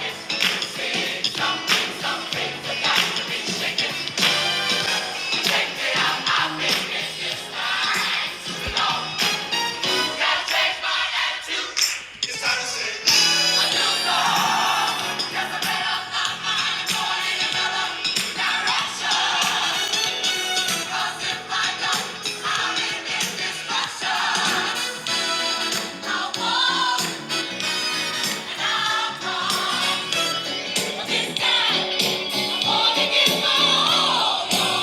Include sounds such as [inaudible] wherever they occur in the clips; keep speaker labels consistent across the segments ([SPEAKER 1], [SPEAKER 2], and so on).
[SPEAKER 1] Jesus' name. This guy, I'm gonna get my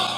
[SPEAKER 1] own.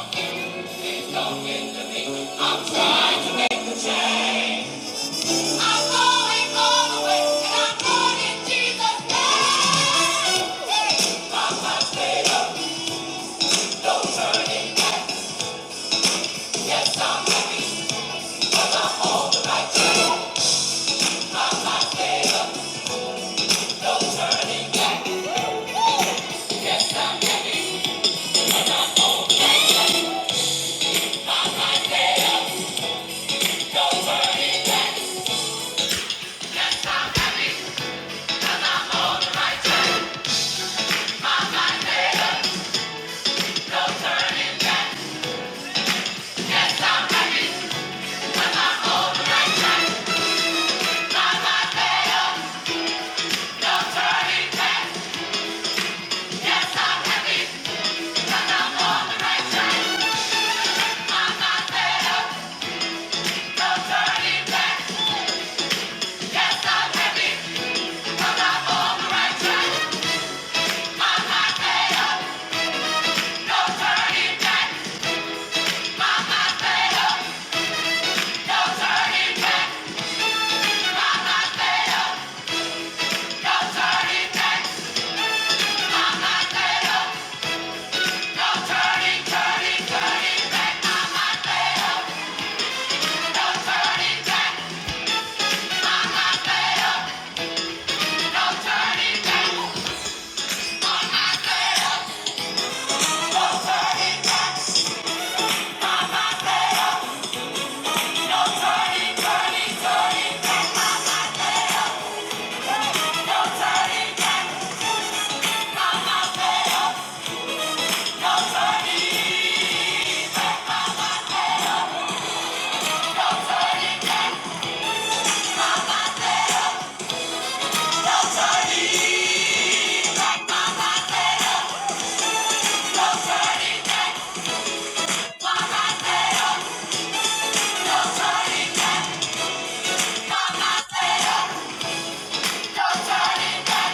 [SPEAKER 1] Turning, turning, turning. No turning back.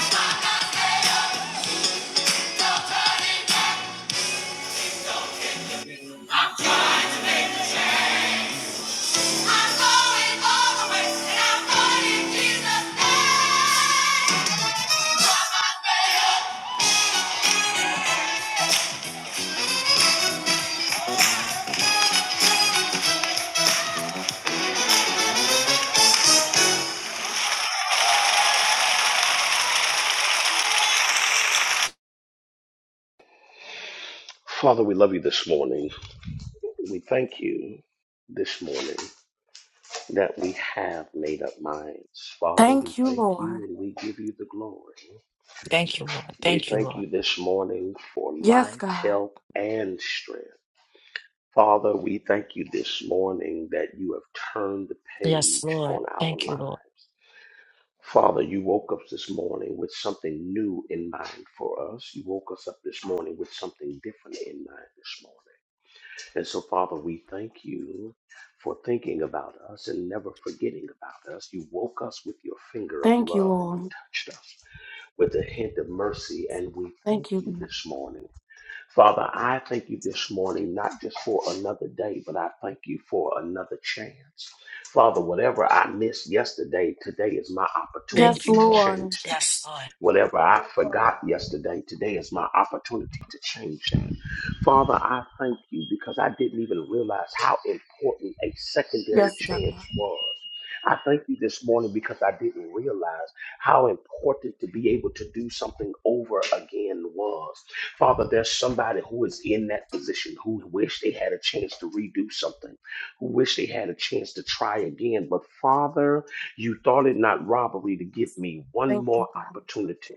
[SPEAKER 1] Turn it up.
[SPEAKER 2] Father, we love you this morning. We thank you this morning that we have made up minds. Father, we
[SPEAKER 1] Thank you,
[SPEAKER 2] thank
[SPEAKER 1] Lord.
[SPEAKER 2] you and we give you the glory.
[SPEAKER 3] Thank you, Lord.
[SPEAKER 2] We
[SPEAKER 3] Thank you,
[SPEAKER 2] thank
[SPEAKER 3] Lord.
[SPEAKER 2] you this morning for
[SPEAKER 1] Yes,
[SPEAKER 2] life,
[SPEAKER 1] God.
[SPEAKER 2] health, and strength. Father, we thank you this morning that you have turned the
[SPEAKER 3] Yes,
[SPEAKER 2] page
[SPEAKER 3] Lord.
[SPEAKER 2] on our
[SPEAKER 3] Thank you,
[SPEAKER 2] lives.
[SPEAKER 3] Lord.
[SPEAKER 2] Father, you woke us this morning with something new in mind for us. You woke us up this morning with something different in mind this morning. And so, Father, we thank you for thinking about us and never forgetting about us. You woke us with your finger of
[SPEAKER 1] Thank you,
[SPEAKER 2] love and you
[SPEAKER 1] Lord.
[SPEAKER 2] touched us with a hint of mercy. And we thank
[SPEAKER 1] Thank you.
[SPEAKER 2] you
[SPEAKER 1] God.
[SPEAKER 2] this morning. Father, I thank you this morning, not just for another day, but I thank you for another chance. Father, whatever I missed yesterday, today is my
[SPEAKER 1] Yes,
[SPEAKER 3] Thank
[SPEAKER 2] opportunity
[SPEAKER 3] you,
[SPEAKER 2] to
[SPEAKER 3] Lord.
[SPEAKER 1] Lord.
[SPEAKER 2] change that.
[SPEAKER 3] Yes, Lord.
[SPEAKER 2] Whatever I forgot yesterday, today is my opportunity to change that. Father, I thank you because I didn't even realize how important a secondary
[SPEAKER 1] Yes,
[SPEAKER 2] chance
[SPEAKER 1] God.
[SPEAKER 2] was. I thank you this morning because I didn't realize how important to be able to do something over again was. Father, there's somebody who is in that position who wish they had a chance to redo something, who wish they had a chance to try again. But Father, you thought it not robbery to give me one
[SPEAKER 1] Thank
[SPEAKER 2] more
[SPEAKER 1] you, God.
[SPEAKER 2] opportunity.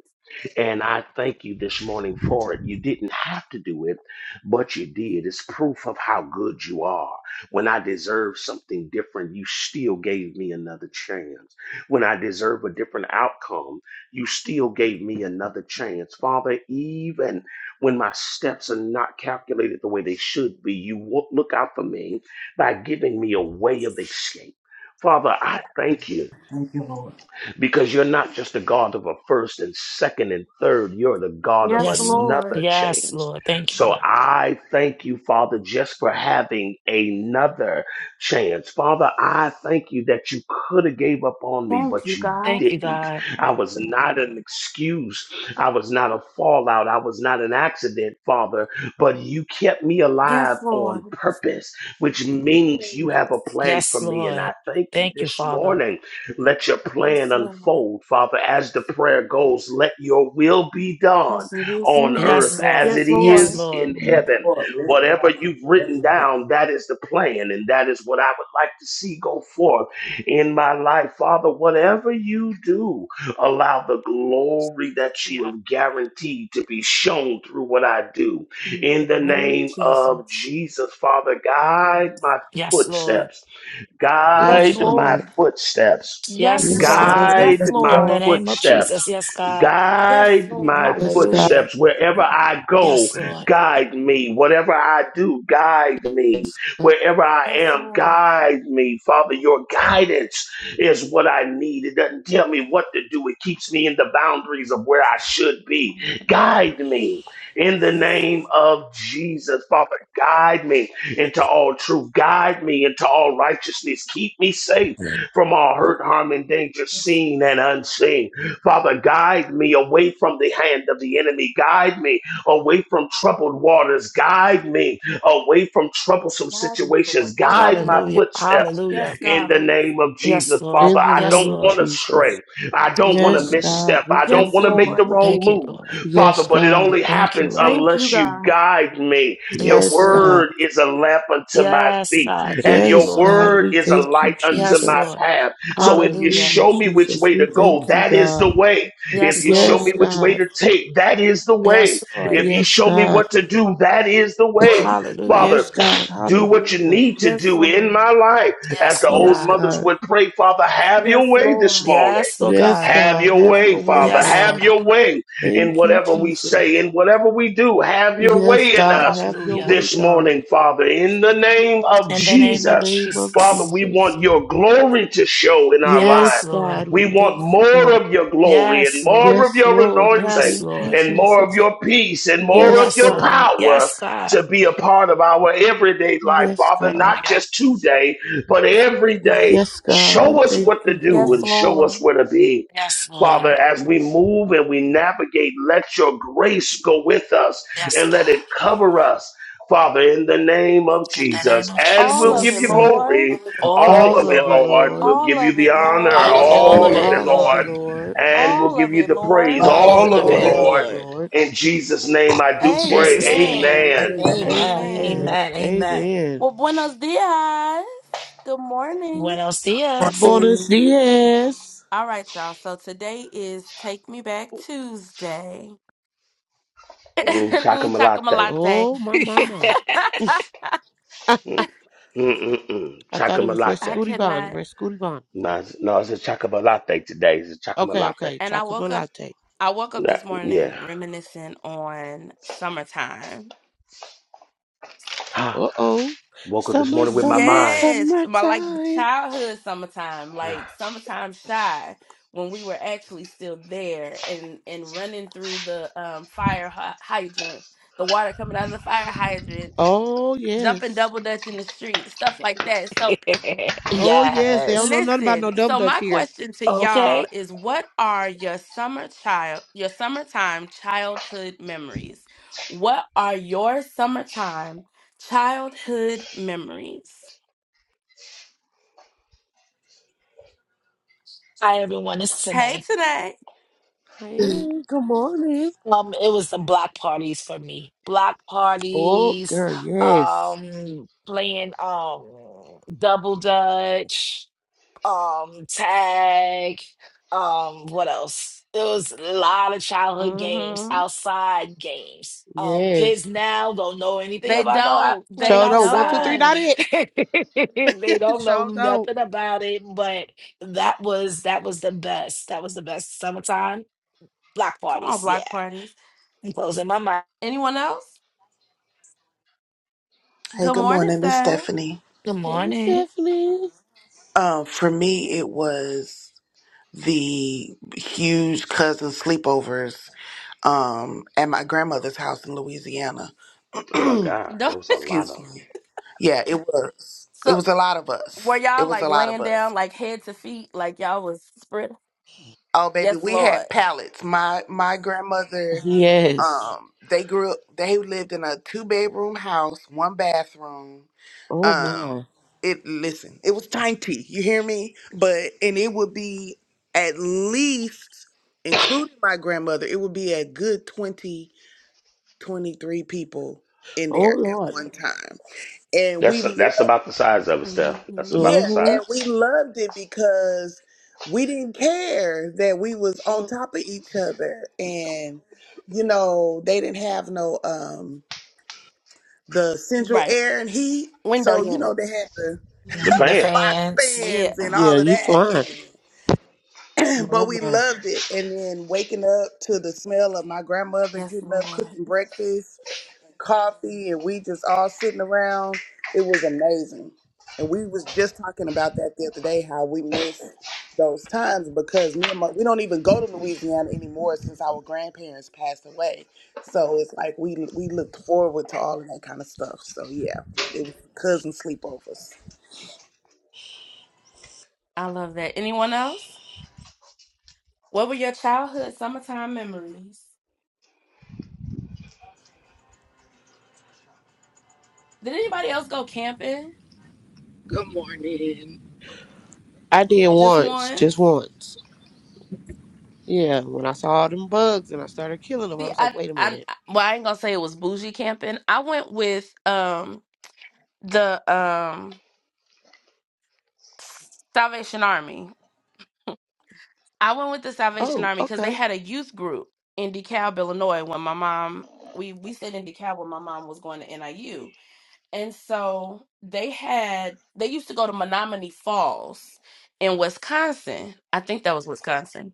[SPEAKER 2] And I thank you this morning for it. You didn't have to do it, but you did. It's proof of how good you are. When I deserved something different, you still gave me another chance. When I deserve a different outcome, you still gave me another chance. Father, even when my steps are not calculated the way they should be, you wo- look out for me by giving me a way of escape. Father, I thank you
[SPEAKER 4] Thank you, Lord.
[SPEAKER 2] because you're not just the God of a first and second and third, you're the God of
[SPEAKER 1] Yes,
[SPEAKER 3] Yes, Lord.
[SPEAKER 1] Lord.
[SPEAKER 2] another
[SPEAKER 3] Yes,
[SPEAKER 2] chance.
[SPEAKER 3] Lord. Thank you,
[SPEAKER 2] So
[SPEAKER 3] Lord.
[SPEAKER 2] I thank you, Father, just for having another chance. Father, I thank you that you could have gave up on me,
[SPEAKER 1] Thank
[SPEAKER 2] but
[SPEAKER 1] you,
[SPEAKER 2] you
[SPEAKER 1] God.
[SPEAKER 3] Thank you,
[SPEAKER 2] didn't.
[SPEAKER 3] God.
[SPEAKER 2] I was not an excuse. I was not a fallout. I was not an accident, Father, but you kept me alive
[SPEAKER 1] Yes,
[SPEAKER 2] on
[SPEAKER 1] Lord.
[SPEAKER 2] purpose, which means you have a plan for
[SPEAKER 3] Yes,
[SPEAKER 2] me. And
[SPEAKER 3] Lord.
[SPEAKER 2] I thank you
[SPEAKER 3] Thank you,
[SPEAKER 2] this
[SPEAKER 3] Father.
[SPEAKER 2] morning let your plan
[SPEAKER 1] Yes, Lord.
[SPEAKER 2] unfold, Father, as the prayer goes. Let your will be done
[SPEAKER 1] As it is in
[SPEAKER 2] on
[SPEAKER 3] Yes,
[SPEAKER 2] earth
[SPEAKER 1] heaven.
[SPEAKER 2] as
[SPEAKER 3] Lord.
[SPEAKER 2] it
[SPEAKER 1] Yes,
[SPEAKER 3] Yes,
[SPEAKER 1] Lord.
[SPEAKER 2] is
[SPEAKER 3] Lord.
[SPEAKER 2] in heaven.
[SPEAKER 4] Lord, yes,
[SPEAKER 2] Whatever you've written
[SPEAKER 4] yes.
[SPEAKER 2] down, that is the plan, and that is what I would like to see go forth in my life. Father, whatever you do, allow the glory that you
[SPEAKER 3] Yeah.
[SPEAKER 2] have guaranteed to be shown through what I do.
[SPEAKER 1] In
[SPEAKER 2] In
[SPEAKER 1] the
[SPEAKER 2] the
[SPEAKER 1] name of
[SPEAKER 2] name of
[SPEAKER 1] Jesus.
[SPEAKER 2] Jesus, Father, guide my
[SPEAKER 3] Yes, Lord.
[SPEAKER 2] footsteps
[SPEAKER 1] Yes,
[SPEAKER 5] Yes,
[SPEAKER 2] Guide my
[SPEAKER 5] Lord.
[SPEAKER 1] Lord.
[SPEAKER 2] footsteps.
[SPEAKER 1] Yes,
[SPEAKER 3] Yes,
[SPEAKER 5] Yes,
[SPEAKER 6] Yes,
[SPEAKER 3] Lord.
[SPEAKER 1] God.
[SPEAKER 5] Lord.
[SPEAKER 1] Yes,
[SPEAKER 2] Guide my
[SPEAKER 3] In
[SPEAKER 1] Lord.
[SPEAKER 3] the name of
[SPEAKER 2] footsteps.
[SPEAKER 3] Jesus. Yes, God.
[SPEAKER 1] Yes,
[SPEAKER 2] Guide
[SPEAKER 1] Lord.
[SPEAKER 2] my
[SPEAKER 5] Yes, God.
[SPEAKER 3] Hallelujah.
[SPEAKER 2] footsteps wherever I go.
[SPEAKER 3] Yes, Lord.
[SPEAKER 2] Guide me. Whatever I do, guide me.
[SPEAKER 5] Yes, God.
[SPEAKER 2] Wherever I
[SPEAKER 1] Yes,
[SPEAKER 2] am,
[SPEAKER 1] Lord.
[SPEAKER 2] guide me. Father, your guidance is what I need. It doesn't tell me what to do, it keeps me in the boundaries of where I should be. Guide me in the
[SPEAKER 1] Yes,
[SPEAKER 2] name
[SPEAKER 1] Lord.
[SPEAKER 2] of Jesus. Father, guide me into all truth. Guide me into all righteousness. Keep me safe from all hurt, harm, and danger,
[SPEAKER 1] Yes, Lord.
[SPEAKER 2] seen and unseen. Father, guide me away from the hand of the enemy. Guide me away from troubled waters. Guide me away from troublesome
[SPEAKER 1] Guide me,
[SPEAKER 2] situations.
[SPEAKER 1] Lord. Yes,
[SPEAKER 2] Guide my
[SPEAKER 1] Lord.
[SPEAKER 3] Hallelujah.
[SPEAKER 2] footsteps
[SPEAKER 3] Hallelujah.
[SPEAKER 1] Yes,
[SPEAKER 2] in the
[SPEAKER 1] God.
[SPEAKER 2] name of
[SPEAKER 3] Yes,
[SPEAKER 2] Jesus,
[SPEAKER 3] Lord.
[SPEAKER 2] Father.
[SPEAKER 5] In the
[SPEAKER 2] I
[SPEAKER 3] Yes,
[SPEAKER 5] name
[SPEAKER 2] don't
[SPEAKER 5] of
[SPEAKER 2] want
[SPEAKER 3] Lord.
[SPEAKER 2] to
[SPEAKER 5] Jesus.
[SPEAKER 2] stray. I don't want to
[SPEAKER 5] Yes,
[SPEAKER 3] Hallelujah.
[SPEAKER 5] God.
[SPEAKER 2] misstep.
[SPEAKER 5] We
[SPEAKER 2] I don't
[SPEAKER 1] Yes,
[SPEAKER 2] want
[SPEAKER 5] thank
[SPEAKER 2] to make
[SPEAKER 5] you.
[SPEAKER 2] the
[SPEAKER 1] Lord.
[SPEAKER 2] wrong
[SPEAKER 3] Thank you,
[SPEAKER 2] move,
[SPEAKER 3] Lord.
[SPEAKER 2] Father,
[SPEAKER 5] Yes,
[SPEAKER 2] but it
[SPEAKER 5] God.
[SPEAKER 2] only
[SPEAKER 3] Thank you,
[SPEAKER 2] happens
[SPEAKER 3] Lord.
[SPEAKER 1] Thank you,
[SPEAKER 2] unless you
[SPEAKER 1] God.
[SPEAKER 2] guide me. Your
[SPEAKER 3] Yes,
[SPEAKER 5] Yes,
[SPEAKER 3] Lord.
[SPEAKER 5] God.
[SPEAKER 2] word is a lamp unto my
[SPEAKER 3] Yes,
[SPEAKER 2] feet,
[SPEAKER 3] God.
[SPEAKER 2] and
[SPEAKER 3] Thank you,
[SPEAKER 2] your
[SPEAKER 5] Yes,
[SPEAKER 3] Lord.
[SPEAKER 5] God.
[SPEAKER 2] word
[SPEAKER 5] We
[SPEAKER 2] is a
[SPEAKER 5] thank you,
[SPEAKER 2] light unto
[SPEAKER 3] Yes,
[SPEAKER 2] my
[SPEAKER 5] Jesus.
[SPEAKER 3] Lord.
[SPEAKER 2] path. So if you
[SPEAKER 3] Hallelujah.
[SPEAKER 5] Hallelujah,
[SPEAKER 2] show me which
[SPEAKER 5] Jesus.
[SPEAKER 2] way to
[SPEAKER 5] We
[SPEAKER 2] go,
[SPEAKER 5] thank you,
[SPEAKER 2] that is the
[SPEAKER 5] God.
[SPEAKER 2] way. If
[SPEAKER 3] Yes,
[SPEAKER 2] you show
[SPEAKER 3] Lord.
[SPEAKER 5] Yes,
[SPEAKER 2] me which way
[SPEAKER 5] God.
[SPEAKER 2] to take, that is the way.
[SPEAKER 3] Yes, Lord.
[SPEAKER 2] If you
[SPEAKER 5] Yes,
[SPEAKER 2] show me
[SPEAKER 5] God.
[SPEAKER 2] what to do, that is the way.
[SPEAKER 3] Hallelujah.
[SPEAKER 2] Father,
[SPEAKER 5] Yes, God.
[SPEAKER 2] [clears throat] do what you
[SPEAKER 5] Hallelujah.
[SPEAKER 2] need to
[SPEAKER 1] Yes,
[SPEAKER 2] do in
[SPEAKER 1] Lord.
[SPEAKER 2] my life as
[SPEAKER 3] Yes,
[SPEAKER 2] the
[SPEAKER 3] Lord
[SPEAKER 2] old
[SPEAKER 5] Yes,
[SPEAKER 3] God.
[SPEAKER 2] mothers
[SPEAKER 5] God.
[SPEAKER 2] would pray, Father, have your
[SPEAKER 1] Yes,
[SPEAKER 2] way this
[SPEAKER 1] Lord.
[SPEAKER 2] morning.
[SPEAKER 3] Yes, Lord
[SPEAKER 5] Yes,
[SPEAKER 3] God.
[SPEAKER 2] Have
[SPEAKER 5] God.
[SPEAKER 2] your
[SPEAKER 5] Have
[SPEAKER 2] way,
[SPEAKER 5] your way,
[SPEAKER 2] Father.
[SPEAKER 3] Yes, Lord
[SPEAKER 2] Have
[SPEAKER 5] God.
[SPEAKER 2] your
[SPEAKER 3] God.
[SPEAKER 2] way in
[SPEAKER 5] Thank you,
[SPEAKER 2] whatever we
[SPEAKER 5] Jesus.
[SPEAKER 2] say, in whatever we do. Have your
[SPEAKER 5] Yes,
[SPEAKER 2] way in
[SPEAKER 5] God.
[SPEAKER 2] us
[SPEAKER 5] Have your
[SPEAKER 3] Hallelujah.
[SPEAKER 5] way,
[SPEAKER 2] this
[SPEAKER 5] God.
[SPEAKER 2] morning, Father. In the name of
[SPEAKER 3] In the
[SPEAKER 5] In
[SPEAKER 3] name
[SPEAKER 5] the
[SPEAKER 3] of
[SPEAKER 2] Jesus,
[SPEAKER 5] name of
[SPEAKER 2] Father,
[SPEAKER 3] Jesus.
[SPEAKER 2] we
[SPEAKER 5] Jesus.
[SPEAKER 2] want your glory to show in our
[SPEAKER 3] Yes,
[SPEAKER 2] lives.
[SPEAKER 5] Yes,
[SPEAKER 3] Lord.
[SPEAKER 5] God,
[SPEAKER 2] We
[SPEAKER 5] we
[SPEAKER 2] want
[SPEAKER 5] thank you,
[SPEAKER 2] more
[SPEAKER 5] God.
[SPEAKER 2] of your glory and
[SPEAKER 3] Yes, Lord.
[SPEAKER 2] more of
[SPEAKER 5] Yes,
[SPEAKER 2] your
[SPEAKER 5] Lord, we
[SPEAKER 2] anointing
[SPEAKER 3] Yes,
[SPEAKER 5] thank you,
[SPEAKER 3] Lord.
[SPEAKER 2] and more of
[SPEAKER 5] Jesus.
[SPEAKER 2] your peace and more of
[SPEAKER 5] Yes,
[SPEAKER 3] Yes,
[SPEAKER 2] your
[SPEAKER 3] Lord.
[SPEAKER 5] God.
[SPEAKER 2] power
[SPEAKER 3] Yes, God.
[SPEAKER 2] to be a part of our everyday life,
[SPEAKER 5] Yes,
[SPEAKER 2] Father,
[SPEAKER 5] God.
[SPEAKER 2] not
[SPEAKER 3] Hallelujah.
[SPEAKER 2] just today, but
[SPEAKER 3] Yeah.
[SPEAKER 2] every day
[SPEAKER 5] Yes, God, we
[SPEAKER 2] show us
[SPEAKER 5] thank
[SPEAKER 2] what to
[SPEAKER 5] you,
[SPEAKER 2] do
[SPEAKER 1] Yes,
[SPEAKER 5] God.
[SPEAKER 2] and show us
[SPEAKER 1] Lord.
[SPEAKER 2] where to be.
[SPEAKER 3] Yes,
[SPEAKER 2] Father,
[SPEAKER 3] Lord.
[SPEAKER 2] as we move and we navigate, let your grace go with us
[SPEAKER 3] Yes,
[SPEAKER 2] and let
[SPEAKER 3] God.
[SPEAKER 2] it cover us. Father, in the name of
[SPEAKER 3] In the
[SPEAKER 2] Jesus,
[SPEAKER 3] name of
[SPEAKER 2] and
[SPEAKER 1] All
[SPEAKER 2] we'll
[SPEAKER 1] of
[SPEAKER 2] give
[SPEAKER 5] Yes,
[SPEAKER 1] it,
[SPEAKER 2] you
[SPEAKER 3] Jesus.
[SPEAKER 5] God.
[SPEAKER 1] Lord.
[SPEAKER 6] All
[SPEAKER 2] glory,
[SPEAKER 6] of it, Lord.
[SPEAKER 3] All of
[SPEAKER 2] all
[SPEAKER 3] it,
[SPEAKER 5] All
[SPEAKER 2] of it,
[SPEAKER 5] of it,
[SPEAKER 3] Lord.
[SPEAKER 2] Lord.
[SPEAKER 5] Lord.
[SPEAKER 2] We'll
[SPEAKER 1] All
[SPEAKER 2] give you
[SPEAKER 1] of
[SPEAKER 2] the
[SPEAKER 1] it,
[SPEAKER 2] honor,
[SPEAKER 7] All
[SPEAKER 1] Lord.
[SPEAKER 7] of it,
[SPEAKER 3] All of
[SPEAKER 2] all of
[SPEAKER 7] Lord.
[SPEAKER 3] it,
[SPEAKER 2] it,
[SPEAKER 5] All of it,
[SPEAKER 2] Lord,
[SPEAKER 3] Lord.
[SPEAKER 5] Lord.
[SPEAKER 2] and we'll
[SPEAKER 1] All
[SPEAKER 2] give
[SPEAKER 1] of
[SPEAKER 2] you
[SPEAKER 1] it,
[SPEAKER 2] the praise,
[SPEAKER 1] Lord.
[SPEAKER 4] Power
[SPEAKER 6] All
[SPEAKER 7] All
[SPEAKER 6] of
[SPEAKER 4] of
[SPEAKER 7] of
[SPEAKER 4] the
[SPEAKER 6] it,
[SPEAKER 2] all
[SPEAKER 7] it,
[SPEAKER 3] All
[SPEAKER 2] of
[SPEAKER 3] of
[SPEAKER 2] it,
[SPEAKER 5] All
[SPEAKER 3] it,
[SPEAKER 7] Lord.
[SPEAKER 4] Lord.
[SPEAKER 6] Lord.
[SPEAKER 5] of
[SPEAKER 2] Lord.
[SPEAKER 5] it,
[SPEAKER 3] Lord.
[SPEAKER 5] Lord.
[SPEAKER 2] In Jesus' name, I do
[SPEAKER 3] In
[SPEAKER 2] pray.
[SPEAKER 3] Jesus' name.
[SPEAKER 7] Amen.
[SPEAKER 1] Amen.
[SPEAKER 2] Amen.
[SPEAKER 4] Amen.
[SPEAKER 3] Amen.
[SPEAKER 4] Amen.
[SPEAKER 1] Amen.
[SPEAKER 5] Amen.
[SPEAKER 3] Amen. Amen.
[SPEAKER 5] Amen.
[SPEAKER 1] Well, buenos dias. Good morning.
[SPEAKER 3] Buenos dias.
[SPEAKER 5] Buenos
[SPEAKER 6] Amen.
[SPEAKER 5] dias.
[SPEAKER 1] All right, y'all. So today is Take Me Back Tuesday. [laughs]
[SPEAKER 2] Mm,
[SPEAKER 1] Mm, Chocolate
[SPEAKER 2] Chakamalate.
[SPEAKER 1] latte.
[SPEAKER 5] Oh, my
[SPEAKER 1] [laughs]
[SPEAKER 5] mama. [laughs] I
[SPEAKER 2] Mm, mm, mm, mm.
[SPEAKER 5] thought it was
[SPEAKER 2] Chakamalate.
[SPEAKER 1] I
[SPEAKER 5] Rescooty Bond.
[SPEAKER 1] cannot.
[SPEAKER 5] Rescooty Bond.
[SPEAKER 2] No, it's, no, it's a chocolate latte today. It's a chocolate
[SPEAKER 5] Okay,
[SPEAKER 2] latte.
[SPEAKER 5] okay.
[SPEAKER 1] And I
[SPEAKER 5] Chocolate
[SPEAKER 1] woke up.
[SPEAKER 5] latte.
[SPEAKER 1] I woke up
[SPEAKER 2] Nah,
[SPEAKER 1] this morning
[SPEAKER 2] yeah.
[SPEAKER 1] reminiscing on summertime.
[SPEAKER 2] Ah,
[SPEAKER 5] Uh oh.
[SPEAKER 2] Woke up this
[SPEAKER 5] Summer,
[SPEAKER 2] morning with my
[SPEAKER 5] summer,
[SPEAKER 2] mind. [sighs]
[SPEAKER 1] Yes, my like
[SPEAKER 5] summertime.
[SPEAKER 1] childhood summertime,
[SPEAKER 2] Ah,
[SPEAKER 1] like summertime shy when we were actually still there and and running through the um fire hy- hydrant, the water coming out of the fire hydrant
[SPEAKER 5] Oh,
[SPEAKER 1] jumping
[SPEAKER 5] yes.
[SPEAKER 1] double dutch in the street, stuff like that. So,
[SPEAKER 3] [laughs]
[SPEAKER 5] Oh, yes. They don't
[SPEAKER 3] yes.
[SPEAKER 5] know nothing about no
[SPEAKER 1] listen.
[SPEAKER 5] double
[SPEAKER 1] So,
[SPEAKER 5] dutch
[SPEAKER 1] my
[SPEAKER 5] here.
[SPEAKER 1] question to y'all
[SPEAKER 3] Okay.
[SPEAKER 1] is what are your summer child, your summertime childhood memories? What are your summertime childhood memories?
[SPEAKER 3] Hi, everyone. It's
[SPEAKER 1] Hey,
[SPEAKER 3] Sine.
[SPEAKER 1] today.
[SPEAKER 5] Hey, good morning.
[SPEAKER 3] Um, it was the block parties for me. Block
[SPEAKER 5] Oh,
[SPEAKER 3] parties,
[SPEAKER 5] girl, yes.
[SPEAKER 3] um, playing um double dutch. um tag um what else it was a lot of childhood games
[SPEAKER 1] Mm-hmm.
[SPEAKER 3] outside games um kids
[SPEAKER 5] Yes.
[SPEAKER 3] now don't know anything
[SPEAKER 1] They
[SPEAKER 3] about no out-
[SPEAKER 1] don't.
[SPEAKER 3] playing
[SPEAKER 1] They
[SPEAKER 5] Show don't. One, two, three,
[SPEAKER 3] outside
[SPEAKER 5] not
[SPEAKER 1] don't.
[SPEAKER 5] it.
[SPEAKER 3] [laughs] they
[SPEAKER 5] [laughs]
[SPEAKER 3] don't know
[SPEAKER 5] Show don't.
[SPEAKER 3] nothing about it but that was that was the best that was the best summertime block
[SPEAKER 1] Come on,
[SPEAKER 3] parties yeah
[SPEAKER 1] block parties.
[SPEAKER 3] i'm closing my mind
[SPEAKER 1] Anyone else?
[SPEAKER 6] Hey,
[SPEAKER 1] Good
[SPEAKER 6] good
[SPEAKER 1] morning,
[SPEAKER 6] morning. It's
[SPEAKER 1] Sarah.
[SPEAKER 6] Stephanie.
[SPEAKER 3] good
[SPEAKER 5] Hey,
[SPEAKER 3] morning
[SPEAKER 5] Stephanie.
[SPEAKER 6] Um, for me, it was the huge cousin sleepovers um, at my grandmother's house in Louisiana.
[SPEAKER 2] Oh my
[SPEAKER 6] [clears throat]
[SPEAKER 2] God, there
[SPEAKER 1] Don't. [laughs]
[SPEAKER 2] was a lot of
[SPEAKER 6] Excuse
[SPEAKER 2] them.
[SPEAKER 6] me. Yeah, it was. It
[SPEAKER 1] So,
[SPEAKER 6] was a lot of
[SPEAKER 1] were
[SPEAKER 6] us. It
[SPEAKER 1] y'all
[SPEAKER 6] was
[SPEAKER 1] like
[SPEAKER 6] a lot of
[SPEAKER 1] laying down,
[SPEAKER 6] us.
[SPEAKER 1] like head to feet, like y'all was spread
[SPEAKER 6] Oh, baby,
[SPEAKER 1] Yes,
[SPEAKER 6] we
[SPEAKER 1] Lord.
[SPEAKER 6] had pallets. My my grandmother
[SPEAKER 5] Yes.
[SPEAKER 6] Um, they grew up, they lived in a two bedroom house, one bathroom.
[SPEAKER 5] Oh,
[SPEAKER 6] Um,
[SPEAKER 5] my.
[SPEAKER 6] it listen, it was tiny, you hear me? But and it would be at least, including my grandmother, it would be a good 20, 23 people in
[SPEAKER 5] Oh,
[SPEAKER 6] there at
[SPEAKER 5] Lord.
[SPEAKER 6] one time. And we
[SPEAKER 2] That's
[SPEAKER 6] loved,
[SPEAKER 2] that's about the size of it, Steph.
[SPEAKER 1] hmm
[SPEAKER 2] That's about the
[SPEAKER 6] yeah,
[SPEAKER 5] Mm-hmm.
[SPEAKER 2] size.
[SPEAKER 6] and we loved it because we didn't care that we was on top of each other and you know, they didn't have no um the central
[SPEAKER 1] Right.
[SPEAKER 6] air and heat.
[SPEAKER 1] Window
[SPEAKER 6] So, you know, they
[SPEAKER 1] units.
[SPEAKER 6] had the
[SPEAKER 2] The
[SPEAKER 3] Mhm, the
[SPEAKER 2] fan.
[SPEAKER 6] box
[SPEAKER 3] fans
[SPEAKER 1] Yeah.
[SPEAKER 6] fans and
[SPEAKER 5] Yeah,
[SPEAKER 6] all of
[SPEAKER 5] you
[SPEAKER 6] that.
[SPEAKER 5] fine.
[SPEAKER 6] And, [clears throat]
[SPEAKER 5] My,
[SPEAKER 6] but we
[SPEAKER 5] my.
[SPEAKER 6] loved it. And then waking up to the smell of my grandmother
[SPEAKER 1] Yes,
[SPEAKER 6] getting up,
[SPEAKER 1] Lord.
[SPEAKER 6] cooking breakfast coffee and we just all sitting around. It was amazing. And we was just talking about that the other day, how we miss those times because me and my, we don't even go to Louisiana anymore since our grandparents passed away. So it's like we we looked forward to all of that kind of stuff. So yeah, it was cousin sleepovers.
[SPEAKER 1] I love that. Anyone else? What were your childhood summertime memories? Did anybody else go camping
[SPEAKER 7] Good morning.
[SPEAKER 5] I did
[SPEAKER 1] just
[SPEAKER 5] once.
[SPEAKER 1] once?
[SPEAKER 5] Just once. Yeah, when I saw all them bugs and I started killing them, I
[SPEAKER 1] See,
[SPEAKER 5] was
[SPEAKER 1] I,
[SPEAKER 5] like, wait a
[SPEAKER 1] I,
[SPEAKER 5] minute.
[SPEAKER 1] well, I ain't gonna say it was bougie camping. I went with um the um Salvation Army. I went with the Salvation
[SPEAKER 5] Oh,
[SPEAKER 1] Army because they
[SPEAKER 5] okay.
[SPEAKER 1] had a youth group in DeKalb, Illinois. When my mom, we we stayed in DeKalb when my mom was going to NIU, And so they had they used to go to Menominee Falls in Wisconsin. I think that was Wisconsin.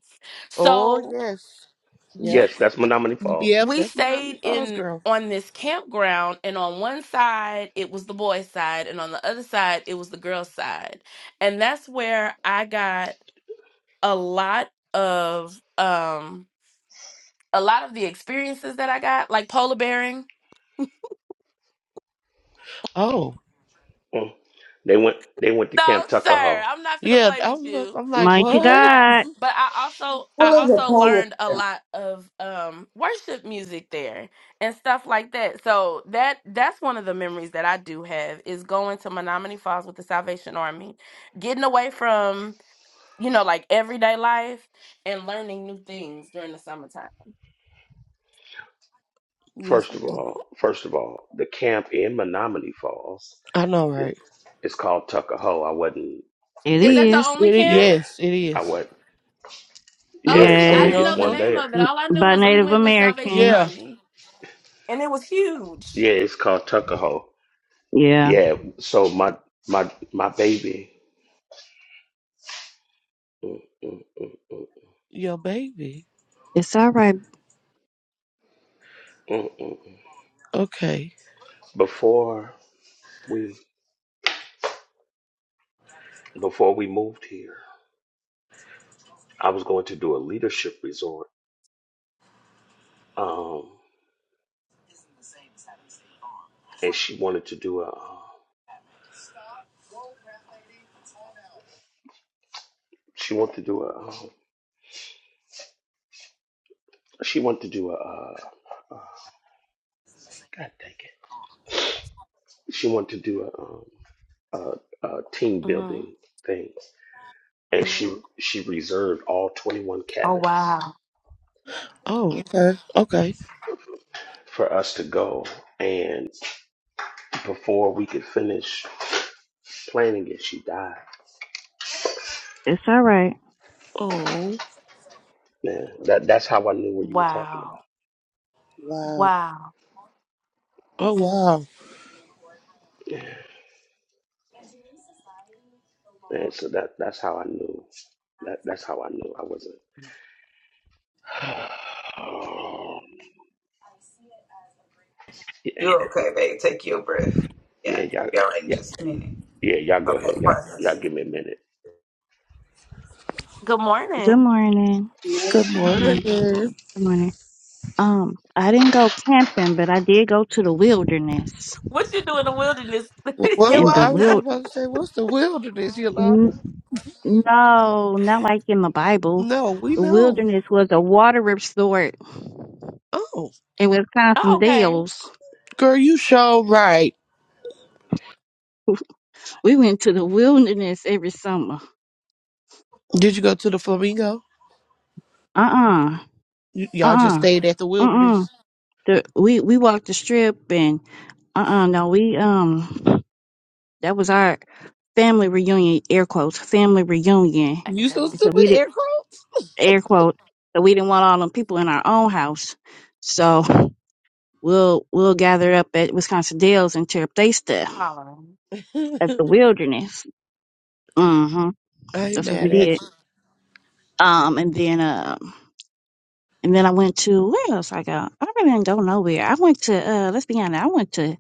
[SPEAKER 5] Oh,
[SPEAKER 1] So
[SPEAKER 5] yes.
[SPEAKER 1] y-
[SPEAKER 5] Yep.
[SPEAKER 2] Yes, that's Menominee Falls.
[SPEAKER 5] Yep.
[SPEAKER 1] we
[SPEAKER 5] That's
[SPEAKER 1] stayed
[SPEAKER 5] Menominee Falls,
[SPEAKER 1] in
[SPEAKER 5] girl.
[SPEAKER 1] on this campground and on one side it was the boys side and on the other side it was the girls side. And that's where I got a lot of um a lot of the experiences that I got like polar bearing
[SPEAKER 5] Oh,
[SPEAKER 2] Mm. They went they went to
[SPEAKER 1] No,
[SPEAKER 2] Camp
[SPEAKER 1] sir.
[SPEAKER 2] Tuckahoe.
[SPEAKER 1] I'm not gonna
[SPEAKER 5] yeah.
[SPEAKER 1] play
[SPEAKER 5] I
[SPEAKER 1] with
[SPEAKER 5] was, about-
[SPEAKER 1] you.
[SPEAKER 5] I'm like,
[SPEAKER 1] We
[SPEAKER 8] Mighty
[SPEAKER 1] did
[SPEAKER 5] what?
[SPEAKER 1] not.
[SPEAKER 8] God.
[SPEAKER 1] But I also I
[SPEAKER 4] Full as a
[SPEAKER 1] also
[SPEAKER 4] polar
[SPEAKER 1] learned a
[SPEAKER 4] bear
[SPEAKER 1] lot of um worship music there and stuff like that. So that that's one of the memories that I do have is going to Menominee Falls with the Salvation Army, getting away from, you know, like everyday life and learning new things during the summertime.
[SPEAKER 5] Yes,
[SPEAKER 2] First of
[SPEAKER 5] ma'am.
[SPEAKER 2] all, first of all, the camp in Menominee Falls
[SPEAKER 5] I know,
[SPEAKER 2] it,
[SPEAKER 5] right?
[SPEAKER 2] it's called Tuckahoe. I wasn't
[SPEAKER 8] It
[SPEAKER 1] Is that
[SPEAKER 2] making
[SPEAKER 1] the
[SPEAKER 8] is.
[SPEAKER 1] only
[SPEAKER 5] It, is,
[SPEAKER 1] camp?
[SPEAKER 2] yeah.
[SPEAKER 5] yes, it
[SPEAKER 2] I
[SPEAKER 5] is.
[SPEAKER 2] was yeah,
[SPEAKER 1] Oh,
[SPEAKER 2] it's
[SPEAKER 1] see,
[SPEAKER 2] the
[SPEAKER 5] Oh,
[SPEAKER 1] I
[SPEAKER 8] Yes.
[SPEAKER 5] yeah.
[SPEAKER 1] didn't
[SPEAKER 5] Uh
[SPEAKER 2] biggest
[SPEAKER 1] know the
[SPEAKER 2] one
[SPEAKER 5] huh.
[SPEAKER 1] name
[SPEAKER 2] there.
[SPEAKER 1] of it.
[SPEAKER 8] M-
[SPEAKER 1] All I knew
[SPEAKER 8] By
[SPEAKER 1] was we
[SPEAKER 8] Native
[SPEAKER 1] went with Salvation
[SPEAKER 8] Americans.
[SPEAKER 5] Yeah.
[SPEAKER 1] Army.
[SPEAKER 2] Yeah, it's called Tuckahoe.
[SPEAKER 8] Yeah.
[SPEAKER 2] Yeah, so my my my baby mm, mm, mm,
[SPEAKER 5] Your baby.
[SPEAKER 8] It's all right.
[SPEAKER 2] mm, mm.
[SPEAKER 5] Okay.
[SPEAKER 2] before we before we moved here, I was going to do a leadership resort. Um and she wanted to do a uh, she wanted to do a um, she wanted to do a uh, uh, god dang it. She wanted to do a um a, a team
[SPEAKER 1] Mhm.
[SPEAKER 2] building thing. And she she reserved all 21
[SPEAKER 1] Oh
[SPEAKER 2] cabins
[SPEAKER 1] wow.
[SPEAKER 5] Oh, okay. Okay.
[SPEAKER 2] for us to go and. before we could finish planning it, she died.
[SPEAKER 8] It's all right.
[SPEAKER 5] Oh.
[SPEAKER 2] Man, that that's how I knew what you were talking
[SPEAKER 1] Wow.
[SPEAKER 2] about.
[SPEAKER 6] Wow.
[SPEAKER 1] Wow.
[SPEAKER 5] Oh, wow.
[SPEAKER 2] Yeah. Man, so that that's how I knew. That that's how I knew I wasn't. [sighs] yeah,
[SPEAKER 9] You're okay, babe. Take your breath. Yeah,
[SPEAKER 2] yeah, y'all,
[SPEAKER 9] be all right in
[SPEAKER 2] yeah,
[SPEAKER 9] just a minute.
[SPEAKER 2] yeah, y'all go ahead.
[SPEAKER 9] Okay,
[SPEAKER 2] Y'all,
[SPEAKER 9] process
[SPEAKER 2] y'all
[SPEAKER 9] it.
[SPEAKER 2] give me a minute.
[SPEAKER 1] Good
[SPEAKER 8] Good
[SPEAKER 1] morning.
[SPEAKER 8] morning.
[SPEAKER 5] Good
[SPEAKER 8] Good morning.
[SPEAKER 5] morning.
[SPEAKER 8] Good morning. Um, I didn't go camping, but I did go to the wilderness.
[SPEAKER 1] What you do in the wilderness,
[SPEAKER 5] What,
[SPEAKER 1] [laughs]
[SPEAKER 8] And
[SPEAKER 5] what
[SPEAKER 8] the
[SPEAKER 5] I was
[SPEAKER 1] Yolanda?
[SPEAKER 5] just
[SPEAKER 8] wild,
[SPEAKER 5] about to say, what's the wilderness, Yolanda?
[SPEAKER 8] n- no, not like in the Bible.
[SPEAKER 5] No, we
[SPEAKER 8] The
[SPEAKER 5] know.
[SPEAKER 8] wilderness was a water resort
[SPEAKER 5] Oh,
[SPEAKER 8] in
[SPEAKER 1] Oh,
[SPEAKER 8] Wisconsin
[SPEAKER 1] okay.
[SPEAKER 8] Dells.
[SPEAKER 5] girl, you sure right.
[SPEAKER 8] We went to the wilderness every summer.
[SPEAKER 5] Did you go to the flamingo?
[SPEAKER 8] Uh
[SPEAKER 5] Y-
[SPEAKER 8] uh-uh,
[SPEAKER 5] y'all just
[SPEAKER 8] uh.
[SPEAKER 5] stayed at the
[SPEAKER 8] Uh uh.
[SPEAKER 5] wilderness.
[SPEAKER 8] the we we walked the strip and uh uh no we um that was our family reunion air quotes family reunion
[SPEAKER 1] I
[SPEAKER 5] You so
[SPEAKER 1] can't.
[SPEAKER 8] because
[SPEAKER 5] stupid,
[SPEAKER 8] we did
[SPEAKER 5] air
[SPEAKER 8] air quote so we didn't want all them people in our own house so we'll we'll gather up at Wisconsin Dells and tear up they stuff
[SPEAKER 1] Hollering.
[SPEAKER 5] Eric.
[SPEAKER 8] at the wilderness mm-hmm
[SPEAKER 5] [laughs] I ain't
[SPEAKER 8] that's what we
[SPEAKER 5] mad at
[SPEAKER 8] did
[SPEAKER 5] you.
[SPEAKER 8] um and then um And then I went to where else I go? I really didn't go nowhere. I went to uh let's be honest, I went to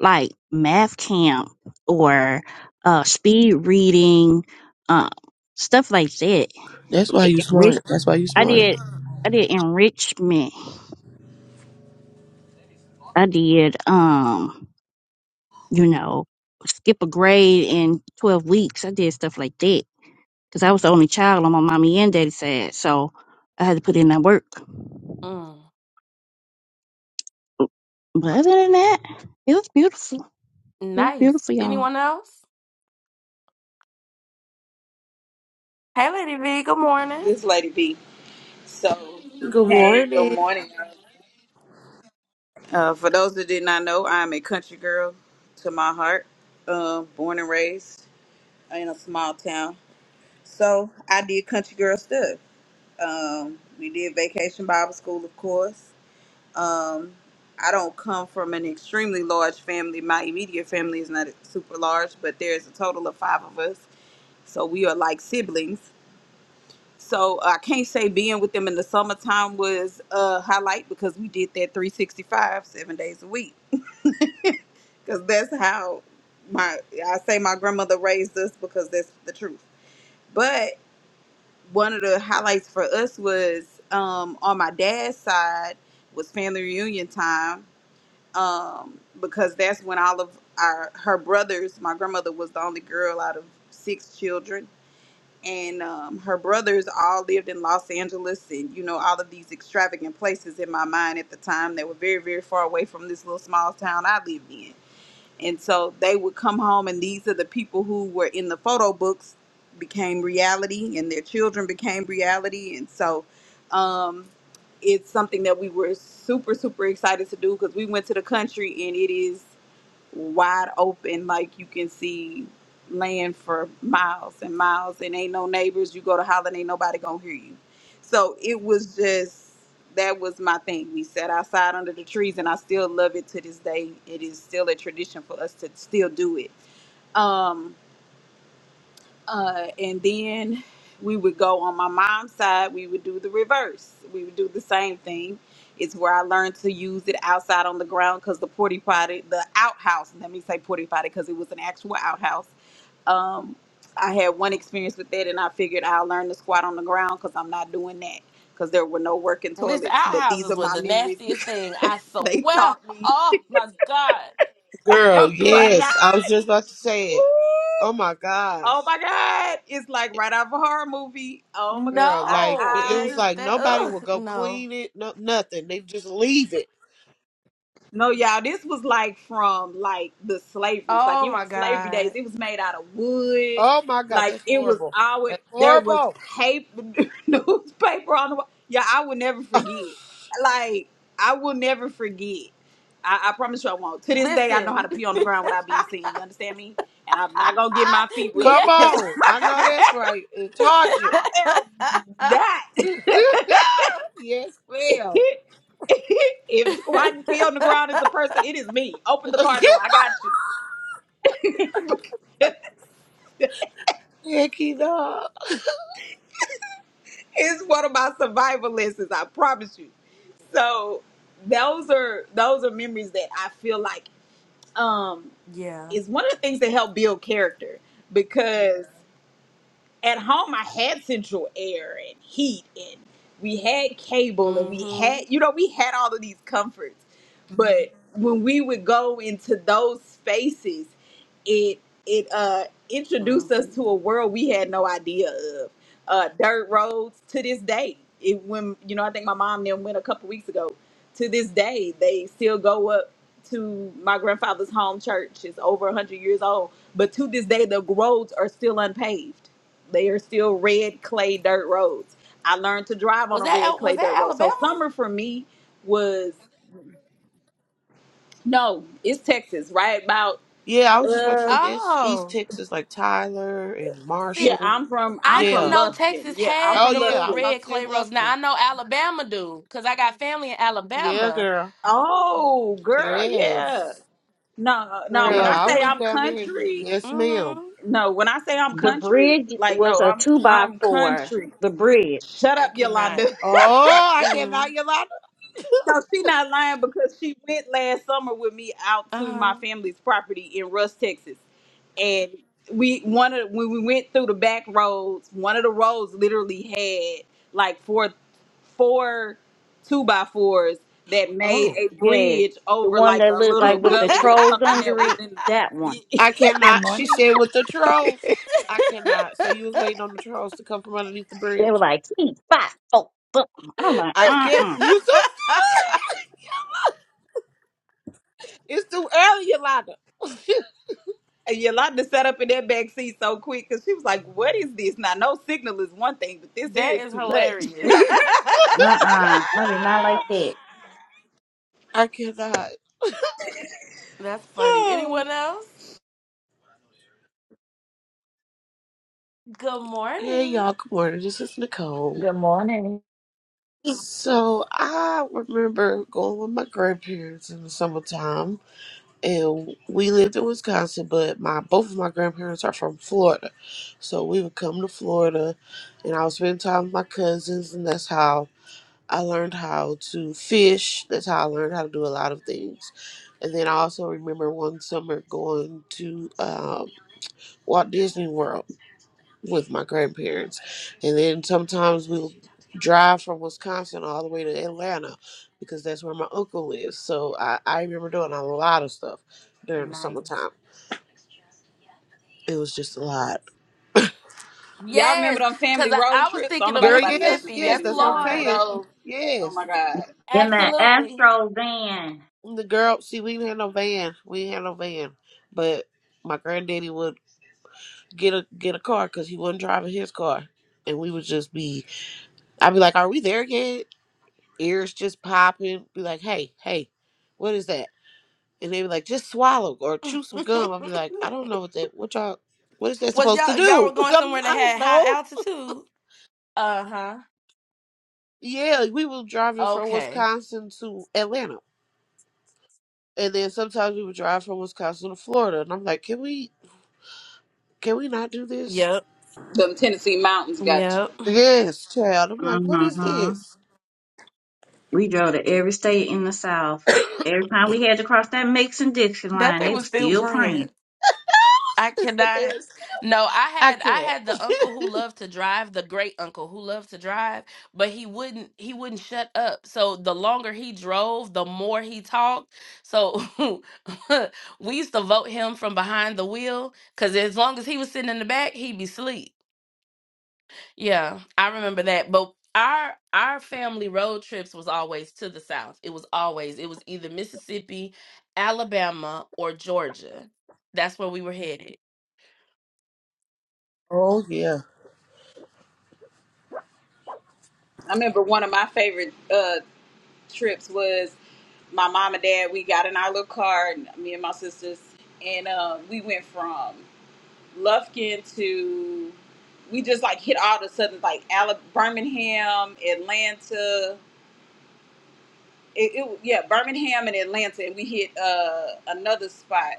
[SPEAKER 8] like math camp or uh speed reading, um stuff like that.
[SPEAKER 5] That's why
[SPEAKER 8] Like,
[SPEAKER 5] you
[SPEAKER 8] Enrich
[SPEAKER 5] smart. That's why you
[SPEAKER 8] I
[SPEAKER 5] smart.
[SPEAKER 8] did I did enrichment. I did um, you know, skip a grade in twelve weeks. I did stuff like that. Because I was the only child on my mommy and daddy side. So I had to put in that work.
[SPEAKER 1] Mm.
[SPEAKER 8] But other than that, it was beautiful. It was
[SPEAKER 1] Nice.
[SPEAKER 8] beautiful, y'all.
[SPEAKER 1] Anyone else? Hey, Lady V. Good morning.
[SPEAKER 9] This lady B. So,
[SPEAKER 5] Good
[SPEAKER 9] hey, good
[SPEAKER 5] morning.
[SPEAKER 9] morning. Uh, for those that did not know, I'm a country girl to my heart, uh, born and raised in a small town. So, I did country girl stuff. Um, we did vacation Bible school, of course. Um, I don't come from an extremely large family. My immediate family is not super large, but there's a total of five of us so we are like siblings. So I can't say being with them in the summertime was a highlight because we did that 365 seven days a week. Because that's how my I say my grandmother raised us because that's the truth. But one of the highlights for us was um, on my dad's side was family reunion time um, because that's when all of our her brothers. My grandmother was the only girl out of six children and um, her brothers all lived in Los Angeles and you know all of these extravagant places in my mind at the time they were very very far away from this little small town I lived in and so they would come home and these are the people who were in the photo books became reality and their children became reality and so um, it's something that we were super super excited to do because we went to the country and it is wide open, like you can see land for miles and miles, and ain't no neighbors. You go to Holland, ain't nobody gonna hear you. So it was just that was my thing. We sat outside under the trees, and I still love it to this day. It is still a tradition for us to still do it. Um, uh, and then we would go on my mom's side, we would do the reverse. We would do the same thing. It's where I learned to use it outside on the ground because the porty potty, the outhouse, let me say porty potty because it was an actual outhouse. Um, I had one experience with that and I figured I'll learn to squat on the ground because I'm not doing that because there were no working
[SPEAKER 1] Listen,
[SPEAKER 9] toilets. But these
[SPEAKER 1] outhouses
[SPEAKER 9] are
[SPEAKER 1] was
[SPEAKER 9] my
[SPEAKER 1] the
[SPEAKER 9] memories [laughs]
[SPEAKER 1] nastiest thing.
[SPEAKER 9] because
[SPEAKER 1] I
[SPEAKER 9] they
[SPEAKER 1] swear.
[SPEAKER 9] taught me.
[SPEAKER 1] Oh
[SPEAKER 9] [laughs]
[SPEAKER 1] my God.
[SPEAKER 5] Girl,
[SPEAKER 9] Oh my
[SPEAKER 1] Mm-mm.
[SPEAKER 5] yes. I
[SPEAKER 9] God!
[SPEAKER 5] was just about to say it. Oh my gosh.
[SPEAKER 9] Oh my God. It's like right out of a horror movie. Oh my God.
[SPEAKER 5] Girl,
[SPEAKER 9] I
[SPEAKER 5] like
[SPEAKER 1] No,
[SPEAKER 5] it it
[SPEAKER 1] it's
[SPEAKER 9] I
[SPEAKER 5] was
[SPEAKER 1] just
[SPEAKER 5] like
[SPEAKER 1] that.
[SPEAKER 5] nobody
[SPEAKER 1] Ugh,
[SPEAKER 5] will go
[SPEAKER 1] no.
[SPEAKER 5] clean it, no nothing. They just leave it.
[SPEAKER 9] no y'all, this was like from like the slaveries. Like
[SPEAKER 1] Oh
[SPEAKER 9] it
[SPEAKER 1] my
[SPEAKER 9] slavery days.
[SPEAKER 1] God.
[SPEAKER 9] It was made out of wood.
[SPEAKER 5] Oh my god,
[SPEAKER 9] Like
[SPEAKER 5] that's
[SPEAKER 9] it was
[SPEAKER 5] horrible.
[SPEAKER 9] always
[SPEAKER 5] That's
[SPEAKER 9] there was
[SPEAKER 5] horrible.
[SPEAKER 9] paper [laughs] newspaper on the wall. Yeah, I will never
[SPEAKER 5] [laughs]
[SPEAKER 9] forget. Like I will never forget. I, I promise you I won't. To this day I know how
[SPEAKER 1] Listen.
[SPEAKER 9] to pee on the ground without being seen. You understand me? And I'm not gonna get my feet
[SPEAKER 1] [laughs]
[SPEAKER 9] wet
[SPEAKER 5] Come
[SPEAKER 9] because
[SPEAKER 1] yes.
[SPEAKER 5] on.
[SPEAKER 9] [laughs]
[SPEAKER 5] I know that's
[SPEAKER 9] I
[SPEAKER 5] right. It's torture.
[SPEAKER 9] am
[SPEAKER 5] [laughs]
[SPEAKER 9] that. [laughs]
[SPEAKER 5] yes, well.
[SPEAKER 9] [laughs] if squatting pee
[SPEAKER 1] [laughs]
[SPEAKER 9] on the ground is a person, it is me. Open the
[SPEAKER 5] [laughs]
[SPEAKER 9] car door. I got you. [laughs]
[SPEAKER 5] yeah, dog.
[SPEAKER 9] it's one of my survival lessons. I promise you. So those are those are memories that I feel like um
[SPEAKER 1] [laughs] yeah.
[SPEAKER 9] is one of the things that help build character because. at home I had central air and heat and we had cable and we
[SPEAKER 1] Mm-hmm.
[SPEAKER 9] had you know we had all of these comforts. But when we would go into those spaces, it it uh introduced us
[SPEAKER 1] Mm-hmm.
[SPEAKER 9] to a world we had no idea of. Uh dirt roads to this day. It when you know I think my mom then went a couple weeks ago. To this day, they still go up to my grandfather's home church. It's over 100 years old, but to this day the roads are still unpaved they are still red clay dirt roads. I learned to drive on
[SPEAKER 1] Was
[SPEAKER 9] a
[SPEAKER 1] that
[SPEAKER 9] red
[SPEAKER 1] Al- was
[SPEAKER 9] clay dirt
[SPEAKER 1] that
[SPEAKER 9] road. So
[SPEAKER 1] Alabama?
[SPEAKER 9] summer for me was no, it's Texas, right? About
[SPEAKER 5] Yeah, I was just about to
[SPEAKER 9] uh
[SPEAKER 5] say this. East
[SPEAKER 1] Oh,
[SPEAKER 5] Texas, like Tyler and
[SPEAKER 1] see,
[SPEAKER 9] yeah,
[SPEAKER 5] Marshall.
[SPEAKER 9] I'm from
[SPEAKER 1] I
[SPEAKER 9] I'm
[SPEAKER 1] didn't
[SPEAKER 9] from
[SPEAKER 5] Yeah.
[SPEAKER 1] know
[SPEAKER 9] Lufkin.
[SPEAKER 1] Texas
[SPEAKER 9] Yeah, I'm
[SPEAKER 1] had
[SPEAKER 5] Oh,
[SPEAKER 9] from
[SPEAKER 1] the
[SPEAKER 5] yeah.
[SPEAKER 1] little
[SPEAKER 5] I was
[SPEAKER 9] Lufkin.
[SPEAKER 5] about
[SPEAKER 1] red
[SPEAKER 5] to say
[SPEAKER 1] clay roses.
[SPEAKER 5] Lufkin.
[SPEAKER 1] Now I know Alabama do, cause I got family in
[SPEAKER 5] Yeah,
[SPEAKER 1] Alabama.
[SPEAKER 5] girl.
[SPEAKER 9] Oh, girl, yeah.
[SPEAKER 5] Yes.
[SPEAKER 9] No, no, when
[SPEAKER 5] Yeah,
[SPEAKER 9] I
[SPEAKER 8] Girl,
[SPEAKER 5] I
[SPEAKER 9] say
[SPEAKER 5] went
[SPEAKER 9] I'm
[SPEAKER 5] down there. And,
[SPEAKER 9] country,
[SPEAKER 5] yes, ma'am.
[SPEAKER 1] Mm-hmm.
[SPEAKER 9] no, when I say I'm
[SPEAKER 8] the
[SPEAKER 9] country,
[SPEAKER 8] bridge
[SPEAKER 9] like
[SPEAKER 8] was
[SPEAKER 9] no,
[SPEAKER 8] a
[SPEAKER 9] I'm
[SPEAKER 8] two by
[SPEAKER 9] I'm
[SPEAKER 8] four.
[SPEAKER 9] country.
[SPEAKER 8] The bridge,
[SPEAKER 9] Shut
[SPEAKER 1] I
[SPEAKER 9] up,
[SPEAKER 1] cannot.
[SPEAKER 9] Yolanda. [laughs]
[SPEAKER 5] Oh, I cannot,
[SPEAKER 1] Mm-mm.
[SPEAKER 5] Yolanda.
[SPEAKER 9] No, she not lying because she went last summer with me out to my
[SPEAKER 1] Uh-huh.
[SPEAKER 9] family's property in Russ, Texas, and we one of when we went through the back roads, one of the roads literally had like four four two by fours that made
[SPEAKER 5] Oh,
[SPEAKER 9] a
[SPEAKER 8] yes,
[SPEAKER 9] bridge
[SPEAKER 8] the
[SPEAKER 9] over
[SPEAKER 8] one
[SPEAKER 9] like
[SPEAKER 8] that
[SPEAKER 9] a
[SPEAKER 8] looked
[SPEAKER 9] little
[SPEAKER 8] like with
[SPEAKER 1] [laughs]
[SPEAKER 8] the
[SPEAKER 9] gully or
[SPEAKER 8] trolls
[SPEAKER 9] something
[SPEAKER 8] under
[SPEAKER 9] that was
[SPEAKER 8] it.
[SPEAKER 9] in.
[SPEAKER 8] That
[SPEAKER 9] [laughs]
[SPEAKER 8] one.
[SPEAKER 5] I
[SPEAKER 3] Good
[SPEAKER 5] cannot. She
[SPEAKER 3] morning.
[SPEAKER 5] said with the trolls. I cannot. So you was waiting on the trolls to come from underneath the
[SPEAKER 8] They were
[SPEAKER 5] bridge.
[SPEAKER 8] like, "Keep five, four, four." I'm like,
[SPEAKER 5] I
[SPEAKER 8] uh,
[SPEAKER 5] can't.
[SPEAKER 8] uh,
[SPEAKER 5] You so. [laughs] It's too early, Yolanda.
[SPEAKER 9] Yolanda sat up in that back seat so quick because she was like, "What is this?" Now, no signal is one thing, but this here
[SPEAKER 1] that
[SPEAKER 9] is
[SPEAKER 1] is
[SPEAKER 9] too much. [laughs]
[SPEAKER 1] hilarious.
[SPEAKER 5] [laughs]
[SPEAKER 8] uh, uh. I did not like that.
[SPEAKER 5] I cannot.
[SPEAKER 1] That's funny. Anyone else? Good
[SPEAKER 5] Hey
[SPEAKER 1] morning.
[SPEAKER 5] y'all, good morning. This is Nicole.
[SPEAKER 3] good morning
[SPEAKER 5] So I remember going with my grandparents in the summertime and we lived in Wisconsin, but my both of my grandparents are from Florida. So we would come to Florida and I would spend time with my cousins and that's how I learned how to fish. That's how I learned how to do a lot of things. And then I also remember one summer going to um, Walt Disney World with my grandparents. And then sometimes we'll drive from Wisconsin all the way to Atlanta because that's where my uncle lives. So I, I remember doing a lot of stuff during the
[SPEAKER 1] Nice.
[SPEAKER 5] summertime. It was just a lot.
[SPEAKER 9] Y'all
[SPEAKER 1] Yes,
[SPEAKER 9] remember them
[SPEAKER 1] cause
[SPEAKER 9] family
[SPEAKER 1] I,
[SPEAKER 9] road
[SPEAKER 1] I was
[SPEAKER 9] trips? I don't
[SPEAKER 1] thinking
[SPEAKER 9] know
[SPEAKER 1] of
[SPEAKER 9] about
[SPEAKER 5] Girl,
[SPEAKER 9] nobody
[SPEAKER 5] yes,
[SPEAKER 9] else's
[SPEAKER 1] Mississippi.
[SPEAKER 5] yes,
[SPEAKER 1] Yes,
[SPEAKER 9] family.
[SPEAKER 5] that's what
[SPEAKER 9] Y'all
[SPEAKER 5] I'm
[SPEAKER 1] Lord.
[SPEAKER 9] remember
[SPEAKER 5] saying.
[SPEAKER 9] those? Oh
[SPEAKER 5] Yes.
[SPEAKER 9] my God.
[SPEAKER 8] In that
[SPEAKER 1] Absolutely.
[SPEAKER 8] Astro van.
[SPEAKER 5] The girl see we didn't have no van. We didn't have no van. But my granddaddy would get a get a car because he wasn't driving his car. And we would just be I'd be like, Are we there yet? Ears just popping. Be like, hey, hey, what is that? and they be like, just swallow or chew some gum. I'll be
[SPEAKER 1] [laughs]
[SPEAKER 5] like, I don't know what that what y'all what is that
[SPEAKER 1] Was
[SPEAKER 5] supposed to
[SPEAKER 1] y'all y'all
[SPEAKER 5] do?
[SPEAKER 1] were
[SPEAKER 5] [laughs]
[SPEAKER 1] going
[SPEAKER 5] I'm,
[SPEAKER 1] somewhere that
[SPEAKER 5] I don't
[SPEAKER 1] had high
[SPEAKER 5] know.
[SPEAKER 1] altitude? Uh huh.
[SPEAKER 5] Yeah, like, we were driving from
[SPEAKER 1] Okay.
[SPEAKER 5] Wisconsin to Atlanta, and then sometimes we would drive from Wisconsin to Florida, and I'm like, can we can we not do this?
[SPEAKER 1] Yep.
[SPEAKER 9] Them Tennessee mountains got you.
[SPEAKER 1] Yep.
[SPEAKER 5] Yes, child. I'm like, what is
[SPEAKER 8] hmm
[SPEAKER 5] this?
[SPEAKER 8] We drove to every state in the South. Every time we had to cross that Mason Dixon
[SPEAKER 1] That
[SPEAKER 8] line,
[SPEAKER 1] thing
[SPEAKER 8] they were
[SPEAKER 1] was still
[SPEAKER 8] still praying.
[SPEAKER 1] praying. I
[SPEAKER 5] [laughs] I said They
[SPEAKER 1] cannot.
[SPEAKER 5] was-
[SPEAKER 1] No, I
[SPEAKER 5] I
[SPEAKER 1] had I
[SPEAKER 5] can't.
[SPEAKER 1] had the uncle who
[SPEAKER 5] [laughs]
[SPEAKER 1] loved to drive, the great uncle who loved to drive, but he wouldn't he wouldn't shut up. So the longer he drove, the more he talked. So [laughs] we used to vote him from behind the wheel because as long as he was sitting in the back, he'd be asleep. Yeah, I remember that. But our our family road trips was always to the south. It was always it was either Mississippi, Alabama, or Georgia. That's where we were headed.
[SPEAKER 5] oh yeah,
[SPEAKER 9] I remember one of my favorite uh, trips was my mom and dad. We got in our little car, and me and my sisters, and uh, we went from Lufkin to, we just like hit all the southern, like Ala- Birmingham, Atlanta. It, it, yeah, Birmingham and Atlanta, and we hit uh, another spot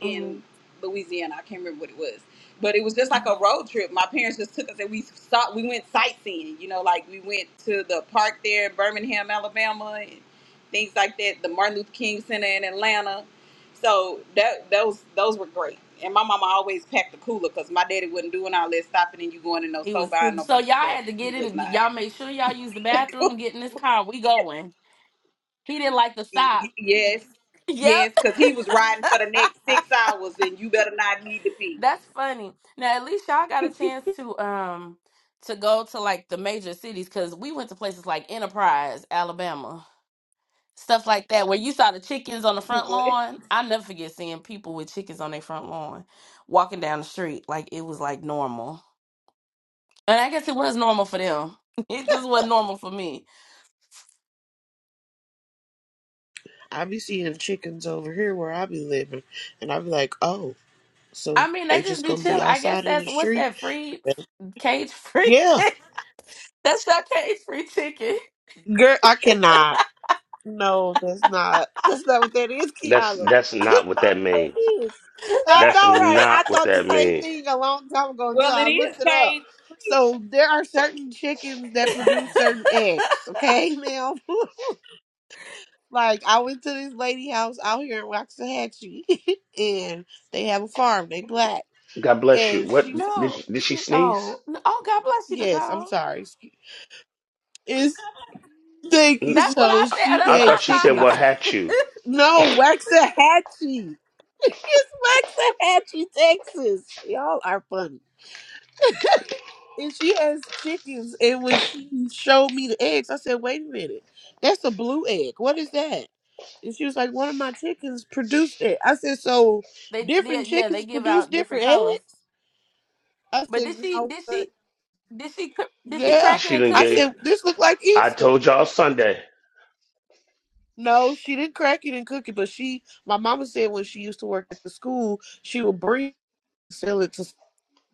[SPEAKER 9] in
[SPEAKER 1] Mhm.
[SPEAKER 9] Louisiana. I can't remember what it was, but it was just like a road trip. My parents just took us and we stopped. We went sightseeing. You know, like we went to the park there in Birmingham, Alabama, and things like that. The Martin Luther King Center in Atlanta. So that those those were great. And my mama always packed the cooler because my daddy wasn't doing all that stopping and you going in no
[SPEAKER 1] It
[SPEAKER 9] store
[SPEAKER 1] was
[SPEAKER 9] buying no
[SPEAKER 1] so
[SPEAKER 9] bunch of
[SPEAKER 1] y'all
[SPEAKER 9] stuff.
[SPEAKER 1] had to
[SPEAKER 9] He
[SPEAKER 1] get in.
[SPEAKER 9] was
[SPEAKER 1] and-
[SPEAKER 9] not.
[SPEAKER 1] Y'all make sure y'all use the
[SPEAKER 9] [laughs]
[SPEAKER 1] bathroom. Get in this car. We going. He didn't like to stop. [laughs]
[SPEAKER 9] yes, yes,
[SPEAKER 1] Yep,
[SPEAKER 9] because he was riding for the next six hours and you better not need to be.
[SPEAKER 1] that's funny. Now at least y'all got a chance to um to go to like the major cities because we went to places like Enterprise, Alabama. stuff like that where you saw the chickens on the
[SPEAKER 9] [laughs]
[SPEAKER 1] front
[SPEAKER 9] What?
[SPEAKER 1] lawn i never forget seeing people with chickens on their front lawn walking down the street like it was like normal and i guess it was normal for them [laughs] it just wasn't normal for me
[SPEAKER 5] I be seeing chickens over here where I be living, and I be like, oh, so
[SPEAKER 1] i mean
[SPEAKER 5] they
[SPEAKER 1] they just
[SPEAKER 5] just
[SPEAKER 1] be
[SPEAKER 5] gonna be
[SPEAKER 1] chill i guess
[SPEAKER 5] outside in
[SPEAKER 1] that's
[SPEAKER 5] the
[SPEAKER 1] what's
[SPEAKER 5] street?
[SPEAKER 1] that free cage free [laughs]
[SPEAKER 5] Yeah,
[SPEAKER 1] chicken that's not cage free chicken
[SPEAKER 5] Girl, I cannot. No, that's not. That's not what that is,
[SPEAKER 2] That's
[SPEAKER 5] Kiala.
[SPEAKER 2] that's
[SPEAKER 5] [laughs] That's
[SPEAKER 2] not what that
[SPEAKER 5] not what
[SPEAKER 2] means.
[SPEAKER 5] that is. I
[SPEAKER 2] That's
[SPEAKER 5] know, right? I
[SPEAKER 2] not what
[SPEAKER 5] thought the
[SPEAKER 2] that
[SPEAKER 5] same
[SPEAKER 2] means.
[SPEAKER 5] thing a long time ago until
[SPEAKER 9] Well,
[SPEAKER 5] I
[SPEAKER 9] it is
[SPEAKER 5] looked it up.
[SPEAKER 9] cage free.
[SPEAKER 5] So there are certain chickens that
[SPEAKER 1] [laughs]
[SPEAKER 5] produce certain eggs. Okay, now, [laughs] like I went to this lady house out here in Waxahachie, [laughs] and they have a farm. They black,
[SPEAKER 2] God bless you.
[SPEAKER 5] and
[SPEAKER 2] What
[SPEAKER 5] she. s-
[SPEAKER 2] did
[SPEAKER 1] no
[SPEAKER 2] did
[SPEAKER 1] it's
[SPEAKER 2] she
[SPEAKER 1] me
[SPEAKER 2] sneeze?
[SPEAKER 1] oh no, oh god bless you
[SPEAKER 5] Yes, I'm
[SPEAKER 1] nicole
[SPEAKER 5] sorry. It's thank
[SPEAKER 2] N-
[SPEAKER 5] you.
[SPEAKER 1] that's what i
[SPEAKER 5] So
[SPEAKER 2] I,
[SPEAKER 1] said
[SPEAKER 5] she
[SPEAKER 1] that's
[SPEAKER 2] I
[SPEAKER 1] what
[SPEAKER 5] had
[SPEAKER 1] i
[SPEAKER 2] thought she
[SPEAKER 1] thought,
[SPEAKER 2] said
[SPEAKER 1] I
[SPEAKER 5] chickens.
[SPEAKER 2] what had you.
[SPEAKER 1] thought.
[SPEAKER 5] No, Waxahachie. [laughs] It's Waxahachie, Texas. Y'all are funny. And she has chickens. And when she showed me the eggs, I said, wait a minute. That's a blue egg. What is that? And she was like, one of my chickens produced it. I said, so
[SPEAKER 1] [laughs] they, they
[SPEAKER 5] different
[SPEAKER 1] yeah they
[SPEAKER 5] chickens
[SPEAKER 1] give
[SPEAKER 5] produce
[SPEAKER 1] out different
[SPEAKER 5] different
[SPEAKER 1] colors
[SPEAKER 5] eggs? I
[SPEAKER 1] but
[SPEAKER 5] said,
[SPEAKER 1] did
[SPEAKER 5] you
[SPEAKER 1] she?
[SPEAKER 5] know
[SPEAKER 1] Did she?
[SPEAKER 5] what?
[SPEAKER 1] Did she cr- did she
[SPEAKER 5] Yeah.
[SPEAKER 1] crack it
[SPEAKER 2] She
[SPEAKER 1] and
[SPEAKER 2] didn't
[SPEAKER 1] cook
[SPEAKER 5] I
[SPEAKER 2] give.
[SPEAKER 1] it?
[SPEAKER 5] said, this looked like
[SPEAKER 2] I
[SPEAKER 5] Easter.
[SPEAKER 2] told y'all Sunday.
[SPEAKER 5] No, she didn't crack it and cook it, but she, my mama said when she used to work at the school, she would bring, sell it to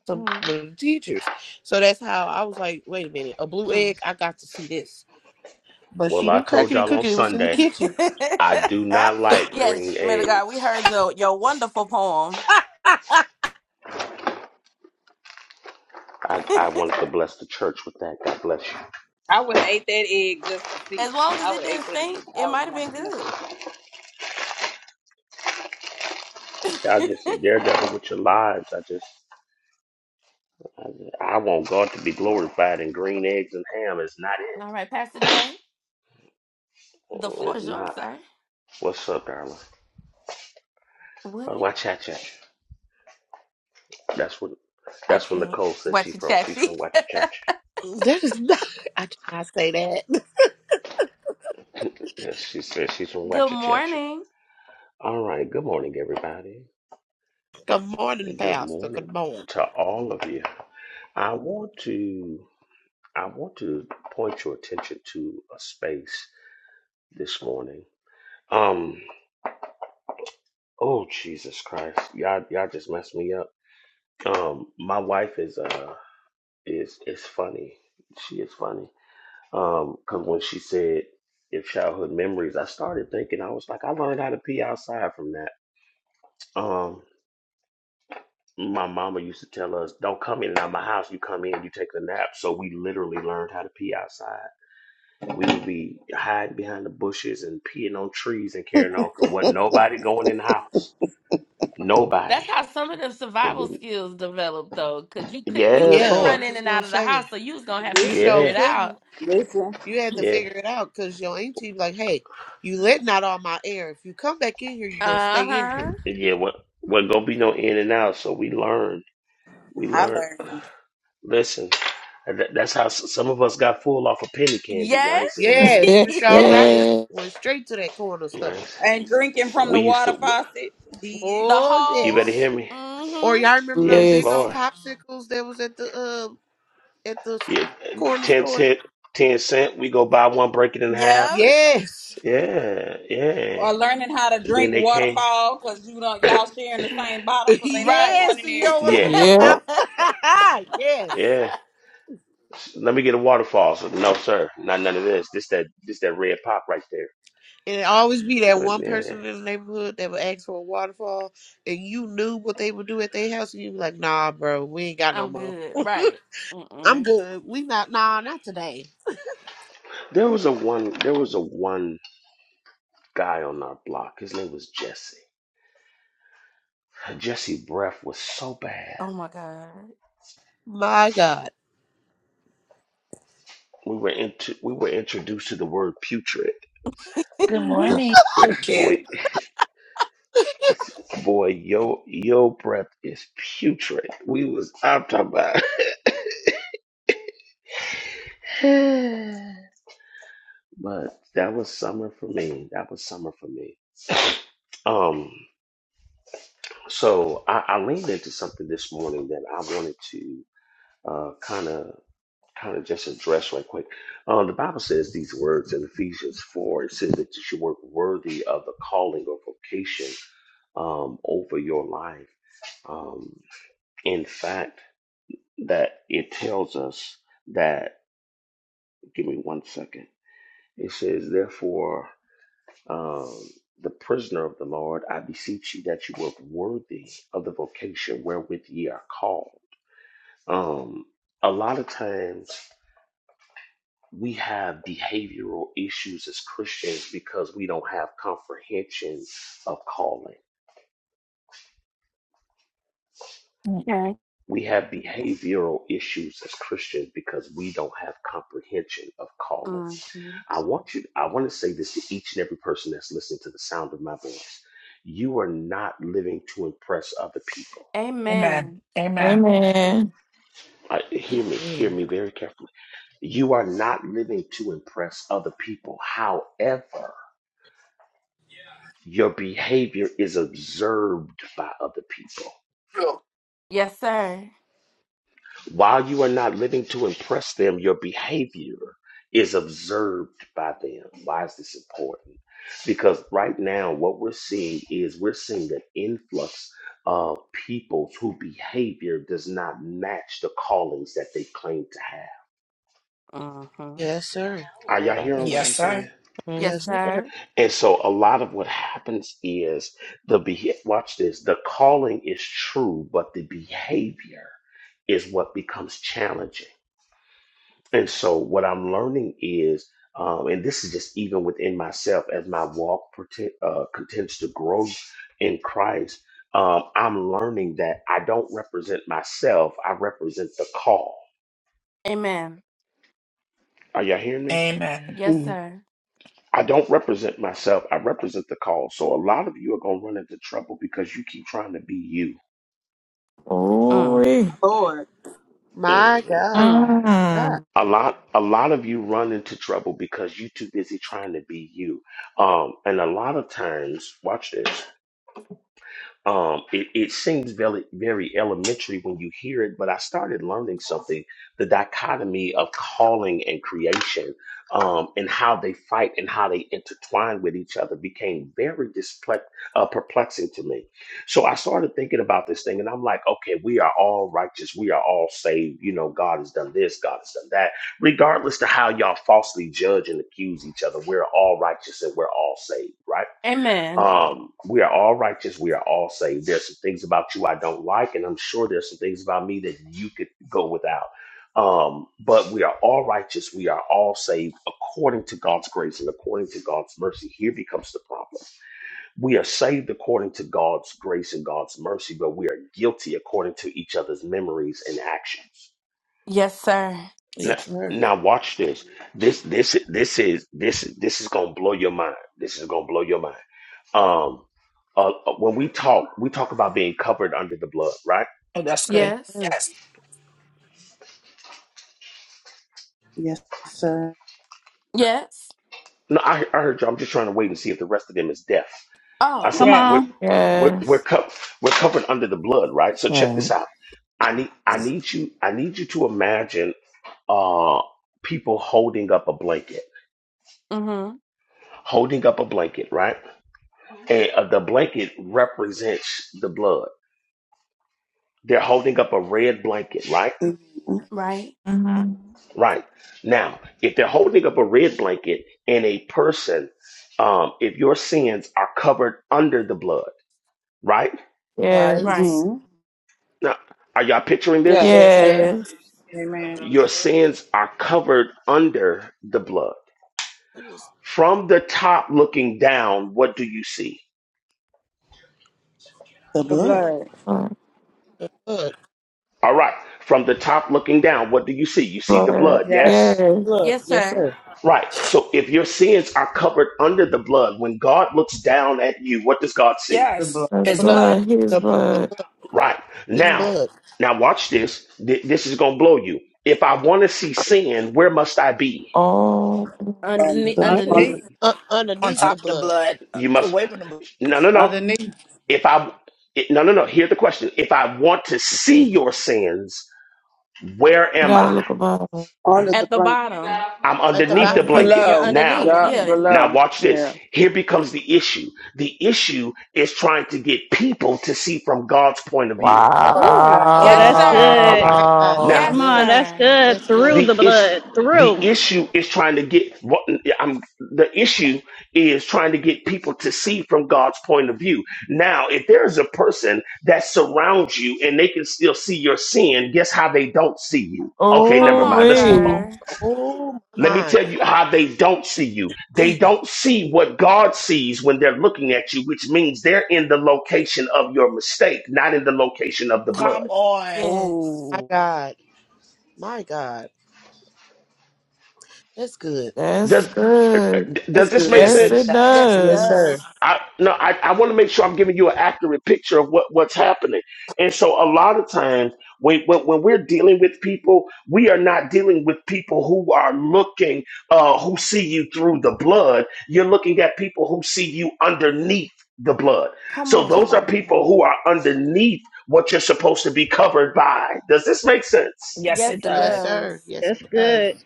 [SPEAKER 5] some of
[SPEAKER 1] Mm.
[SPEAKER 5] the teachers. So that's how I was like, wait a minute, a blue
[SPEAKER 1] Mm.
[SPEAKER 5] egg, I got to see this. But
[SPEAKER 2] Well,
[SPEAKER 5] she
[SPEAKER 2] I
[SPEAKER 5] didn't crack
[SPEAKER 2] told
[SPEAKER 5] it and
[SPEAKER 2] y'all on
[SPEAKER 5] cook it, it was in the
[SPEAKER 2] Sunday.
[SPEAKER 5] kitchen.
[SPEAKER 2] I do
[SPEAKER 1] [laughs]
[SPEAKER 2] not like
[SPEAKER 1] yes,
[SPEAKER 2] green
[SPEAKER 1] man of
[SPEAKER 2] eggs.
[SPEAKER 1] God, we heard your your wonderful poem.
[SPEAKER 5] [laughs]
[SPEAKER 2] I,
[SPEAKER 1] [laughs]
[SPEAKER 2] I wanted to bless the church with that. God bless you.
[SPEAKER 9] I would have ate that egg just to
[SPEAKER 1] As
[SPEAKER 9] see.
[SPEAKER 1] long as
[SPEAKER 9] I would
[SPEAKER 1] it
[SPEAKER 9] have
[SPEAKER 1] didn't
[SPEAKER 9] ate that egg.
[SPEAKER 1] stink, it
[SPEAKER 9] I would
[SPEAKER 1] might
[SPEAKER 9] have
[SPEAKER 1] have been
[SPEAKER 9] wanted to know.
[SPEAKER 1] good.
[SPEAKER 2] Y'all
[SPEAKER 1] [laughs]
[SPEAKER 2] just a daredevil with your lives. I just, I, I want God to be glorified, and green eggs and ham is not it.
[SPEAKER 1] All right, Pastor Jay, the
[SPEAKER 2] Mm,
[SPEAKER 1] floor
[SPEAKER 2] It's
[SPEAKER 1] is yours,
[SPEAKER 2] not.
[SPEAKER 1] sir.
[SPEAKER 2] What's up, darling?
[SPEAKER 1] What?
[SPEAKER 2] Oh, Wachacha. That's what.
[SPEAKER 1] I
[SPEAKER 2] That's when
[SPEAKER 1] can't.
[SPEAKER 2] Nicole says she
[SPEAKER 1] What you
[SPEAKER 2] from. She's
[SPEAKER 1] chatty?
[SPEAKER 2] from Wachacha.
[SPEAKER 5] that is not, [laughs] I did not say that.
[SPEAKER 2] Yes, she says she's from
[SPEAKER 1] [laughs] Good
[SPEAKER 2] Wachacha.
[SPEAKER 1] morning.
[SPEAKER 2] All right. Good morning, everybody.
[SPEAKER 5] [laughs] Good morning,
[SPEAKER 2] Good
[SPEAKER 5] Pastor.
[SPEAKER 2] morning
[SPEAKER 5] Good morning.
[SPEAKER 2] to all of you. I want to. I want to point your attention to a space this morning. Um, oh Jesus Christ, y'all, y'all just messed me up. Um, my wife is uh is is funny. She is funny. Um, cause when she said if childhood memories, I started thinking I was like, I learned how to pee outside from that. Um, my mama used to tell us, don't come in and out my house. You come in, you take a nap. So we literally learned how to pee outside. We would be hiding behind the bushes and peeing on trees and carrying on. Cause wasn't nobody going in the house.
[SPEAKER 1] That's
[SPEAKER 2] Nobody.
[SPEAKER 1] how some of the
[SPEAKER 2] Cause
[SPEAKER 1] survival
[SPEAKER 2] didn't.
[SPEAKER 1] skills developed, though, because you could you
[SPEAKER 2] Yeah,
[SPEAKER 5] Yeah,
[SPEAKER 1] couldn't
[SPEAKER 5] I
[SPEAKER 2] Lord.
[SPEAKER 1] run
[SPEAKER 5] was
[SPEAKER 1] in
[SPEAKER 5] just
[SPEAKER 1] and
[SPEAKER 5] going
[SPEAKER 1] out
[SPEAKER 5] to
[SPEAKER 1] of the
[SPEAKER 5] say,
[SPEAKER 1] house, so you was gonna have to
[SPEAKER 5] you
[SPEAKER 9] Listen,
[SPEAKER 1] figure
[SPEAKER 5] sure
[SPEAKER 1] it
[SPEAKER 2] Yeah,
[SPEAKER 1] out.
[SPEAKER 5] couldn't.
[SPEAKER 9] listen.
[SPEAKER 5] You had to
[SPEAKER 2] yeah,
[SPEAKER 5] figure it out because your auntie be like, hey, you letting out all my air. If you come back in here, you going to
[SPEAKER 1] Uh
[SPEAKER 5] stay in
[SPEAKER 1] huh.
[SPEAKER 5] here.
[SPEAKER 2] yeah. What? Wasn't gonna be no in and out. So we learned. We
[SPEAKER 9] I
[SPEAKER 2] learned. [sighs]
[SPEAKER 9] learned.
[SPEAKER 2] Listen, that, that's how s- some of us got full off of penny candy. Y'all
[SPEAKER 1] Yes.
[SPEAKER 2] ain't saying
[SPEAKER 10] [laughs]
[SPEAKER 2] nothing to me.
[SPEAKER 5] Yes,
[SPEAKER 1] [laughs]
[SPEAKER 5] you sure
[SPEAKER 1] yes.
[SPEAKER 5] right. Went straight to that corner
[SPEAKER 2] Y'all
[SPEAKER 5] stuff.
[SPEAKER 2] ain't s-
[SPEAKER 9] And drinking from
[SPEAKER 2] We
[SPEAKER 9] the
[SPEAKER 2] used
[SPEAKER 9] water
[SPEAKER 2] to.
[SPEAKER 9] faucet, did.
[SPEAKER 1] The
[SPEAKER 5] Oh,
[SPEAKER 2] You
[SPEAKER 1] whole.
[SPEAKER 2] better
[SPEAKER 5] yes.
[SPEAKER 2] hear me.
[SPEAKER 5] Or
[SPEAKER 1] Mm-hmm.
[SPEAKER 5] y'all remember them
[SPEAKER 2] Yes,
[SPEAKER 5] big old
[SPEAKER 2] Lord.
[SPEAKER 10] Listen.
[SPEAKER 5] popsicles that was at the uh at the
[SPEAKER 2] Yeah,
[SPEAKER 5] corner
[SPEAKER 2] ten
[SPEAKER 5] store?
[SPEAKER 2] cent, ten cent. We go buy one, break it in half,
[SPEAKER 1] Yep.
[SPEAKER 2] and
[SPEAKER 5] Yes. [laughs]
[SPEAKER 2] yeah, yeah.
[SPEAKER 9] Or learning how to
[SPEAKER 2] Then
[SPEAKER 9] drink
[SPEAKER 2] they came.
[SPEAKER 9] waterfall because you don't y'all sharing the same bottle because ain't nobody
[SPEAKER 1] Right.
[SPEAKER 5] Yes.
[SPEAKER 9] going in
[SPEAKER 5] You
[SPEAKER 9] there.
[SPEAKER 5] don't want to
[SPEAKER 2] Yeah,
[SPEAKER 5] put your mouth.
[SPEAKER 10] Yep.
[SPEAKER 1] [laughs]
[SPEAKER 5] [laughs] yes.
[SPEAKER 2] yeah. Let me get a waterfall. So, no, sir, not none of this. This that this that red pop right there.
[SPEAKER 5] And it always be that
[SPEAKER 2] But
[SPEAKER 5] one
[SPEAKER 2] yeah,
[SPEAKER 5] person in the neighborhood that would ask for a waterfall and you knew what they would do at their house and you be like, nah, bro, we ain't got no
[SPEAKER 1] I'm
[SPEAKER 5] more.
[SPEAKER 1] good.
[SPEAKER 5] [laughs]
[SPEAKER 1] Right.
[SPEAKER 5] I'm
[SPEAKER 1] Mm-mm.
[SPEAKER 5] good. We not nah, not today.
[SPEAKER 2] there was a one. There was a one guy on our block. His name was Jesse. Jesse breath was so bad.
[SPEAKER 1] Oh my God.
[SPEAKER 5] My God.
[SPEAKER 2] We were into we were introduced to the word putrid.
[SPEAKER 3] good
[SPEAKER 2] I
[SPEAKER 3] morning I
[SPEAKER 2] said,
[SPEAKER 3] can't.
[SPEAKER 2] boy, I said, boy, yo, your breath is putrid. We was I'm talking about. [sighs] [laughs] But that was summer for me. That was summer for me. Um, so I, I leaned into something this morning that I wanted to uh, kind of kind of just address right quick. Uh, the Bible says these words in Ephesians four. It says that you should work worthy of the calling or vocation um, over your life. Um, in fact, that it tells us that. Give me one second. It says, therefore. um, the prisoner of the Lord, I beseech you that you work worthy of the vocation wherewith ye are called. Um, a lot of times we have behavioral issues as Christians because we don't have comprehension of calling.
[SPEAKER 3] okay
[SPEAKER 2] We have behavioral issues as Christians because we don't have comprehension of calling.
[SPEAKER 1] Mm-hmm.
[SPEAKER 2] I want you, I want to say this to each and every person that's listening to the sound of my voice. You are not living to impress other people
[SPEAKER 3] Amen.
[SPEAKER 1] Amen.
[SPEAKER 3] Amen.
[SPEAKER 10] Amen.
[SPEAKER 2] I, hear me, hear
[SPEAKER 5] Mm.
[SPEAKER 2] me very carefully. You are not living to impress other people. However, your behavior is observed by other people.
[SPEAKER 3] True.
[SPEAKER 1] Yes, sir.
[SPEAKER 2] While you are not living to impress them, your behavior is observed by them. Why is this important? Because right now, what we're seeing is we're seeing an influx of people whose behavior does not match the callings that they claim to have.
[SPEAKER 1] Mm-hmm.
[SPEAKER 5] Yes, sir.
[SPEAKER 2] Are
[SPEAKER 11] Right,
[SPEAKER 2] y'all
[SPEAKER 11] Bobby?
[SPEAKER 2] hearing what
[SPEAKER 3] Yes,
[SPEAKER 2] I'm
[SPEAKER 3] sir.
[SPEAKER 2] saying?
[SPEAKER 1] Yes,
[SPEAKER 5] Yes.
[SPEAKER 11] Mm-hmm.
[SPEAKER 1] sir.
[SPEAKER 2] And so a lot of what happens is the be- watch this, the calling is true, but the behavior is what becomes challenging. And so what I'm learning is, um, and this is just even within myself as my walk pretend, uh, continues to grow in Christ, um, I'm learning that I don't represent myself. I represent the call.
[SPEAKER 1] Amen.
[SPEAKER 2] Are y'all hearing me?
[SPEAKER 3] Amen.
[SPEAKER 1] Yes,
[SPEAKER 6] Mhm.
[SPEAKER 1] sir.
[SPEAKER 2] I don't represent myself. I represent the call. So a lot of you are going to run into trouble because you keep trying to be you
[SPEAKER 1] Mm.
[SPEAKER 10] Ooh.
[SPEAKER 9] Lord.
[SPEAKER 5] My
[SPEAKER 2] Mhm.
[SPEAKER 5] God.
[SPEAKER 1] Mm.
[SPEAKER 5] God.
[SPEAKER 10] Mm.
[SPEAKER 2] A lot, a lot of you run into trouble because you're too busy trying to be you. Um, and a lot of times, watch this. Um, it, it seems very, very elementary when you hear it, but I started learning something the dichotomy of calling and creation um, and how they fight and how they intertwine with each other became very disple- uh, perplexing to me. So I started thinking about this thing and I'm like, okay, we are all righteous. We are all saved. You know, God has done this, God has done that. Regardless to how y'all falsely judge and accuse each other, we're all righteous and we're all saved, right?
[SPEAKER 1] Amen.
[SPEAKER 2] Um, we are all righteous. We are all saved. There's some things about you I don't like, and I'm sure there's some things about me that you could go without. Um, but we are all righteous. We are all saved according to God's grace and according to God's mercy. Here becomes the problem. We are saved according to God's grace and God's mercy, but we are guilty according to each other's memories and actions.
[SPEAKER 1] Yes, sir.
[SPEAKER 2] Now,
[SPEAKER 5] Yes, sir.
[SPEAKER 2] now watch this. This, this, this is this, this is gonna blow your mind. This is gonna blow your mind um, uh, uh, when we talk, we talk about being covered under the blood, right?
[SPEAKER 3] Oh, that's
[SPEAKER 5] Yes.
[SPEAKER 3] good.
[SPEAKER 1] Yes.
[SPEAKER 3] Yes.
[SPEAKER 6] Yes, sir.
[SPEAKER 1] Yes.
[SPEAKER 2] No, I, I heard you. I'm just trying to wait and see if the rest of them is deaf. I said
[SPEAKER 1] Oh.
[SPEAKER 8] Come
[SPEAKER 12] Yes.
[SPEAKER 2] we're
[SPEAKER 8] on.
[SPEAKER 2] we're we're,
[SPEAKER 10] Yes.
[SPEAKER 2] co- we're covered under the blood, right? So check this
[SPEAKER 13] Right.
[SPEAKER 2] out. I need I need you I need you to imagine uh people holding up a blanket,
[SPEAKER 1] Mm-hmm.
[SPEAKER 2] holding up a blanket, right? And uh, the blanket represents the blood. They're holding up a red blanket, right?
[SPEAKER 6] Mm-hmm.
[SPEAKER 1] Right.
[SPEAKER 10] hmm
[SPEAKER 2] Right. Now, if they're holding up a red blanket and a person, um, if your sins are covered under the blood, right?
[SPEAKER 5] Right.
[SPEAKER 1] Right.
[SPEAKER 10] Yes.
[SPEAKER 2] Now, are y'all picturing this?
[SPEAKER 12] Yes.
[SPEAKER 5] Yes,
[SPEAKER 6] Yes,
[SPEAKER 5] sir.
[SPEAKER 6] sir.
[SPEAKER 10] Yes.
[SPEAKER 14] Amen.
[SPEAKER 2] Your sins are covered under the blood. From the top looking down, what do you see?
[SPEAKER 5] the
[SPEAKER 6] The
[SPEAKER 12] The
[SPEAKER 6] blood.
[SPEAKER 12] blood.
[SPEAKER 10] Blood.
[SPEAKER 5] blood? The
[SPEAKER 2] All right. From the top looking down, what do you see? You see the
[SPEAKER 10] blood.
[SPEAKER 2] blood,
[SPEAKER 14] Yeah,
[SPEAKER 2] yes?
[SPEAKER 10] Yes.
[SPEAKER 5] blood.
[SPEAKER 1] Yes,
[SPEAKER 5] Yes,
[SPEAKER 1] sir.
[SPEAKER 5] sir.
[SPEAKER 2] Right. So if your sins are covered under the blood, when God looks down at you, what does God see?
[SPEAKER 4] The blood.
[SPEAKER 3] Yes.
[SPEAKER 14] the
[SPEAKER 10] That's
[SPEAKER 3] It's
[SPEAKER 14] blood
[SPEAKER 3] blood
[SPEAKER 10] blood. His
[SPEAKER 5] The the
[SPEAKER 10] blood.
[SPEAKER 5] blood.
[SPEAKER 2] Right.
[SPEAKER 5] It's
[SPEAKER 1] Mm.
[SPEAKER 2] Now,
[SPEAKER 5] blood.
[SPEAKER 2] now watch this. Th- this is going to blow you. If I want to see sin, where must I be?
[SPEAKER 10] Oh.
[SPEAKER 6] Under
[SPEAKER 1] Underneath.
[SPEAKER 6] the
[SPEAKER 4] under,
[SPEAKER 1] Underneath.
[SPEAKER 6] blood.
[SPEAKER 14] underneath,
[SPEAKER 5] Uh,
[SPEAKER 3] on
[SPEAKER 5] underneath
[SPEAKER 14] un-
[SPEAKER 5] the
[SPEAKER 3] top of the
[SPEAKER 5] blood.
[SPEAKER 3] blood, uh,
[SPEAKER 2] You must
[SPEAKER 3] away from the blood.
[SPEAKER 2] No, no, no.
[SPEAKER 14] underneath,
[SPEAKER 2] If I it, No, no, no. Here's the question. If I want to see your sins, where
[SPEAKER 10] You
[SPEAKER 2] am
[SPEAKER 10] gotta
[SPEAKER 2] I?
[SPEAKER 10] look above.
[SPEAKER 4] under the
[SPEAKER 1] At the
[SPEAKER 4] blanket.
[SPEAKER 1] bottom.
[SPEAKER 2] I'm
[SPEAKER 5] At the
[SPEAKER 2] underneath the
[SPEAKER 5] bottom.
[SPEAKER 14] underneath.
[SPEAKER 2] blanket.
[SPEAKER 1] You're
[SPEAKER 12] Below.
[SPEAKER 2] Now,
[SPEAKER 1] underneath.
[SPEAKER 12] Yeah.
[SPEAKER 5] Underneath.
[SPEAKER 1] Yeah.
[SPEAKER 2] now
[SPEAKER 12] Below.
[SPEAKER 2] watch this.
[SPEAKER 12] Yeah.
[SPEAKER 2] Here becomes the issue. The issue is trying to get people to see from God's point of view.
[SPEAKER 14] Oh wow.
[SPEAKER 1] Ooh,
[SPEAKER 5] Oh
[SPEAKER 8] Oh,
[SPEAKER 1] yes,
[SPEAKER 8] that's
[SPEAKER 5] wow.
[SPEAKER 2] All
[SPEAKER 1] sir.
[SPEAKER 2] right.
[SPEAKER 8] good.
[SPEAKER 5] My God, that's
[SPEAKER 2] Now,
[SPEAKER 10] Wow.
[SPEAKER 8] Come
[SPEAKER 1] Yes,
[SPEAKER 8] on.
[SPEAKER 5] good.
[SPEAKER 8] That's
[SPEAKER 1] sir.
[SPEAKER 8] good.
[SPEAKER 5] That's
[SPEAKER 8] Through
[SPEAKER 5] good.
[SPEAKER 2] The
[SPEAKER 8] the
[SPEAKER 2] is
[SPEAKER 8] blood.
[SPEAKER 2] the
[SPEAKER 8] Through.
[SPEAKER 2] issue is trying to get what I'm. The issue is trying to get people to see from God's point of view. Now, if there is a person that surrounds you and they can still see your sin, guess how they don't see you? Okay,
[SPEAKER 1] Come
[SPEAKER 2] never
[SPEAKER 10] Oh,
[SPEAKER 1] on,
[SPEAKER 2] mind. Let's move on.
[SPEAKER 10] wait.
[SPEAKER 1] sir.
[SPEAKER 5] Oh
[SPEAKER 2] Let me
[SPEAKER 5] my.
[SPEAKER 2] tell you how they don't see you.
[SPEAKER 5] [clears throat]
[SPEAKER 2] They
[SPEAKER 5] my
[SPEAKER 2] don't see what God sees when they're looking at you, which means they're in the location of your mistake, not in the location of the blood.
[SPEAKER 3] Come on.
[SPEAKER 1] Yes.
[SPEAKER 3] Ooh.
[SPEAKER 5] God. My God. That's good.
[SPEAKER 10] That's
[SPEAKER 2] Does
[SPEAKER 10] good.
[SPEAKER 2] does
[SPEAKER 5] That's
[SPEAKER 2] this make
[SPEAKER 5] good.
[SPEAKER 3] yes,
[SPEAKER 10] Yes,
[SPEAKER 3] it
[SPEAKER 2] sense?
[SPEAKER 10] it
[SPEAKER 1] Yes,
[SPEAKER 3] does.
[SPEAKER 1] it
[SPEAKER 5] Yes, sir.
[SPEAKER 10] does.
[SPEAKER 1] does.
[SPEAKER 2] I no, I, I want to make sure I'm giving you an accurate picture of what, what's happening. And so a lot of times when, when when we're dealing with people, we are not dealing with people who are looking uh who see you through the blood. You're looking at people who see you underneath the blood.
[SPEAKER 1] Come
[SPEAKER 2] So
[SPEAKER 1] on,
[SPEAKER 2] those
[SPEAKER 1] sir.
[SPEAKER 2] are people who are underneath what you're supposed to be covered by. Does this make sense?
[SPEAKER 3] Yes,
[SPEAKER 1] Yes,
[SPEAKER 3] it
[SPEAKER 1] it
[SPEAKER 5] Yes,
[SPEAKER 3] does.
[SPEAKER 1] does.
[SPEAKER 5] sir. Yes,
[SPEAKER 8] That's
[SPEAKER 5] it does.
[SPEAKER 8] good.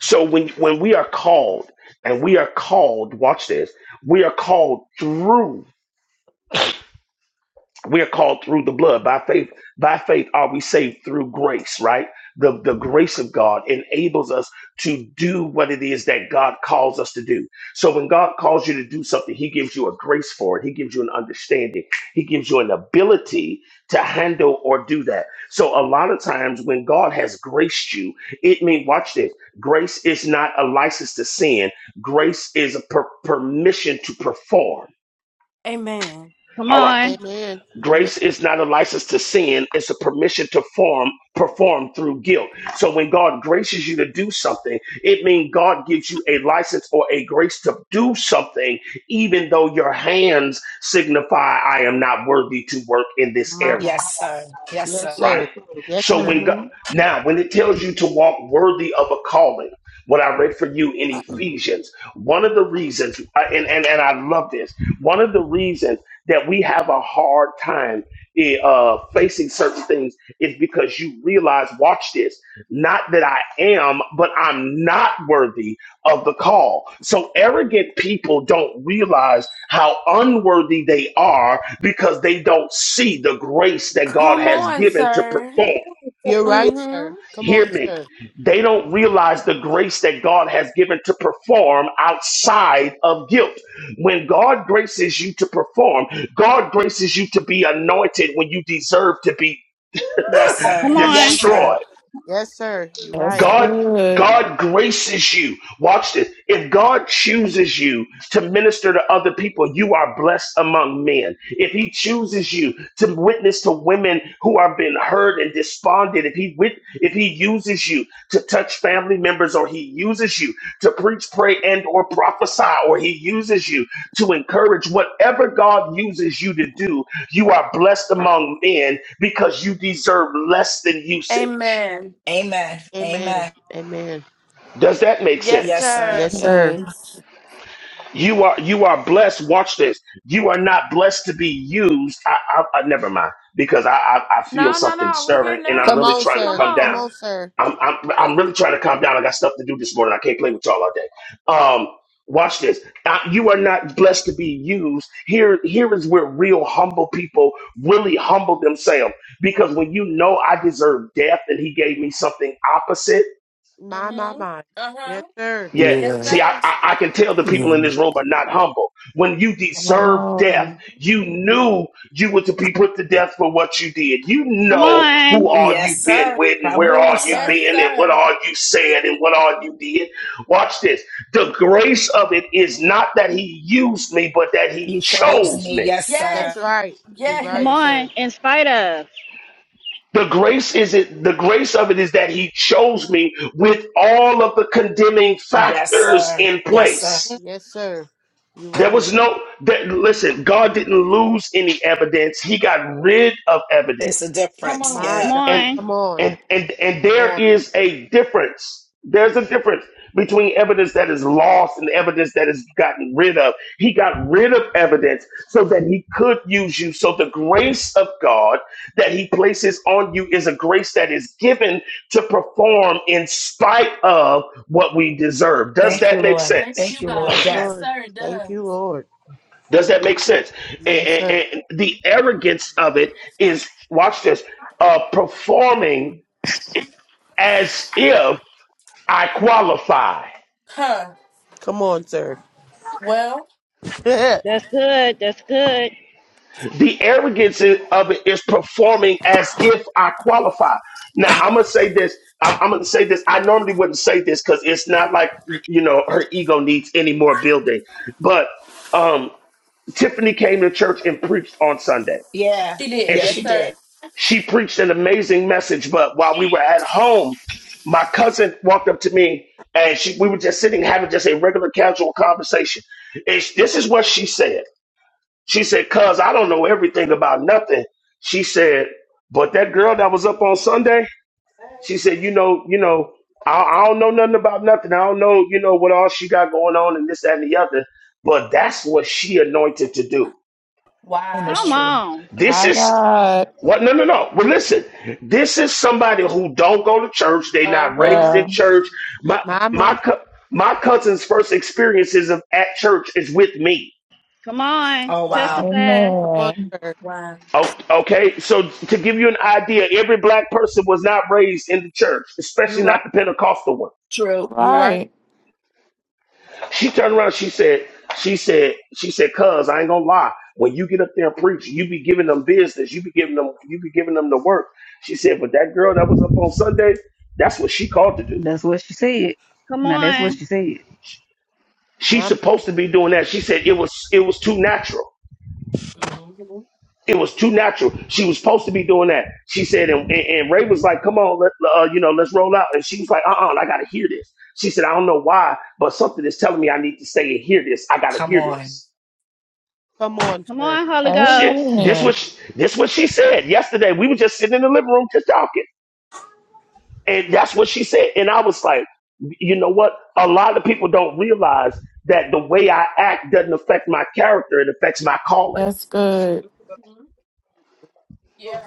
[SPEAKER 2] So when when we are called and we are called, watch this, we are called through we are called through the blood by faith by faith are we saved through grace right the, the grace of god enables us to do what it is that god calls us to do so when god calls you to do something he gives you a grace for it he gives you an understanding he gives you an ability to handle or do that so a lot of times when god has graced you it means watch this grace is not a license to sin grace is a per- permission to perform
[SPEAKER 1] Amen.
[SPEAKER 8] Come
[SPEAKER 2] all right
[SPEAKER 8] on.
[SPEAKER 5] Amen. Amen.
[SPEAKER 2] Grace is not a license to sin, it's a permission to form, perform through guilt. So when God graces you to do something, it means God gives you a license or a grace to do something, even though your hands signify, I am not worthy to work in this
[SPEAKER 1] My
[SPEAKER 2] area
[SPEAKER 1] God.
[SPEAKER 3] Yes, sir. Yes,
[SPEAKER 5] Yes,
[SPEAKER 3] sir.
[SPEAKER 2] right?
[SPEAKER 5] sir. Yes,
[SPEAKER 2] So
[SPEAKER 5] sir.
[SPEAKER 2] when
[SPEAKER 1] Mm-hmm.
[SPEAKER 2] God, now when it tells you to walk worthy of a calling, what I read for you in
[SPEAKER 5] [clears throat]
[SPEAKER 2] Ephesians, one of the reasons, uh, and and, and I love this, one of the reasons that we have a hard time eh, uh, facing certain things is because you realize, watch this, not that I am, but I'm not worthy of the call. So arrogant people don't realize how unworthy they are because they don't see the grace that God
[SPEAKER 1] Come
[SPEAKER 2] has
[SPEAKER 1] on,
[SPEAKER 2] given to
[SPEAKER 1] sir.
[SPEAKER 2] perform.
[SPEAKER 5] You're right,
[SPEAKER 1] Mm-hmm.
[SPEAKER 5] sir. Come on,
[SPEAKER 2] Hear me.
[SPEAKER 5] sir.
[SPEAKER 2] They don't realize the grace that God has given to perform outside of guilt. When God graces you to perform, God graces you to be anointed when you deserve to be
[SPEAKER 3] Yes,
[SPEAKER 2] [laughs]
[SPEAKER 8] Come
[SPEAKER 3] sir.
[SPEAKER 5] Come
[SPEAKER 8] on.
[SPEAKER 3] Yes,
[SPEAKER 5] on,
[SPEAKER 3] sir.
[SPEAKER 2] destroyed.
[SPEAKER 5] sir. Yes, sir. You're right.
[SPEAKER 10] That's
[SPEAKER 2] God,
[SPEAKER 10] good.
[SPEAKER 2] God graces you. Watch this. If God chooses you to minister to other people, you are blessed among men. If He chooses you to witness to women who have been hurt and despondent, if He wit- if He uses you to touch family members, or He uses you to preach, pray, and or prophesy, or He uses you to encourage, whatever God uses you to do, you are blessed among men because you deserve less than usage.
[SPEAKER 1] Amen.
[SPEAKER 3] Amen.
[SPEAKER 5] Amen.
[SPEAKER 3] Amen.
[SPEAKER 5] Amen.
[SPEAKER 2] Does that make
[SPEAKER 1] Yes,
[SPEAKER 3] Yes,
[SPEAKER 2] sense?
[SPEAKER 3] sir.
[SPEAKER 1] sir.
[SPEAKER 5] Yes, sir.
[SPEAKER 10] Yes.
[SPEAKER 2] You are you are blessed. Watch this. You are not blessed to be used. I, I, I never mind because I, I I feel
[SPEAKER 1] No, no,
[SPEAKER 2] something
[SPEAKER 1] no. We're here
[SPEAKER 2] stirring and I'm
[SPEAKER 5] Come
[SPEAKER 1] now.
[SPEAKER 2] really
[SPEAKER 5] on,
[SPEAKER 2] trying to
[SPEAKER 1] Come
[SPEAKER 5] sir.
[SPEAKER 2] come
[SPEAKER 5] Come
[SPEAKER 2] down.
[SPEAKER 1] on.
[SPEAKER 5] on, sir.
[SPEAKER 2] I'm, I'm I'm really trying to calm down. I got stuff to do this morning. I can't play with y'all all day. Um, watch this. Uh, you are not blessed to be used. Here here is where real humble people really humble themselves because when you know I deserve death and He gave me something opposite
[SPEAKER 5] My, my,
[SPEAKER 1] Mm-hmm.
[SPEAKER 5] my.
[SPEAKER 1] Uh-huh.
[SPEAKER 5] Yes, sir.
[SPEAKER 2] Yeah,
[SPEAKER 1] Yes,
[SPEAKER 13] Yeah.
[SPEAKER 2] see, I,
[SPEAKER 1] sir.
[SPEAKER 2] I, I can tell the people
[SPEAKER 13] Yeah.
[SPEAKER 2] in this room are not humble. When you
[SPEAKER 10] My
[SPEAKER 2] deserve death,
[SPEAKER 10] Lord.
[SPEAKER 2] you knew you were to be put to death for what you did. You
[SPEAKER 8] Come
[SPEAKER 2] know
[SPEAKER 8] on.
[SPEAKER 2] who all you
[SPEAKER 3] Yes,
[SPEAKER 2] been
[SPEAKER 3] sir.
[SPEAKER 2] with and
[SPEAKER 3] Come
[SPEAKER 2] where
[SPEAKER 3] on,
[SPEAKER 2] all you
[SPEAKER 1] Yes,
[SPEAKER 3] sir.
[SPEAKER 2] been and what
[SPEAKER 1] sir.
[SPEAKER 2] all you said and what all you did. Watch this. The grace of it is not that he used me, but that he
[SPEAKER 3] You chose
[SPEAKER 2] chose
[SPEAKER 3] me.
[SPEAKER 2] me.
[SPEAKER 3] Yes,
[SPEAKER 5] That's
[SPEAKER 3] sir.
[SPEAKER 1] Yes.
[SPEAKER 5] right. You're
[SPEAKER 8] Come
[SPEAKER 5] right,
[SPEAKER 1] Yes.
[SPEAKER 8] on.
[SPEAKER 5] sir.
[SPEAKER 8] And stuff.
[SPEAKER 2] The grace is it the grace of it is that he chose me with all of the condemning
[SPEAKER 3] Yes,
[SPEAKER 2] factors
[SPEAKER 3] sir.
[SPEAKER 2] in
[SPEAKER 3] Yes, sir.
[SPEAKER 2] place.
[SPEAKER 1] Mm,
[SPEAKER 5] Yes, sir. You're
[SPEAKER 2] There
[SPEAKER 5] right.
[SPEAKER 2] was no that listen, God didn't lose any evidence. He got rid of
[SPEAKER 3] It's a
[SPEAKER 2] evidence.
[SPEAKER 1] Come
[SPEAKER 3] difference.
[SPEAKER 1] on.
[SPEAKER 5] My
[SPEAKER 8] Come
[SPEAKER 3] Yeah.
[SPEAKER 5] God.
[SPEAKER 2] And
[SPEAKER 8] on.
[SPEAKER 5] Come on.
[SPEAKER 2] and and and
[SPEAKER 5] Come
[SPEAKER 2] there
[SPEAKER 5] on.
[SPEAKER 2] is a difference. There's a difference between evidence that is lost and evidence that is gotten rid of. He got rid of evidence so that he could use you. So the grace of God that he places on you is a grace that is given to perform in spite of what we deserve. Does
[SPEAKER 3] Thank you,
[SPEAKER 2] that make
[SPEAKER 3] Lord.
[SPEAKER 1] Thank
[SPEAKER 2] sense?
[SPEAKER 3] Thank
[SPEAKER 1] you,
[SPEAKER 3] you,
[SPEAKER 1] God.
[SPEAKER 3] Lord.
[SPEAKER 5] Yes,
[SPEAKER 3] Yes.
[SPEAKER 1] Yes,
[SPEAKER 5] sir.
[SPEAKER 1] sir, it
[SPEAKER 5] Thank
[SPEAKER 1] does.
[SPEAKER 5] you, Lord.
[SPEAKER 2] Does that make sense? And,
[SPEAKER 5] Yes,
[SPEAKER 2] and-
[SPEAKER 5] sir.
[SPEAKER 2] and the arrogance of it is, watch this, uh, performing as if I qualify.
[SPEAKER 1] Huh.
[SPEAKER 5] Come on, sir.
[SPEAKER 1] Well,
[SPEAKER 5] [laughs] my,
[SPEAKER 8] That's good. That's good.
[SPEAKER 2] The arrogance i- of it is performing as if I qualify. Now I'm gonna say this. I, I'm gonna say this. I normally wouldn't say this because it's not like you know her ego needs any more building. But um, Tiffany came to church and preached on Sunday,
[SPEAKER 3] Yeah.
[SPEAKER 1] she did.
[SPEAKER 3] Yes,
[SPEAKER 1] Yes,
[SPEAKER 3] she
[SPEAKER 1] sir.
[SPEAKER 3] did.
[SPEAKER 2] She preached an amazing message, but while we were at home, my cousin walked up to me and she, we were just sitting having just a regular casual conversation. It's, this is what she said. She said, Cuz I don't know everything about nothing. She said, But that girl that was up on Sunday, she said, You know, you know, I, I don't know nothing about nothing. I don't know, you know, what all she got going on and this, that, and the other. But that's what she anointed to do.
[SPEAKER 3] And it's
[SPEAKER 8] Come
[SPEAKER 1] Wow.
[SPEAKER 3] true.
[SPEAKER 8] on.
[SPEAKER 2] This
[SPEAKER 10] My
[SPEAKER 2] is
[SPEAKER 10] God.
[SPEAKER 2] What? No, no, no. Well, listen. This is somebody who don't go to church. They
[SPEAKER 1] Uh
[SPEAKER 2] not raised
[SPEAKER 1] huh.
[SPEAKER 2] in
[SPEAKER 10] Yeah.
[SPEAKER 2] church. My
[SPEAKER 5] my. my.
[SPEAKER 2] my cou- my cousin's first experiences of at church is with me.
[SPEAKER 8] Come on.
[SPEAKER 3] Oh, wow.
[SPEAKER 1] Wow.
[SPEAKER 8] Testify.
[SPEAKER 5] Come on,
[SPEAKER 10] Amen.
[SPEAKER 5] sir.
[SPEAKER 1] Wow.
[SPEAKER 2] O- Okay, so to give you an idea, every black person was not raised in the church,
[SPEAKER 5] You're
[SPEAKER 2] especially
[SPEAKER 5] right.
[SPEAKER 2] not the Pentecostal one.
[SPEAKER 3] True.
[SPEAKER 5] You're right.
[SPEAKER 1] Right.
[SPEAKER 10] Right.
[SPEAKER 2] She turned around. She said, she said, she said, "Cuz I ain't gonna lie. When you get up there and preach, you be giving them business. You be giving them. You be giving them the work." She said, "But that girl that was up on Sunday, that's what she called to do."
[SPEAKER 9] That's what she said.
[SPEAKER 8] Come
[SPEAKER 9] Now that's what
[SPEAKER 8] on.
[SPEAKER 9] she said.
[SPEAKER 2] She's
[SPEAKER 5] My, my.
[SPEAKER 2] supposed to be doing that. She said it was it was too natural.
[SPEAKER 1] hmm
[SPEAKER 2] It was too natural. She was supposed to be doing that. She said, and, and, and Ray was like, "Come on, let, uh, you know, let's roll out." And she was like, "Uh-uh, I got to hear this." She said, "I don't know why, but something is telling me I need to stay and hear this. I got to
[SPEAKER 3] Come
[SPEAKER 2] hear
[SPEAKER 3] on.
[SPEAKER 2] this."
[SPEAKER 5] Come
[SPEAKER 1] Wow.
[SPEAKER 5] on,
[SPEAKER 8] Come
[SPEAKER 5] sir.
[SPEAKER 8] on, Holy
[SPEAKER 2] Shit,
[SPEAKER 8] Ghost.
[SPEAKER 2] this
[SPEAKER 10] Amen.
[SPEAKER 2] was sh- this what she said yesterday. We were just sitting in the living room just talking, and that's what she said. And I was like, you know what? A lot of people don't realize that the way I act doesn't affect my character; it affects my calling
[SPEAKER 10] That's good.
[SPEAKER 1] hmm Yeah.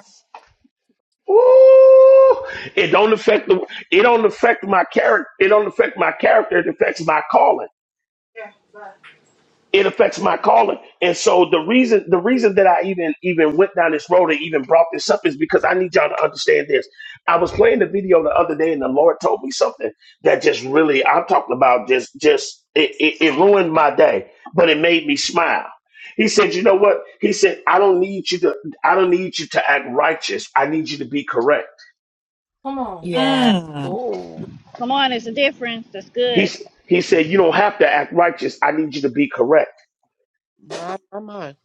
[SPEAKER 2] Ooh, it don't affect the it don't affect my character it don't affect my character it affects my calling it affects my calling and so the reason the reason that i even even went down this road and even brought this up is because i need y'all to understand this i was playing the video the other day and the lord told me something that just really i'm talking about just just it, it, it ruined my day but it made me smile he said you know what he said i don't need you to i don't need you to act righteous i need you to be correct
[SPEAKER 1] Come on.
[SPEAKER 3] Yeah.
[SPEAKER 10] Mm.
[SPEAKER 3] Ooh,
[SPEAKER 8] Come on. It's a difference. That's
[SPEAKER 2] He,
[SPEAKER 8] good.
[SPEAKER 2] he said, You don't have to act righteous. I need you to be correct.
[SPEAKER 5] My, my, my.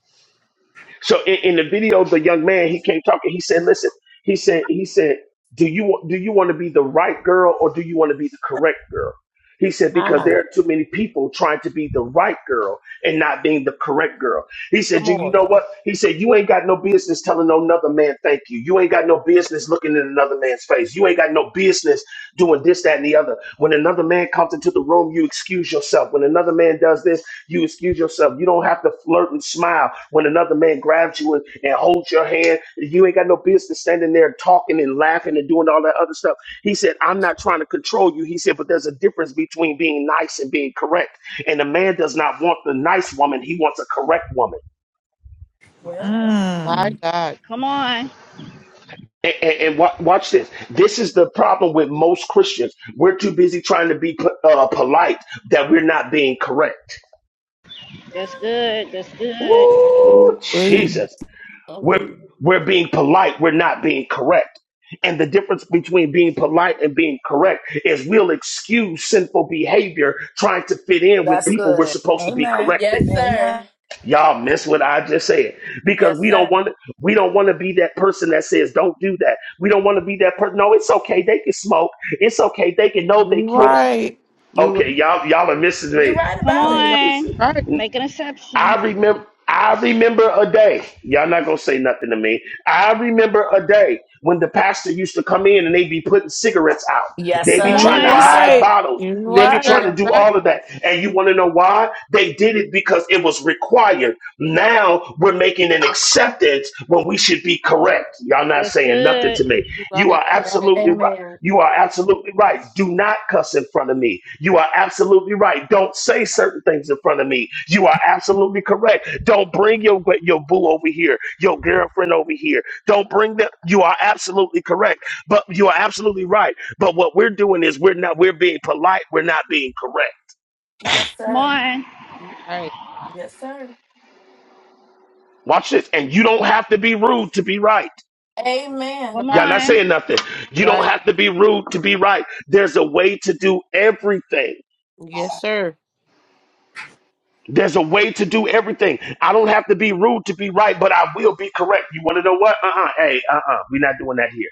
[SPEAKER 2] So in, in the video, the young man, he came talking. He said, Listen, he said, he said, do you do you want to be the right girl or do you want to be the correct girl? He said, because
[SPEAKER 5] My.
[SPEAKER 2] there are too many people trying to be the right girl and not being the correct girl. He said,
[SPEAKER 5] Come
[SPEAKER 2] Do you
[SPEAKER 5] on.
[SPEAKER 2] know what? He said, You ain't got no business telling no another man thank you. You ain't got no business looking in another man's face. You ain't got no business doing this, that, and the other. When another man comes into the room, you excuse yourself. When another man does this, you excuse yourself. You don't have to flirt and smile. When another man grabs you and, and holds your hand, you ain't got no business standing there talking and laughing and doing all that other stuff. He said, I'm not trying to control you. He said, but there's a difference between being nice and being correct. And a man does not want the nice woman, he wants a correct woman.
[SPEAKER 1] Well,
[SPEAKER 5] My
[SPEAKER 10] Mm.
[SPEAKER 5] God.
[SPEAKER 8] Come on.
[SPEAKER 2] And, and, and wa- watch this. This is the problem with most Christians. We're too busy trying to be uh, polite that we're not being correct.
[SPEAKER 8] That's good. That's good.
[SPEAKER 2] Ooh,
[SPEAKER 10] Ooh-wee.
[SPEAKER 2] Jesus.
[SPEAKER 1] Mm.
[SPEAKER 2] We're, we're being polite. We're not being correct. And the difference between being polite and being correct is we'll excuse sinful behavior trying to fit in with
[SPEAKER 3] that's
[SPEAKER 2] people we're
[SPEAKER 3] good.
[SPEAKER 2] supposed to be
[SPEAKER 3] Amen.
[SPEAKER 1] Yes,
[SPEAKER 2] correcting.
[SPEAKER 3] Amen.
[SPEAKER 1] sir.
[SPEAKER 2] Y'all miss what I just said because
[SPEAKER 1] yes,
[SPEAKER 2] we
[SPEAKER 1] sir.
[SPEAKER 2] don't want to. We don't want to be that person that says, "Don't do that." We don't want to be that person. No, it's okay. They can smoke. It's okay. They can No, they
[SPEAKER 10] You
[SPEAKER 2] can't.
[SPEAKER 10] right.
[SPEAKER 5] You're
[SPEAKER 2] Okay, y'all, y'all are missing
[SPEAKER 1] You're
[SPEAKER 2] me.
[SPEAKER 1] right
[SPEAKER 8] Come
[SPEAKER 1] about
[SPEAKER 5] Mm, No,
[SPEAKER 1] it.
[SPEAKER 8] on.
[SPEAKER 5] you're right.
[SPEAKER 2] It's-
[SPEAKER 8] Make an exception.
[SPEAKER 2] I remember. I remember a day. Y'all not gonna say nothing to me. I remember a day when the pastor used to come in and they be putting cigarettes out.
[SPEAKER 3] Yes,
[SPEAKER 2] They be
[SPEAKER 8] Come
[SPEAKER 1] mm
[SPEAKER 3] sir.
[SPEAKER 5] Yep,
[SPEAKER 2] trying to
[SPEAKER 10] You
[SPEAKER 8] on.
[SPEAKER 5] yep.
[SPEAKER 3] Yes,
[SPEAKER 2] hide
[SPEAKER 3] sir.
[SPEAKER 10] right.
[SPEAKER 2] bottles.
[SPEAKER 10] You
[SPEAKER 2] They
[SPEAKER 5] Yes,
[SPEAKER 2] be
[SPEAKER 5] sir.
[SPEAKER 10] right.
[SPEAKER 2] trying to
[SPEAKER 5] You're
[SPEAKER 1] mm
[SPEAKER 2] do
[SPEAKER 1] mm.
[SPEAKER 5] right.
[SPEAKER 2] all of that. And you want to know why? They did it because it was required. Now we're making an acceptance when we should be correct. Y'all not
[SPEAKER 8] That's
[SPEAKER 2] saying nothing
[SPEAKER 8] good.
[SPEAKER 2] to me.
[SPEAKER 5] You're
[SPEAKER 2] You
[SPEAKER 5] right.
[SPEAKER 2] are absolutely right.
[SPEAKER 1] Amen.
[SPEAKER 2] You are absolutely right. Do not cuss in front of me. You are absolutely right. Don't say certain things in front of me. You are absolutely correct. Don't bring your your boo over here, your girlfriend over here. Don't bring them. You are absolutely correct. But you are absolutely right. But what we're doing is we're not we're being polite. We're not being correct.
[SPEAKER 1] Yes,
[SPEAKER 8] Come
[SPEAKER 1] sir.
[SPEAKER 8] on.
[SPEAKER 5] You're right.
[SPEAKER 1] Yes, sir.
[SPEAKER 2] Watch this. And you don't have to be rude to be right.
[SPEAKER 5] You're right. You're
[SPEAKER 1] Amen.
[SPEAKER 8] Come
[SPEAKER 5] right.
[SPEAKER 2] Y'all not
[SPEAKER 8] on.
[SPEAKER 2] saying nothing. You
[SPEAKER 5] You're
[SPEAKER 2] don't
[SPEAKER 5] right.
[SPEAKER 2] have to be rude to be right. There's a way to do everything.
[SPEAKER 5] Yes, sir.
[SPEAKER 2] There's a way to do everything. I don't have to be rude to be right, but I will be correct. You want to know what? Uh uh Hey, uh uh we are not doing that here.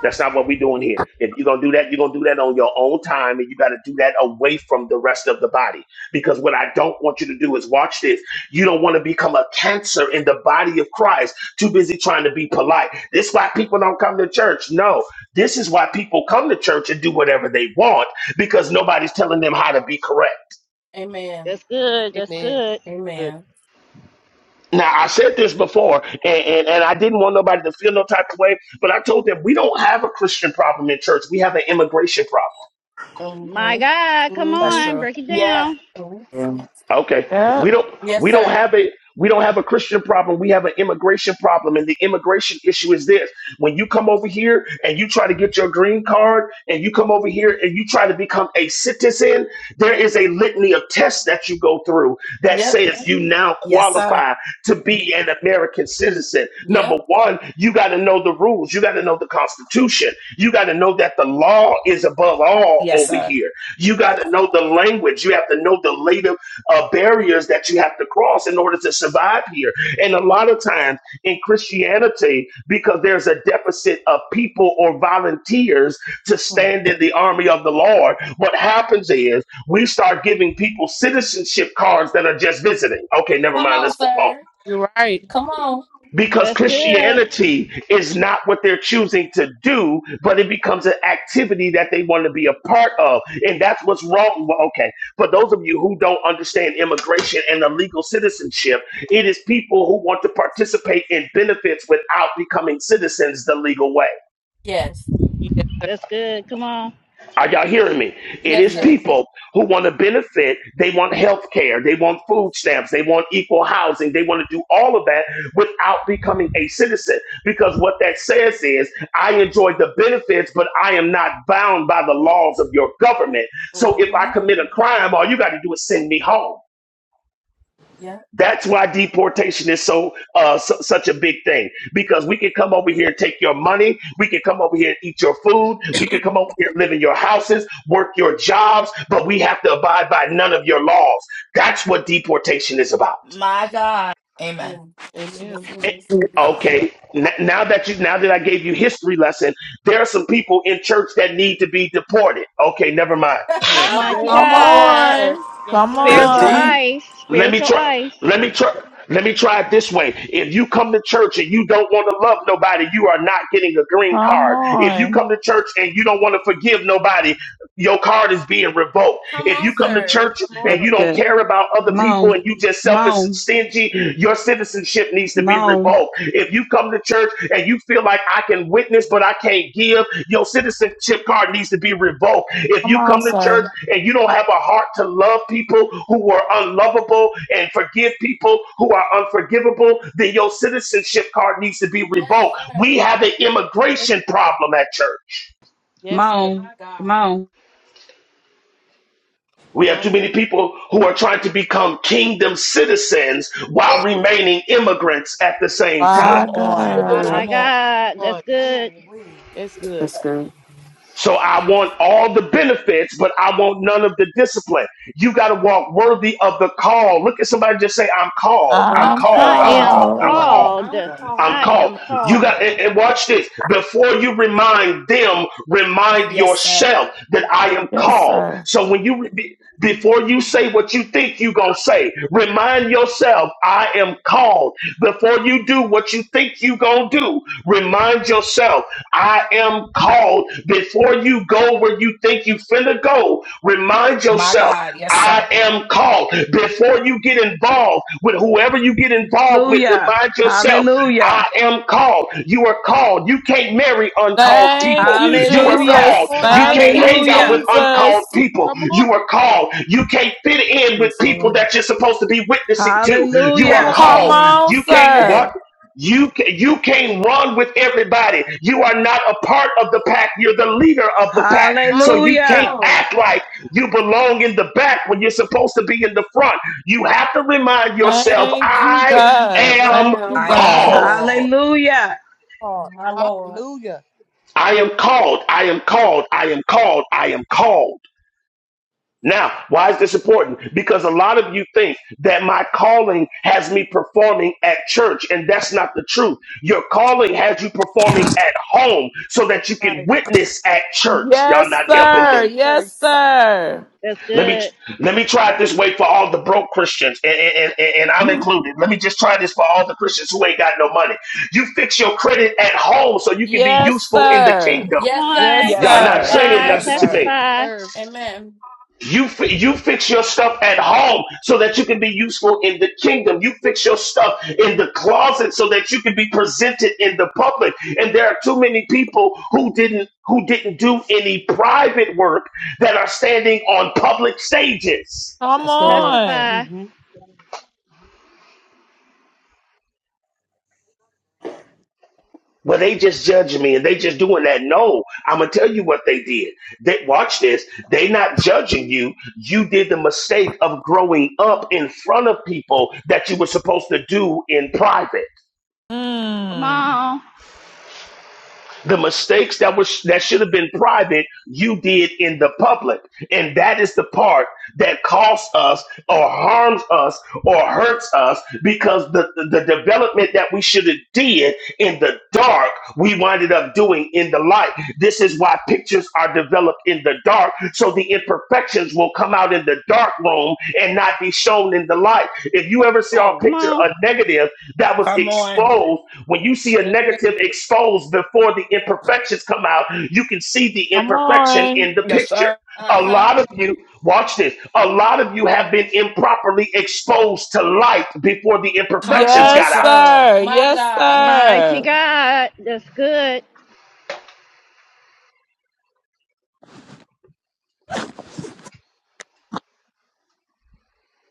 [SPEAKER 2] That's not what we're doing here. If you're going to do that, you're going to do that on your own time, and you got to do that away from the rest of the body. Because what I don't want you to do is watch this. You don't want to become a cancer in the body of Christ, too busy trying to be polite. This is why people don't come to church. No, this is why people come to church and do whatever they want because nobody's telling them how to be correct.
[SPEAKER 1] Amen.
[SPEAKER 8] That's good. That's
[SPEAKER 5] Amen.
[SPEAKER 8] good.
[SPEAKER 5] Good.
[SPEAKER 1] Amen.
[SPEAKER 2] Now I said this before, and, and, and I didn't want nobody to feel no type of way, but I told them we don't have a Christian problem in church. We have an immigration problem.
[SPEAKER 8] My
[SPEAKER 1] Mm-hmm.
[SPEAKER 8] God. Come
[SPEAKER 5] Mm-hmm.
[SPEAKER 3] That's
[SPEAKER 8] on.
[SPEAKER 3] true.
[SPEAKER 8] Break it
[SPEAKER 3] Yeah.
[SPEAKER 8] down.
[SPEAKER 1] Mhm.
[SPEAKER 13] Yeah.
[SPEAKER 2] Okay.
[SPEAKER 10] Yep.
[SPEAKER 2] We don't
[SPEAKER 1] Yes,
[SPEAKER 2] we don't
[SPEAKER 1] sir.
[SPEAKER 2] have a we don't have a Christian problem. We have an immigration problem. And the immigration issue is this. When you come over here and you try to get your green card and you come over here and you try to become a citizen, there is a litany of tests that you go through that
[SPEAKER 1] Yep.
[SPEAKER 2] says you now
[SPEAKER 3] Yes, sir.
[SPEAKER 2] qualify to be an American citizen.
[SPEAKER 1] Yep.
[SPEAKER 2] Number one, you got to know the rules. You got to know the Constitution. You got to know that the law is above all
[SPEAKER 3] Yes,
[SPEAKER 2] over
[SPEAKER 3] sir.
[SPEAKER 2] here. You got to know the language. You have to know the uh, barriers that you have to cross in order to survive here. And a lot of times in Christianity, because there's a deficit of people or volunteers to
[SPEAKER 1] Mm.
[SPEAKER 2] stand in the army of the Lord, what happens is we start giving people citizenship cards that are just visiting. Okay, never
[SPEAKER 1] Come
[SPEAKER 2] mind.
[SPEAKER 1] on,
[SPEAKER 2] Let's move on
[SPEAKER 1] sir.
[SPEAKER 5] You're right.
[SPEAKER 1] Come on.
[SPEAKER 2] because
[SPEAKER 8] That's good.
[SPEAKER 2] Christianity is not what they're choosing to do, but it becomes an activity that they want to be a part of. And that's what's wrong. Well, okay, for those of you who don't understand immigration and the legal citizenship, it is people who want to participate in benefits without becoming citizens the legal way.
[SPEAKER 1] Yes.
[SPEAKER 5] Yes.
[SPEAKER 8] That's good. Come on.
[SPEAKER 2] Are y'all hearing me? It
[SPEAKER 1] Yes,
[SPEAKER 2] is
[SPEAKER 5] Yes.
[SPEAKER 1] sir.
[SPEAKER 2] people who want to benefit. They want health care. They want food stamps. They want equal housing. They want to do all of that without becoming a citizen. Because what that says is, I enjoy the benefits, but I am not bound by the laws of your government. So if I
[SPEAKER 1] Mm-hmm.
[SPEAKER 2] commit a crime, all you got to do is send me home.
[SPEAKER 1] Yep.
[SPEAKER 2] That's why deportation is so, uh, su- such a big thing because we can come over here and take your money. We can come over here and eat your food. We can come over here and live in your houses, work your jobs, but we have to abide by none of your laws. That's what deportation is about.
[SPEAKER 3] My God. Amen.
[SPEAKER 1] Yeah.
[SPEAKER 5] Amen.
[SPEAKER 1] Yes, it
[SPEAKER 2] And-
[SPEAKER 1] is.
[SPEAKER 2] Okay, n- now that you now that I gave you history lesson, there are some people in church that need to be deported. Okay, never mind.
[SPEAKER 1] [laughs]
[SPEAKER 3] Come
[SPEAKER 8] Mighty
[SPEAKER 5] Yes.
[SPEAKER 1] Come
[SPEAKER 10] Come
[SPEAKER 5] Come
[SPEAKER 3] on.
[SPEAKER 1] on,
[SPEAKER 5] on,
[SPEAKER 8] God.
[SPEAKER 1] sir.
[SPEAKER 5] sir.
[SPEAKER 10] on.
[SPEAKER 5] Yes,
[SPEAKER 10] Come
[SPEAKER 5] sir.
[SPEAKER 7] That's
[SPEAKER 8] Spiritual
[SPEAKER 7] deep.
[SPEAKER 10] on.
[SPEAKER 8] ice.
[SPEAKER 2] Let me
[SPEAKER 8] Spiritual
[SPEAKER 2] try.
[SPEAKER 8] ice.
[SPEAKER 2] Let me try. Let me try it this way. If you come to church and you don't want to love nobody, you are not getting a green
[SPEAKER 10] Come
[SPEAKER 2] card. If you
[SPEAKER 10] on.
[SPEAKER 2] come to church and you don't want to forgive nobody, your card is being revoked.
[SPEAKER 1] Come
[SPEAKER 2] If
[SPEAKER 1] on,
[SPEAKER 2] you come to
[SPEAKER 1] sir.
[SPEAKER 2] church
[SPEAKER 5] Come
[SPEAKER 2] and you
[SPEAKER 9] That's
[SPEAKER 5] on.
[SPEAKER 2] don't
[SPEAKER 9] good.
[SPEAKER 2] care about other
[SPEAKER 9] Come
[SPEAKER 2] people
[SPEAKER 9] on.
[SPEAKER 2] and you just
[SPEAKER 9] Come
[SPEAKER 2] selfish and
[SPEAKER 9] on.
[SPEAKER 2] stingy, your citizenship needs to
[SPEAKER 9] Come
[SPEAKER 2] be
[SPEAKER 9] on.
[SPEAKER 2] revoked. If you come to church and you feel like I can witness but I can't give, your citizenship card needs to be revoked. If
[SPEAKER 10] Come
[SPEAKER 2] you come
[SPEAKER 10] on,
[SPEAKER 2] to church
[SPEAKER 10] sir.
[SPEAKER 2] and you don't have a heart to love people who are unlovable and forgive people who are unforgivable, then your citizenship card needs to be
[SPEAKER 1] Yes,
[SPEAKER 2] revoked.
[SPEAKER 1] sir.
[SPEAKER 2] We have an
[SPEAKER 5] Yes.
[SPEAKER 2] immigration problem at church.
[SPEAKER 9] Come
[SPEAKER 5] Yes, sir.
[SPEAKER 9] on.
[SPEAKER 1] My
[SPEAKER 9] Come
[SPEAKER 1] God.
[SPEAKER 9] on.
[SPEAKER 2] We have
[SPEAKER 5] My
[SPEAKER 2] too
[SPEAKER 5] God.
[SPEAKER 2] many people who are trying to become kingdom citizens while remaining immigrants at the same time.
[SPEAKER 10] My
[SPEAKER 3] Come on.
[SPEAKER 1] Ooh,
[SPEAKER 5] My
[SPEAKER 10] God.
[SPEAKER 8] My
[SPEAKER 3] Come on.
[SPEAKER 5] God.
[SPEAKER 8] God.
[SPEAKER 5] Come on.
[SPEAKER 8] That's good.
[SPEAKER 1] ooh, wee.
[SPEAKER 5] That's good.
[SPEAKER 13] That's good.
[SPEAKER 2] So I want all the benefits, but I want none of the discipline. You got to walk worthy of the call. Look at somebody just say, I'm called, I'm
[SPEAKER 3] I'm
[SPEAKER 1] I'm
[SPEAKER 10] I'm
[SPEAKER 2] called,
[SPEAKER 8] I
[SPEAKER 3] called.
[SPEAKER 2] I'm
[SPEAKER 3] I'm
[SPEAKER 5] Paul.
[SPEAKER 1] called.
[SPEAKER 8] am
[SPEAKER 2] called,
[SPEAKER 10] called.
[SPEAKER 2] I'm
[SPEAKER 3] called.
[SPEAKER 5] Paul.
[SPEAKER 13] Oh,
[SPEAKER 2] called.
[SPEAKER 8] called.
[SPEAKER 1] I'm
[SPEAKER 2] I'm
[SPEAKER 8] I
[SPEAKER 1] called.
[SPEAKER 2] called.
[SPEAKER 8] am
[SPEAKER 2] You
[SPEAKER 8] called.
[SPEAKER 2] got and, and watch this. Before you remind them, remind
[SPEAKER 3] Yes, sir.
[SPEAKER 2] yourself that I am
[SPEAKER 10] Yes,
[SPEAKER 2] called.
[SPEAKER 10] sir.
[SPEAKER 2] So when you be- before you say what you think you gonna say, remind yourself I am called. Before you do what you think you gonna do, remind yourself I am called. Before you go where you think you finna go, remind
[SPEAKER 3] My
[SPEAKER 2] yourself.
[SPEAKER 3] God. Yes,
[SPEAKER 2] I
[SPEAKER 3] sir.
[SPEAKER 2] am called. Before you get involved with whoever you get involved with,
[SPEAKER 9] Hallelujah.
[SPEAKER 2] remind yourself
[SPEAKER 9] Hallelujah.
[SPEAKER 2] I am called. You are called. You can't marry uncalled
[SPEAKER 10] Thank
[SPEAKER 2] people.
[SPEAKER 10] you,
[SPEAKER 2] You
[SPEAKER 5] Come
[SPEAKER 2] are
[SPEAKER 5] on.
[SPEAKER 2] called.
[SPEAKER 9] Hallelujah.
[SPEAKER 10] Jesus.
[SPEAKER 5] Come on,
[SPEAKER 2] You
[SPEAKER 10] Thank
[SPEAKER 5] sir.
[SPEAKER 2] can't
[SPEAKER 10] you,
[SPEAKER 2] hang out with
[SPEAKER 9] Hallelujah.
[SPEAKER 2] uncalled
[SPEAKER 10] Jesus.
[SPEAKER 2] people.
[SPEAKER 5] Come on.
[SPEAKER 2] You are called. You can't fit in with
[SPEAKER 13] that's
[SPEAKER 2] people
[SPEAKER 13] Lord.
[SPEAKER 2] that you're supposed to be witnessing to. You
[SPEAKER 5] Come
[SPEAKER 2] are
[SPEAKER 1] Come
[SPEAKER 5] on.
[SPEAKER 9] Hallelujah.
[SPEAKER 13] Yes,
[SPEAKER 10] Come
[SPEAKER 2] called.
[SPEAKER 1] on.
[SPEAKER 13] Lord.
[SPEAKER 10] on,
[SPEAKER 2] You can't what?
[SPEAKER 10] sir.
[SPEAKER 1] Amen.
[SPEAKER 2] You ca- you can't run with everybody. You are not a part of the pack. You're the leader of the pack.
[SPEAKER 5] My
[SPEAKER 2] So you
[SPEAKER 1] Come
[SPEAKER 2] can't
[SPEAKER 9] Hallelujah.
[SPEAKER 1] on.
[SPEAKER 2] act like you belong in the back when you're supposed to be in the front. You have to remind yourself,
[SPEAKER 10] Thank you,
[SPEAKER 2] I
[SPEAKER 10] God.
[SPEAKER 5] God.
[SPEAKER 2] am
[SPEAKER 10] Thank you,
[SPEAKER 3] I
[SPEAKER 1] Am
[SPEAKER 3] am
[SPEAKER 10] God.
[SPEAKER 2] called.
[SPEAKER 5] Paul.
[SPEAKER 1] called.
[SPEAKER 3] called.
[SPEAKER 9] Hallelujah.
[SPEAKER 5] Paul.
[SPEAKER 1] My Lord.
[SPEAKER 5] Hallelujah.
[SPEAKER 2] I am called. I am called. I am called. I am called. Now, why is this important? Because a lot of you think that my calling has me performing at church, and that's not the truth. Your calling has you performing at home so
[SPEAKER 5] That's
[SPEAKER 2] that you
[SPEAKER 5] right.
[SPEAKER 2] can witness at church. Y'all
[SPEAKER 10] Yes,
[SPEAKER 2] not
[SPEAKER 5] Come
[SPEAKER 2] helping
[SPEAKER 10] sir.
[SPEAKER 2] me.
[SPEAKER 5] on, sir. You're
[SPEAKER 10] Yes,
[SPEAKER 5] right.
[SPEAKER 10] sir.
[SPEAKER 8] That's
[SPEAKER 2] Let me
[SPEAKER 8] good.
[SPEAKER 2] let me try it this way for all the broke Christians, and, and, and, and I'm included. Let me just try this for all the Christians who ain't got no money. You fix your credit at home so you can be
[SPEAKER 10] Yes,
[SPEAKER 2] useful in the
[SPEAKER 10] sir.
[SPEAKER 2] kingdom.
[SPEAKER 8] Come
[SPEAKER 1] Yes,
[SPEAKER 10] Yes,
[SPEAKER 8] on.
[SPEAKER 1] sir.
[SPEAKER 5] That's
[SPEAKER 3] Yes,
[SPEAKER 2] Y'all not
[SPEAKER 5] right.
[SPEAKER 3] sir.
[SPEAKER 10] sir.
[SPEAKER 2] saying
[SPEAKER 8] Testify.
[SPEAKER 3] Yes,
[SPEAKER 2] nothing
[SPEAKER 1] Amen.
[SPEAKER 2] to
[SPEAKER 3] sir.
[SPEAKER 5] Yes,
[SPEAKER 2] me.
[SPEAKER 8] Testify.
[SPEAKER 5] sir.
[SPEAKER 1] Amen.
[SPEAKER 2] You fi- you fix your stuff at home so that you can be useful in the kingdom. You fix your stuff in the closet so that you can be presented in the public. And there are too many people who didn't who didn't do any private work that are standing on public stages.
[SPEAKER 10] Come
[SPEAKER 11] That's good.
[SPEAKER 10] on.
[SPEAKER 8] Testify.
[SPEAKER 11] Mm-hmm.
[SPEAKER 2] Well, they just judging me and they just doing that. No, I'm gonna tell you what they did. They watch this. They not judging you. You did the mistake of growing up in front of people that you were supposed to do in private.
[SPEAKER 8] Come
[SPEAKER 10] Mm.
[SPEAKER 8] on.
[SPEAKER 2] The mistakes that was that should have been private, you did in the public. And that is the part that costs us or harms us or hurts us because the, the, the development that we should have did in the dark, we winded up doing in the light. This is why pictures are developed in the dark, so the imperfections will come out in the dark room and not be shown in the light. If you
[SPEAKER 1] Come
[SPEAKER 2] ever saw a
[SPEAKER 1] on.
[SPEAKER 8] Come
[SPEAKER 2] picture
[SPEAKER 8] on.
[SPEAKER 2] of negative that was
[SPEAKER 3] Come on.
[SPEAKER 2] exposed when you see a
[SPEAKER 5] Yes, sir.
[SPEAKER 2] negative exposed before the imperfections come out, you can see the
[SPEAKER 10] Come
[SPEAKER 2] imperfection
[SPEAKER 10] on.
[SPEAKER 2] in the
[SPEAKER 3] Yes, sir.
[SPEAKER 2] picture. A
[SPEAKER 1] Uh-huh.
[SPEAKER 2] lot of you, watch this, a lot of you have been improperly exposed to light before the
[SPEAKER 3] Come
[SPEAKER 2] imperfections
[SPEAKER 3] on,
[SPEAKER 2] got
[SPEAKER 10] Yes,
[SPEAKER 2] out.
[SPEAKER 3] sir.
[SPEAKER 10] sir.
[SPEAKER 1] My
[SPEAKER 10] Yes,
[SPEAKER 1] God.
[SPEAKER 8] Mighty
[SPEAKER 10] sir.
[SPEAKER 8] God. That's good.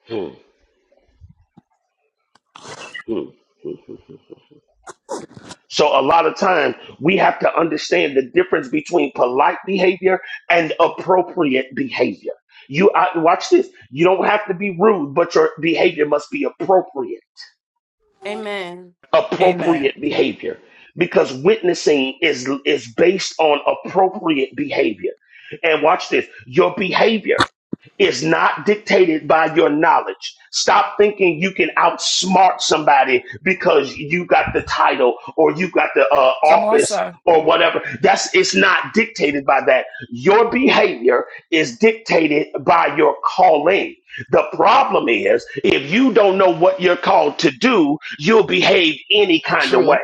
[SPEAKER 2] Hmm, hmm, hmm, hmm, hmm. So a lot of time we have to understand the difference between polite behavior and appropriate behavior. You I, watch this. You don't have to be rude, but your behavior must be appropriate.
[SPEAKER 1] Amen.
[SPEAKER 3] Amen.
[SPEAKER 2] appropriate behavior because witnessing is is based on appropriate behavior and watch this your behavior is not dictated by your knowledge stop thinking you can outsmart somebody because you got the title or you got the uh,
[SPEAKER 3] Come on,
[SPEAKER 2] office
[SPEAKER 3] sir.
[SPEAKER 2] or whatever that's it's not dictated by that your behavior is dictated by your calling the problem is, if you don't know what you're called to do, you'll behave any kind of way.
[SPEAKER 3] True.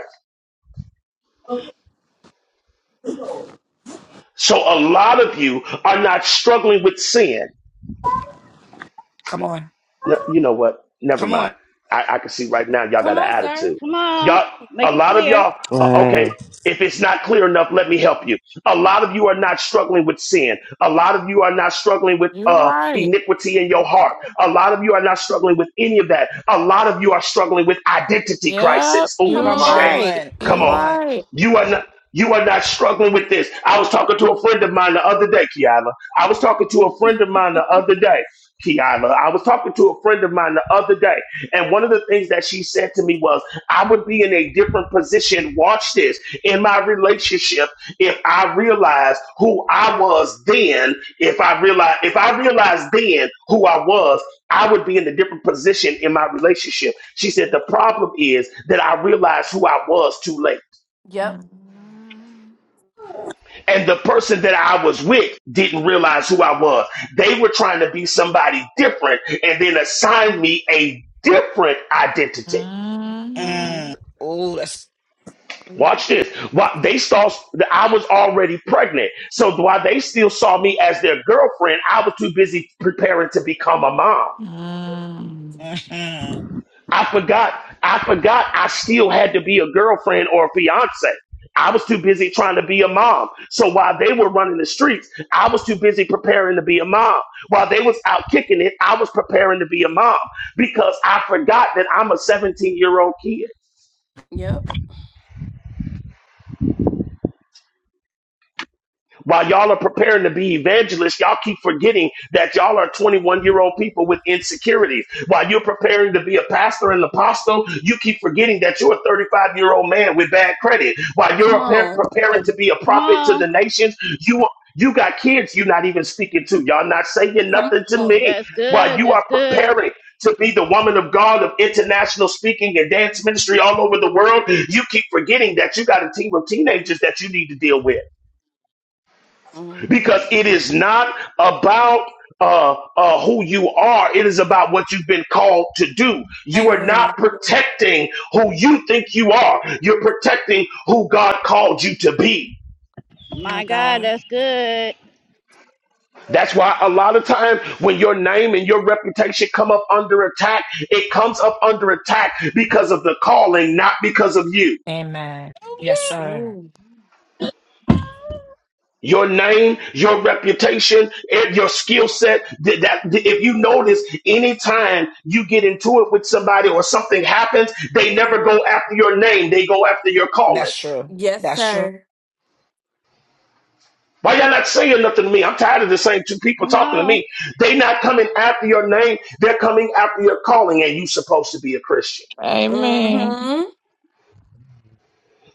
[SPEAKER 2] So a lot of you are not struggling with sin.
[SPEAKER 3] Come on.
[SPEAKER 2] No, you know what? Never
[SPEAKER 3] Come
[SPEAKER 2] mind.
[SPEAKER 3] on.
[SPEAKER 2] I, I can see right now y'all got an
[SPEAKER 1] Come on, sir.
[SPEAKER 2] attitude.
[SPEAKER 8] Come on.
[SPEAKER 2] Y'all, a
[SPEAKER 8] Make it
[SPEAKER 2] lot of
[SPEAKER 8] clear.
[SPEAKER 2] y'all, uh, okay,
[SPEAKER 15] Wow,
[SPEAKER 2] if it's not clear enough, let me help you. A lot of you are not struggling with sin. A lot of you are not struggling with
[SPEAKER 10] You're
[SPEAKER 2] uh,
[SPEAKER 10] right.
[SPEAKER 2] iniquity in your heart. A lot of you are not struggling with any of that. A lot of you are struggling with identity
[SPEAKER 10] Yep,
[SPEAKER 2] crisis. Oh,
[SPEAKER 1] Come
[SPEAKER 10] you're
[SPEAKER 3] Come
[SPEAKER 2] Jay,
[SPEAKER 1] on.
[SPEAKER 10] right.
[SPEAKER 3] on.
[SPEAKER 2] come
[SPEAKER 10] You're
[SPEAKER 3] Come
[SPEAKER 2] on.
[SPEAKER 3] on.
[SPEAKER 10] right.
[SPEAKER 2] You are not. You are not struggling with this. I was talking to a friend of mine the other day, Kiana. I was talking to a friend of mine the other day. Kiana. I was talking to a friend of mine the other day, and one of the things that she said to me was, I would be in a different position, watch this, in my relationship if I realized who I was then, if I realized if I realized then who I was, I would be in a different position in my relationship. She said, the problem is that I realized who I was too late.
[SPEAKER 1] Yep.
[SPEAKER 10] Mm.
[SPEAKER 2] And the person that I was with didn't realize who I was. They were trying to be somebody different and then assign me a different identity.
[SPEAKER 10] Mhm.
[SPEAKER 1] Mm-hmm.
[SPEAKER 3] Mm. Oh, that's.
[SPEAKER 1] hmm
[SPEAKER 2] Watch this. While they saw I was already pregnant. So while they still saw me as their girlfriend, I was too busy preparing to become a mom.
[SPEAKER 3] mhm.
[SPEAKER 2] I forgot. I forgot I still had to be a girlfriend or a fiance. I was too busy trying to be a mom. So while they were running the streets, I was too busy preparing to be a mom. While they was out kicking it, I was preparing to be a mom because I forgot that I'm a 17 year old kid.
[SPEAKER 1] Yep.
[SPEAKER 2] While y'all are preparing to be evangelists, y'all keep forgetting that y'all are 21 year old people with insecurities. While you're preparing to be a pastor and apostle, you keep forgetting that you're a 35 year old man with bad credit. While you're
[SPEAKER 1] Come
[SPEAKER 2] prepar-
[SPEAKER 1] on.
[SPEAKER 2] preparing to be a
[SPEAKER 8] Come
[SPEAKER 2] prophet to
[SPEAKER 8] on.
[SPEAKER 2] the nations, you are you got kids you're not even speaking to. Y'all not saying
[SPEAKER 1] Come
[SPEAKER 2] nothing to
[SPEAKER 1] on.
[SPEAKER 2] me.
[SPEAKER 8] That's
[SPEAKER 2] While
[SPEAKER 8] good.
[SPEAKER 2] you are
[SPEAKER 8] That's good.
[SPEAKER 2] preparing to be the woman of God of international speaking and dance ministry all over the world, you keep forgetting that you got a team of teenagers that you need to deal with
[SPEAKER 1] Mm-hmm.
[SPEAKER 2] because it is not about uh, uh, who you are. It is about what you've been called to do. You are not
[SPEAKER 1] Amen.
[SPEAKER 2] protecting who you think you are. You're protecting who God called you to be.
[SPEAKER 1] My
[SPEAKER 8] My God,
[SPEAKER 1] God.
[SPEAKER 8] that's good.
[SPEAKER 2] That's why a lot of times when your name and your reputation come up under attack, it comes up under attack because of the calling, not because of you.
[SPEAKER 3] Amen. Yes, sir.
[SPEAKER 1] Ooh.
[SPEAKER 2] your name, your reputation, and your skill set. That, that if you notice, anytime you get into it with somebody or something happens, they never go after your name. They go after your calling.
[SPEAKER 3] That's true.
[SPEAKER 1] Yes,
[SPEAKER 3] That's true.
[SPEAKER 1] sir.
[SPEAKER 2] Why y'all not saying nothing to me? I'm tired of the same two people
[SPEAKER 8] Come
[SPEAKER 2] talking to
[SPEAKER 8] on.
[SPEAKER 2] me. They not coming after your name. They're coming after your calling, and you supposed to be a Christian.
[SPEAKER 10] Amen.
[SPEAKER 1] Mm-hmm.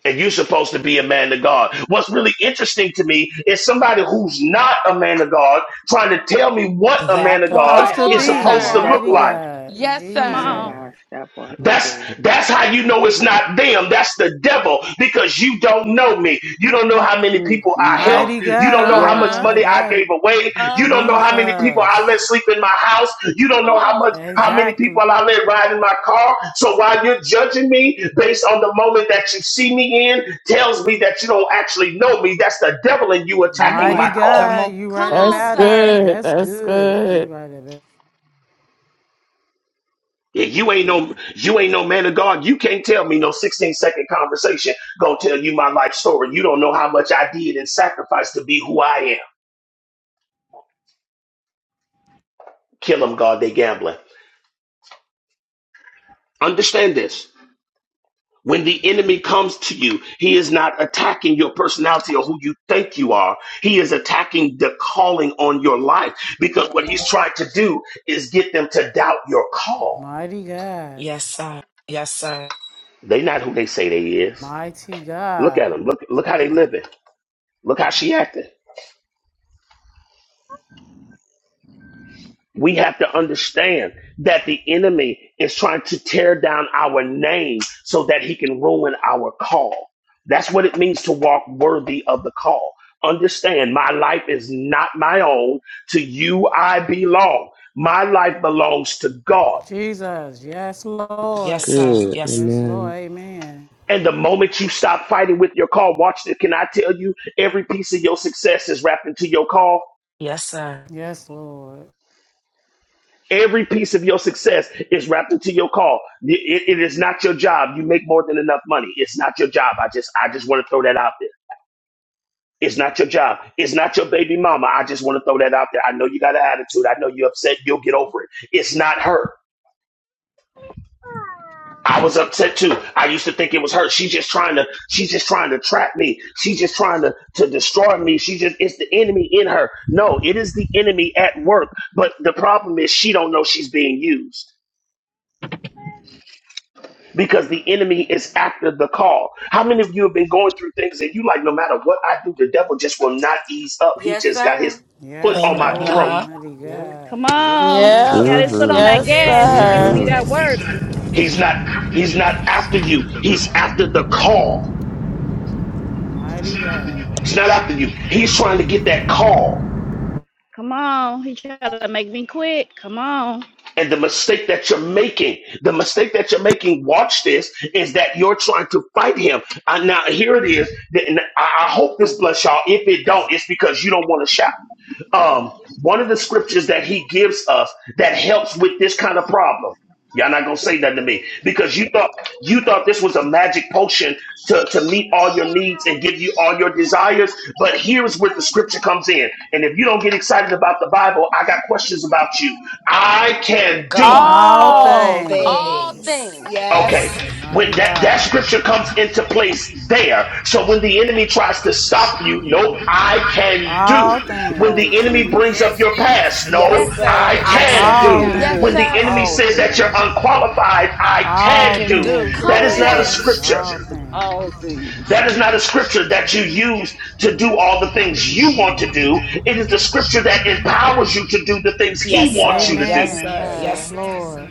[SPEAKER 2] And you're supposed to be a man of God. What's really interesting to me is somebody who's not a man of God trying to tell me what a man
[SPEAKER 3] That
[SPEAKER 2] of God
[SPEAKER 14] Supposed
[SPEAKER 1] Come
[SPEAKER 3] part.
[SPEAKER 14] to
[SPEAKER 2] is
[SPEAKER 1] on,
[SPEAKER 3] That
[SPEAKER 14] be.
[SPEAKER 2] supposed to
[SPEAKER 1] sir.
[SPEAKER 2] look
[SPEAKER 12] That
[SPEAKER 3] part.
[SPEAKER 14] Mighty
[SPEAKER 2] like.
[SPEAKER 12] part.
[SPEAKER 14] God.
[SPEAKER 1] Yes,
[SPEAKER 8] Come
[SPEAKER 12] Oh my
[SPEAKER 1] sir.
[SPEAKER 8] on.
[SPEAKER 14] Jesus.
[SPEAKER 12] gosh. That part right
[SPEAKER 2] That's
[SPEAKER 12] there.
[SPEAKER 2] that's how you know it's not them. That's the devil because you don't know me. You don't know how many
[SPEAKER 12] Mm,
[SPEAKER 2] people I
[SPEAKER 12] mm, mm.
[SPEAKER 14] Mighty
[SPEAKER 2] helped. You don't know
[SPEAKER 14] God.
[SPEAKER 2] how
[SPEAKER 14] You
[SPEAKER 2] much
[SPEAKER 12] Yes.
[SPEAKER 14] right
[SPEAKER 1] Uh-huh.
[SPEAKER 2] money I
[SPEAKER 14] about it.
[SPEAKER 2] gave away. You don't know
[SPEAKER 1] Uh-huh.
[SPEAKER 2] how many people I let
[SPEAKER 14] Jesus.
[SPEAKER 2] sleep in my house. You don't
[SPEAKER 1] Come
[SPEAKER 2] know how much
[SPEAKER 1] on.
[SPEAKER 2] how many people
[SPEAKER 14] Exactly.
[SPEAKER 2] I let ride in my car. So while you're judging me based on the moment that you see me in, tells me that you don't actually know me. That's the devil in you
[SPEAKER 3] Come
[SPEAKER 2] attacking
[SPEAKER 14] Mighty
[SPEAKER 2] my
[SPEAKER 3] on.
[SPEAKER 2] calling.
[SPEAKER 3] Come
[SPEAKER 14] God.
[SPEAKER 3] on.
[SPEAKER 14] You right
[SPEAKER 1] Come on,
[SPEAKER 10] That's
[SPEAKER 14] about it.
[SPEAKER 1] sir.
[SPEAKER 10] good.
[SPEAKER 14] That's
[SPEAKER 10] That's
[SPEAKER 14] good. You
[SPEAKER 10] good.
[SPEAKER 14] right about it.
[SPEAKER 2] Yeah, you ain't no you ain't no man of God. You can't tell me no 16 second conversation gonna tell you my life story. You don't know how much I did and sacrificed to be who I am. Kill them, God, they gambling. Understand this. When the enemy comes to you, he is not attacking your personality or who you think you are. He is attacking the calling on your life because what he's trying to do is get them to doubt your call.
[SPEAKER 14] Mighty God.
[SPEAKER 3] Yes, sir. Yes, sir.
[SPEAKER 2] They not who they say they is.
[SPEAKER 14] Mighty
[SPEAKER 2] Look at
[SPEAKER 14] God.
[SPEAKER 2] them. Look look how they living. Look how she acting. We have to understand that the enemy is trying to tear down our name so that he can ruin our call. That's what it means to walk worthy of the call. Understand, my life is not my own. To you, I belong. My life belongs to God.
[SPEAKER 14] Jesus. Yes,
[SPEAKER 3] Yes,
[SPEAKER 14] Lord.
[SPEAKER 3] sir.
[SPEAKER 15] good.
[SPEAKER 3] Yes.
[SPEAKER 14] Yes, Lord.
[SPEAKER 15] Amen.
[SPEAKER 14] Amen.
[SPEAKER 2] And the moment you stop fighting with your call, watch this. Can I tell you, every piece of your success is wrapped into your call?
[SPEAKER 3] Yes, sir.
[SPEAKER 14] Yes, Lord.
[SPEAKER 2] Every piece of your success is wrapped into your call. it it is not your job. You make more than enough money. It's not your job. I just I just want to throw that out there. It's not your job. It's not your baby mama. I just want to throw that out there. I know you got an attitude. I know you're upset. You'll get over it. It's not her. I was upset too. I used to think it was her. She's just trying to. She's just trying to trap me. She's just trying to to destroy me. She just it's the enemy in her. No, it is the enemy at work. But the problem is she don't know she's being used. because the enemy is after the call. How many of you have been going through things and you like, no matter what I do, the devil just will not ease up. He
[SPEAKER 1] Yes,
[SPEAKER 2] just got his
[SPEAKER 1] sir.
[SPEAKER 2] foot
[SPEAKER 14] Yes,
[SPEAKER 2] on my
[SPEAKER 3] Amen. Uh
[SPEAKER 14] Lord,
[SPEAKER 2] throat.
[SPEAKER 3] huh.
[SPEAKER 14] mighty
[SPEAKER 13] Yep.
[SPEAKER 14] God.
[SPEAKER 8] Come
[SPEAKER 13] Yep.
[SPEAKER 8] on. He
[SPEAKER 10] Yep.
[SPEAKER 8] got his
[SPEAKER 13] Yep.
[SPEAKER 8] foot on
[SPEAKER 15] Mm-hmm.
[SPEAKER 14] Jesus,
[SPEAKER 8] that
[SPEAKER 10] Yes,
[SPEAKER 16] Yes,
[SPEAKER 14] yeah,
[SPEAKER 8] gas. He
[SPEAKER 16] yes,
[SPEAKER 8] giving me
[SPEAKER 10] sir.
[SPEAKER 15] Mm-hmm.
[SPEAKER 8] that
[SPEAKER 16] yes. He's
[SPEAKER 8] work.
[SPEAKER 16] not, he's
[SPEAKER 2] He's not,
[SPEAKER 16] not after
[SPEAKER 2] he's
[SPEAKER 16] you.
[SPEAKER 2] not
[SPEAKER 16] He's
[SPEAKER 2] after you.
[SPEAKER 16] after the
[SPEAKER 2] He's after
[SPEAKER 16] call.
[SPEAKER 2] the call.
[SPEAKER 16] He's
[SPEAKER 14] mighty
[SPEAKER 16] not after you.
[SPEAKER 14] God.
[SPEAKER 2] He's not
[SPEAKER 16] He's trying
[SPEAKER 2] after
[SPEAKER 16] to
[SPEAKER 2] you.
[SPEAKER 16] get that
[SPEAKER 2] He's trying to
[SPEAKER 16] call
[SPEAKER 2] get that call.
[SPEAKER 8] Come on. He trying to make me quit. Come on.
[SPEAKER 2] And the mistake that you're making, the mistake that you're making, watch this, is that you're trying to fight him. Uh, now, here it is. Th- and I I hope this bless y'all. If it don't, it's because you don't want to shout um, one of the scriptures that he gives us that helps with this kind of problem. Y'all not gonna say nothing to me because you thought you thought this was a magic potion to, to meet all your needs and give you all your desires. But here's where the scripture comes in. And if you don't get excited about the Bible, I got questions about you. I can
[SPEAKER 3] Come
[SPEAKER 2] do.
[SPEAKER 3] on.
[SPEAKER 14] All
[SPEAKER 3] All
[SPEAKER 10] All
[SPEAKER 1] All
[SPEAKER 14] things,
[SPEAKER 10] things.
[SPEAKER 3] things.
[SPEAKER 1] things.
[SPEAKER 2] Okay,
[SPEAKER 3] Yes.
[SPEAKER 16] back.
[SPEAKER 2] when
[SPEAKER 14] mighty
[SPEAKER 16] When
[SPEAKER 2] that, that
[SPEAKER 16] that,
[SPEAKER 14] God.
[SPEAKER 16] that
[SPEAKER 2] scripture
[SPEAKER 16] scripture
[SPEAKER 2] comes
[SPEAKER 16] comes
[SPEAKER 2] into
[SPEAKER 16] into
[SPEAKER 2] place
[SPEAKER 16] place
[SPEAKER 2] there. So
[SPEAKER 16] there. So
[SPEAKER 2] when
[SPEAKER 16] when
[SPEAKER 2] the
[SPEAKER 16] the
[SPEAKER 2] enemy
[SPEAKER 16] enemy
[SPEAKER 2] tries to
[SPEAKER 16] tries to
[SPEAKER 2] stop you,
[SPEAKER 16] stop you,
[SPEAKER 2] no,
[SPEAKER 16] no,
[SPEAKER 2] I
[SPEAKER 16] I
[SPEAKER 2] can
[SPEAKER 16] can
[SPEAKER 2] do.
[SPEAKER 14] All
[SPEAKER 16] do.
[SPEAKER 2] When
[SPEAKER 14] things,
[SPEAKER 4] all
[SPEAKER 2] the enemy
[SPEAKER 4] things,
[SPEAKER 2] brings up
[SPEAKER 16] Yes,
[SPEAKER 2] your
[SPEAKER 16] yes.
[SPEAKER 2] past,
[SPEAKER 3] Yes,
[SPEAKER 2] no,
[SPEAKER 1] Yes,
[SPEAKER 3] sir.
[SPEAKER 2] I
[SPEAKER 1] sir.
[SPEAKER 11] Yes,
[SPEAKER 16] I
[SPEAKER 3] Yes,
[SPEAKER 11] sir.
[SPEAKER 3] sir.
[SPEAKER 2] can
[SPEAKER 16] can
[SPEAKER 11] Come
[SPEAKER 14] all
[SPEAKER 2] do.
[SPEAKER 4] can
[SPEAKER 11] on.
[SPEAKER 16] do.
[SPEAKER 1] Yes,
[SPEAKER 2] When
[SPEAKER 4] do
[SPEAKER 16] when
[SPEAKER 2] the
[SPEAKER 16] the
[SPEAKER 2] enemy
[SPEAKER 1] sir.
[SPEAKER 14] things,
[SPEAKER 4] all
[SPEAKER 16] enemy
[SPEAKER 2] says
[SPEAKER 16] says
[SPEAKER 2] that
[SPEAKER 4] things,
[SPEAKER 2] you're
[SPEAKER 16] that you're
[SPEAKER 2] unqualified,
[SPEAKER 16] unqualified.
[SPEAKER 2] I
[SPEAKER 16] I
[SPEAKER 3] I
[SPEAKER 14] all
[SPEAKER 2] can
[SPEAKER 3] can
[SPEAKER 16] can
[SPEAKER 2] do.
[SPEAKER 4] I
[SPEAKER 16] do.
[SPEAKER 3] do.
[SPEAKER 2] That
[SPEAKER 1] Come
[SPEAKER 16] That's the
[SPEAKER 2] is
[SPEAKER 4] can
[SPEAKER 14] things,
[SPEAKER 2] not a
[SPEAKER 16] Yes.
[SPEAKER 4] do
[SPEAKER 16] What
[SPEAKER 1] on.
[SPEAKER 16] a
[SPEAKER 2] scripture.
[SPEAKER 14] all
[SPEAKER 16] scripture.
[SPEAKER 4] all
[SPEAKER 14] things.
[SPEAKER 4] things.
[SPEAKER 2] That is
[SPEAKER 16] That
[SPEAKER 2] not
[SPEAKER 16] is
[SPEAKER 2] a
[SPEAKER 16] not a
[SPEAKER 2] scripture
[SPEAKER 16] scripture
[SPEAKER 2] that you
[SPEAKER 16] that you
[SPEAKER 2] use
[SPEAKER 16] use
[SPEAKER 2] to
[SPEAKER 16] to
[SPEAKER 2] do
[SPEAKER 16] do
[SPEAKER 2] all the
[SPEAKER 16] all the
[SPEAKER 2] things you
[SPEAKER 16] things you
[SPEAKER 2] want to
[SPEAKER 16] want to
[SPEAKER 2] do.
[SPEAKER 16] do.
[SPEAKER 2] It is
[SPEAKER 16] It
[SPEAKER 2] the
[SPEAKER 16] is a
[SPEAKER 2] scripture
[SPEAKER 16] scripture
[SPEAKER 2] that
[SPEAKER 16] that
[SPEAKER 2] empowers you
[SPEAKER 16] empowers you
[SPEAKER 2] to
[SPEAKER 16] to
[SPEAKER 2] do
[SPEAKER 16] do
[SPEAKER 2] the things
[SPEAKER 16] the things
[SPEAKER 2] he
[SPEAKER 3] Yes,
[SPEAKER 16] He
[SPEAKER 2] wants you
[SPEAKER 3] sir.
[SPEAKER 2] to
[SPEAKER 16] wants you
[SPEAKER 2] do.
[SPEAKER 16] to
[SPEAKER 3] Yes,
[SPEAKER 16] do.
[SPEAKER 10] Yes,
[SPEAKER 14] Amen.
[SPEAKER 16] Yes.
[SPEAKER 3] sir.
[SPEAKER 10] sir.
[SPEAKER 14] Yes,
[SPEAKER 3] Yes,
[SPEAKER 14] Lord.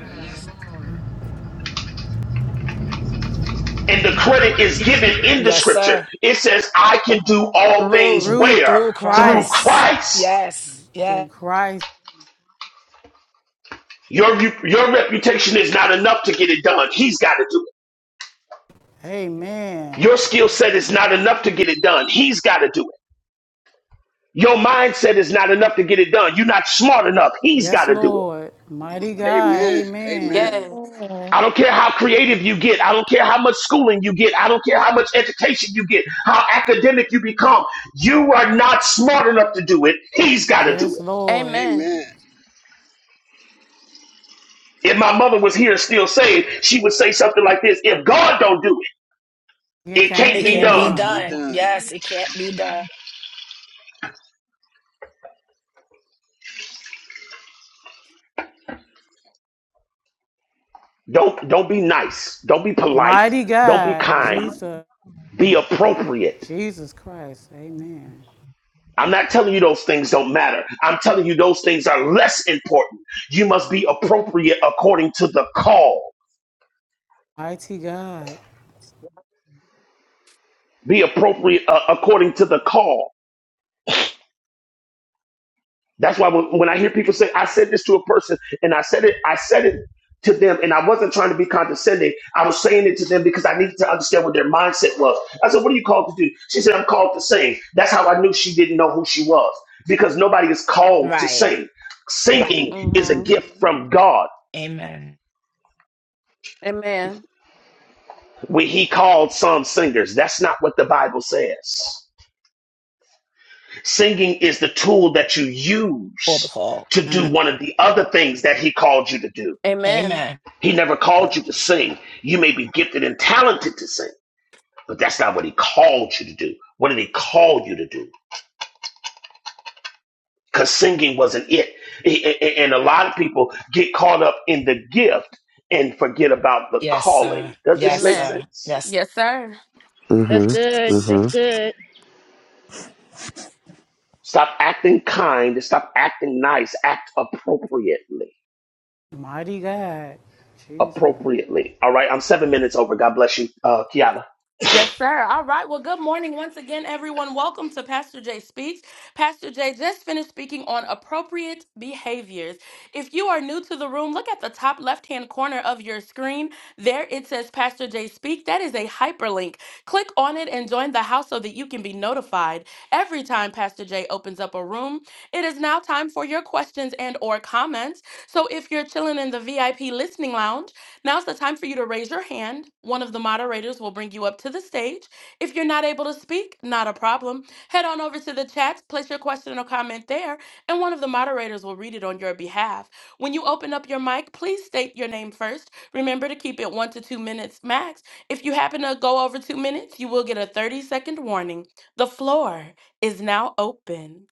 [SPEAKER 2] and the
[SPEAKER 16] The
[SPEAKER 2] credit is
[SPEAKER 16] credit is
[SPEAKER 2] given
[SPEAKER 16] given
[SPEAKER 2] in the
[SPEAKER 3] yes,
[SPEAKER 2] scripture.
[SPEAKER 3] sir.
[SPEAKER 2] It says, I can do all things
[SPEAKER 3] Through
[SPEAKER 14] Through
[SPEAKER 2] where?
[SPEAKER 3] through
[SPEAKER 2] Through
[SPEAKER 14] Christ,
[SPEAKER 3] Christ.
[SPEAKER 2] Christ.
[SPEAKER 3] Yes,
[SPEAKER 14] through
[SPEAKER 3] yes.
[SPEAKER 14] Christ.
[SPEAKER 2] Your, your reputation is not enough to get it done. He's got to do it.
[SPEAKER 14] Amen.
[SPEAKER 2] Your skill set is not enough to get it done. He's got to do it. Your mindset is not enough to get it done. You're not smart enough. He's got
[SPEAKER 14] Yes,
[SPEAKER 2] to do it.
[SPEAKER 14] Lord. Mighty God.
[SPEAKER 4] Amen, amen,
[SPEAKER 14] Amen.
[SPEAKER 1] Yes.
[SPEAKER 10] Amen.
[SPEAKER 2] I don't care how creative you get. I don't care how much schooling you get. I don't care how much education you get, how academic you become. You are not smart enough to do it. He's got to do
[SPEAKER 14] Yes,
[SPEAKER 2] it.
[SPEAKER 14] Lord.
[SPEAKER 1] Amen.
[SPEAKER 4] amen,
[SPEAKER 2] If my mother was here and still saved, she would say something like this: If God don't do it,
[SPEAKER 14] It
[SPEAKER 2] it
[SPEAKER 14] can't
[SPEAKER 2] can't
[SPEAKER 3] It
[SPEAKER 2] be
[SPEAKER 14] be
[SPEAKER 3] can be
[SPEAKER 4] and
[SPEAKER 2] done.
[SPEAKER 14] done.
[SPEAKER 4] be
[SPEAKER 3] done.
[SPEAKER 4] done.
[SPEAKER 3] Yes, it can't be done.
[SPEAKER 2] Don't don't be nice. Don't be polite.
[SPEAKER 14] Mighty
[SPEAKER 2] Don't be
[SPEAKER 14] God,
[SPEAKER 2] kind.
[SPEAKER 14] Jesus,
[SPEAKER 2] Be appropriate.
[SPEAKER 14] Jesus Christ, amen.
[SPEAKER 2] I'm not telling you those things don't matter. I'm telling you those things are less important. You must be appropriate according to the call.
[SPEAKER 14] Mighty God,
[SPEAKER 2] Be appropriate uh, according to the call. That's why when, when I hear people say, I said this to a person and I said it, I said it to them and I wasn't trying to be condescending. I was saying it to them because I needed to understand what their mindset was. I said, What are you called to do? She said, I'm called to sing. That's how I knew she didn't know who she was because nobody is called to
[SPEAKER 3] Right.
[SPEAKER 2] sing. Singing is a
[SPEAKER 1] Mm-hmm.
[SPEAKER 2] gift from God
[SPEAKER 3] Amen.
[SPEAKER 1] Amen.
[SPEAKER 2] where He called some singers. That's not what the Bible says. Singing is the tool that you
[SPEAKER 3] For the
[SPEAKER 2] use
[SPEAKER 3] call.
[SPEAKER 2] to do
[SPEAKER 3] Mm.
[SPEAKER 2] one of the other things that He called you to do.
[SPEAKER 1] Amen.
[SPEAKER 3] Amen.
[SPEAKER 2] He never called you to sing. You may be gifted and talented to sing, but that's not what he called you to do. What did he call you to do? Because singing wasn't it. And a lot of people get caught up in the gift and forget about the
[SPEAKER 3] Yes, sir.
[SPEAKER 2] calling. Does this
[SPEAKER 3] Yes,
[SPEAKER 2] make
[SPEAKER 1] Amen.
[SPEAKER 3] sir.
[SPEAKER 2] sense?
[SPEAKER 3] Yes.
[SPEAKER 1] Yes, sir.
[SPEAKER 8] That's
[SPEAKER 15] Mm-hmm.
[SPEAKER 8] good.
[SPEAKER 15] Mm-hmm.
[SPEAKER 8] That's good.
[SPEAKER 2] Stop acting kind and stop acting nice. Act appropriately.
[SPEAKER 14] mighty God, Jesus.
[SPEAKER 2] Appropriately. All right. I'm seven minutes over. God bless you, uh, Kiana.
[SPEAKER 1] Yes, sir. All right. Well, good morning once again, everyone. Welcome to Pastor Jay Speaks. Pastor Jay just finished speaking on appropriate behaviors. If you are new to the room, look at the top left hand corner of your screen. There it says Pastor Jay Speak. That is a hyperlink. Click on it and join the house so that you can be notified every time Pastor Jay opens up a room. It is now time for your questions and or comments. So if you're chilling in the VIP listening lounge, Now's the time for you to raise your hand. One of the moderators will bring you up to the stage. If you're not able to speak, not a problem. Head on over to the chats, place your question or comment there, and one of the moderators will read it on your behalf. When you open up your mic, please state your name first. Remember to keep it one to two minutes max. If you happen to go over two minutes, you will get a 30 second warning. The floor is now open.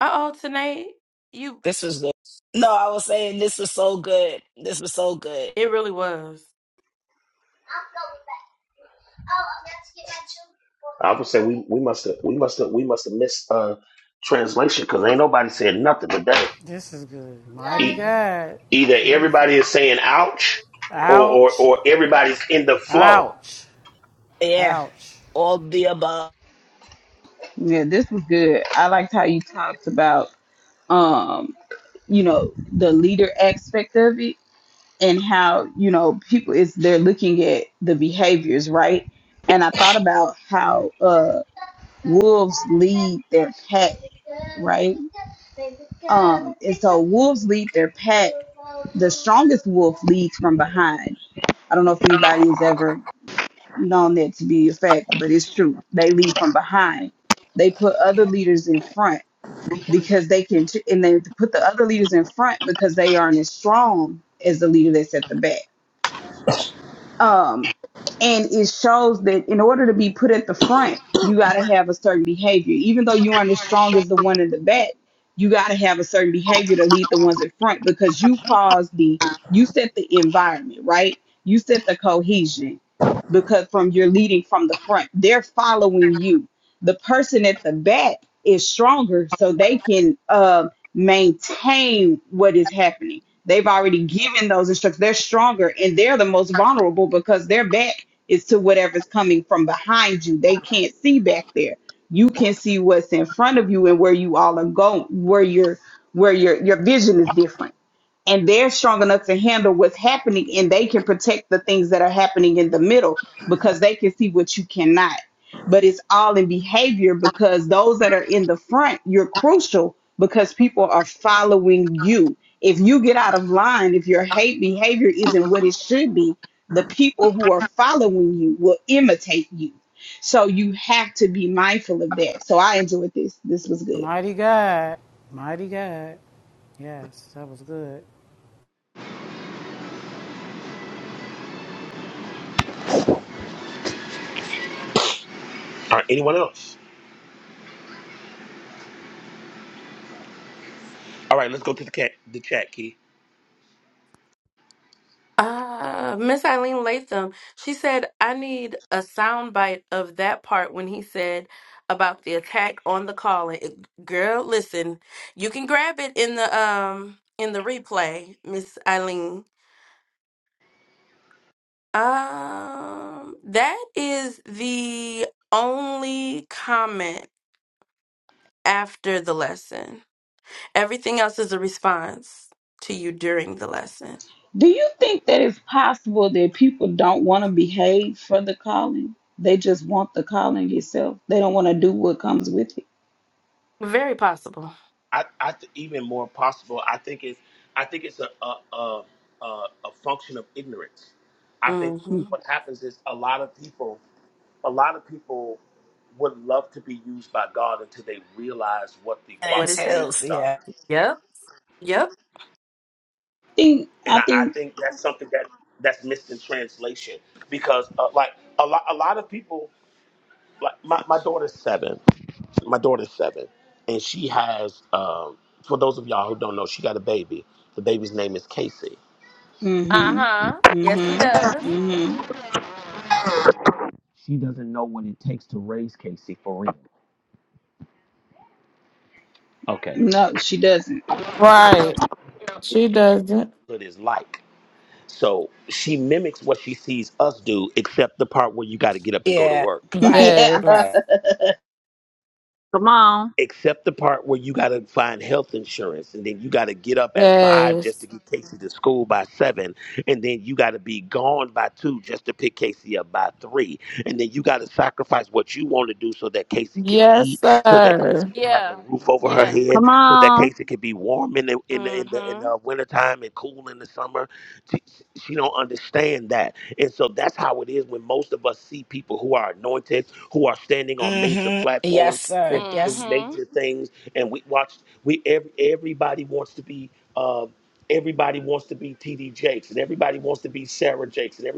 [SPEAKER 1] Uh oh, tonight, you,
[SPEAKER 3] This was good. No, I was saying this was so good. This was so good.
[SPEAKER 1] it really was.
[SPEAKER 2] I would say we we must have we must have we must have missed uh translation because ain't nobody said nothing today.
[SPEAKER 14] This is good. Mighty
[SPEAKER 2] E-
[SPEAKER 14] God,
[SPEAKER 2] either everybody
[SPEAKER 14] Jesus.
[SPEAKER 2] is saying ouch or, or,
[SPEAKER 14] Ouch,
[SPEAKER 2] or everybody's in the flow.
[SPEAKER 14] ouch,
[SPEAKER 3] Yeah.
[SPEAKER 14] ouch.
[SPEAKER 3] All the above
[SPEAKER 9] Yeah, this was good. I liked how you talked about um, you know, the leader aspect of it and how, you know, people is they're looking at the behaviors, right? And I thought about how uh wolves lead their pack, right? Um, and so wolves lead their pack. The strongest wolf leads from behind I don't know if anybody's ever known that to be a fact, but it's true. They lead from behind. They put other leaders in front because they can, and they put the other leaders in front because they aren't as strong as the leader that's at the back. Um, and it shows that in order to be put at the front you got to have a certain behavior even though you aren't as strong as the one in the back you got to have a certain behavior to lead the ones in front because you cause the you set the environment right you set the cohesion because from you're leading from the front they're following you the person at the back is stronger so they can uh, maintain what is happening they've already given those instructions they're stronger and they're the most vulnerable because they're back is to whatever's coming from behind you. They can't see back there. You can see what's in front of you and where you all are going, where your where your your vision is different and they're strong enough to handle what's happening and they can protect the things that are happening in the middle because they can see what you cannot but it's all in behavior because those that are in the front you're crucial because people are following you if you get out of line if your hate behavior isn't what it should be the people who are following you will imitate you so you have to be mindful of that so i enjoyed this this was good
[SPEAKER 14] Mighty God, mighty God. Yes, that was good.
[SPEAKER 2] Or anyone else?
[SPEAKER 1] Uh, Miss Eileen Latham, she said, I need a soundbite of that part when he said about the attack on the calling. Girl, listen, you can grab it in the um in the replay, Miss Eileen. Um, that is the only comment after the lesson. Everything else is a response to you during the lesson.
[SPEAKER 9] Do possible that people don't want to behave for the calling. They just want the calling itself. They don't want to do what comes with it.
[SPEAKER 1] Very possible. hmm
[SPEAKER 2] A lot of people would love to be used by God until they realize what the
[SPEAKER 1] What it
[SPEAKER 2] qualifications
[SPEAKER 3] entails.
[SPEAKER 1] takes.
[SPEAKER 2] are.
[SPEAKER 3] Yeah.
[SPEAKER 1] Yep. Yep.
[SPEAKER 9] I think
[SPEAKER 2] And
[SPEAKER 9] I
[SPEAKER 2] I, I
[SPEAKER 9] think
[SPEAKER 2] think that's something that that's missed in translation because uh, like a lot, a lot of people, like my, my daughter's seven, my daughter's seven, and she has
[SPEAKER 1] Uh
[SPEAKER 9] Mm. mhm.
[SPEAKER 1] huh. Yes, she
[SPEAKER 9] Mhm.
[SPEAKER 1] does.
[SPEAKER 9] Mhm.
[SPEAKER 2] a
[SPEAKER 9] No, she doesn't.
[SPEAKER 1] No.
[SPEAKER 10] Right. She doesn't.
[SPEAKER 3] Yeah.
[SPEAKER 9] [laughs]
[SPEAKER 3] Right.
[SPEAKER 9] yeah,
[SPEAKER 3] Right.
[SPEAKER 10] Yes.
[SPEAKER 8] Come on.
[SPEAKER 10] Yes. Yes, sir.
[SPEAKER 1] Yeah. Yeah.
[SPEAKER 8] Come on.
[SPEAKER 1] Mm hmm.
[SPEAKER 3] Mm-hmm. Yes, sir.
[SPEAKER 1] Mm
[SPEAKER 3] Yes.
[SPEAKER 1] hmm.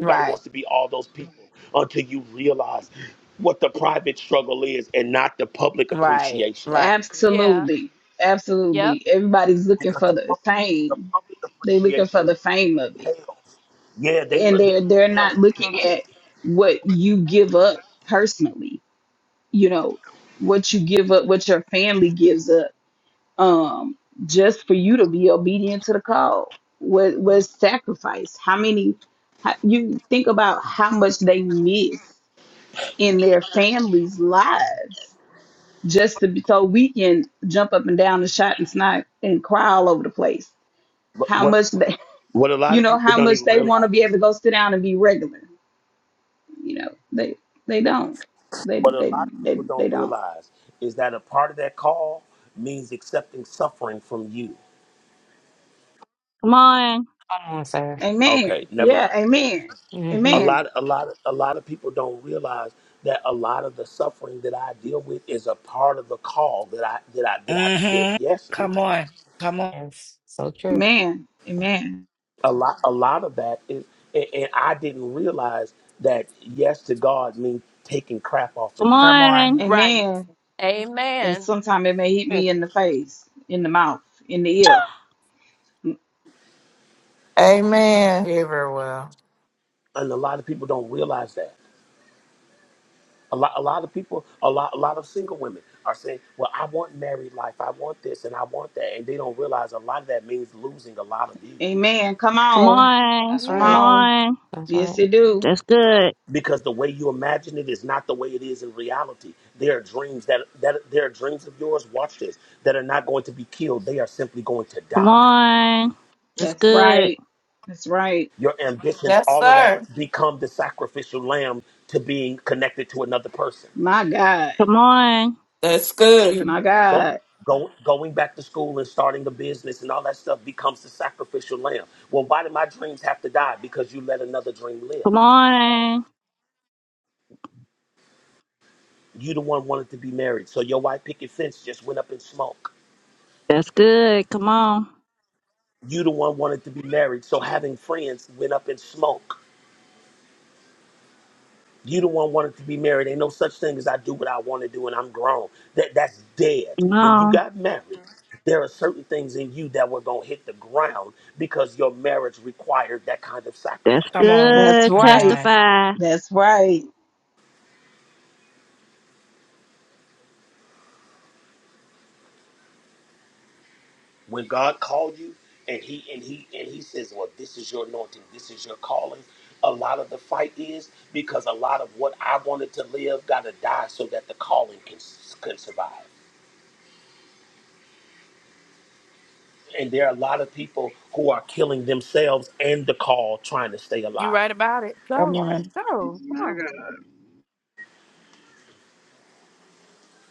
[SPEAKER 3] Right. Right, right.
[SPEAKER 1] Yeah.
[SPEAKER 9] absolutely.
[SPEAKER 1] Yep.
[SPEAKER 9] Absolutely. Everybody's looking for the fame. They're looking for the fame of it. And they're they're not looking at what you give up personally, you know, what you give up, what your family gives up um, just for you to be obedient to the call was was sacrifice. How many how, you think about how much they miss in their families' lives just to be, so we can jump up and down and shout and snipe and cry all over the place. How much they [laughs] you know how much they want to be able to go sit down and be regular. You know they they don't they they they they don't.
[SPEAKER 8] Come on.
[SPEAKER 11] Come on, sir.
[SPEAKER 9] Amen. Yeah. Amen.
[SPEAKER 11] Mm-hmm.
[SPEAKER 9] Amen.
[SPEAKER 3] Mm-hmm. Come on. Come on.
[SPEAKER 11] Yes. So true.
[SPEAKER 9] Amen. Amen.
[SPEAKER 8] Come
[SPEAKER 3] Come on.
[SPEAKER 8] on.
[SPEAKER 1] Right.
[SPEAKER 9] Amen. and
[SPEAKER 1] Amen.
[SPEAKER 9] sometimes it may hit
[SPEAKER 11] Hmm.
[SPEAKER 9] me in the face, in the mouth, in the ear.
[SPEAKER 10] Amen. Give her well.
[SPEAKER 9] Amen. Come
[SPEAKER 8] Come
[SPEAKER 9] on.
[SPEAKER 8] on.
[SPEAKER 11] That's
[SPEAKER 9] Come
[SPEAKER 8] Come
[SPEAKER 11] right.
[SPEAKER 1] Amen.
[SPEAKER 9] on.
[SPEAKER 8] on.
[SPEAKER 11] That's
[SPEAKER 9] Yes,
[SPEAKER 11] right.
[SPEAKER 9] it do.
[SPEAKER 8] That's good. Come on. That's
[SPEAKER 9] That's
[SPEAKER 8] good.
[SPEAKER 9] right. That's right.
[SPEAKER 10] Yes, sir.
[SPEAKER 9] My God.
[SPEAKER 8] Come on.
[SPEAKER 10] That's good.
[SPEAKER 9] My God.
[SPEAKER 8] Come on. That's good. Come on. Come on.
[SPEAKER 2] marriage. There are certain things in you that were going to hit the ground because your marriage required that kind of
[SPEAKER 8] That's
[SPEAKER 3] Come
[SPEAKER 2] sacrifice
[SPEAKER 3] on.
[SPEAKER 9] That's
[SPEAKER 8] good.
[SPEAKER 3] Come
[SPEAKER 9] right.
[SPEAKER 3] on.
[SPEAKER 8] Testify.
[SPEAKER 9] That's right.
[SPEAKER 2] could survive. And there are a lot of people who are killing themselves and the call trying to stay
[SPEAKER 1] You
[SPEAKER 2] alive.
[SPEAKER 1] right about it.
[SPEAKER 3] Come
[SPEAKER 1] Go.
[SPEAKER 3] on.
[SPEAKER 1] Go.
[SPEAKER 4] My
[SPEAKER 1] Come on.
[SPEAKER 4] God,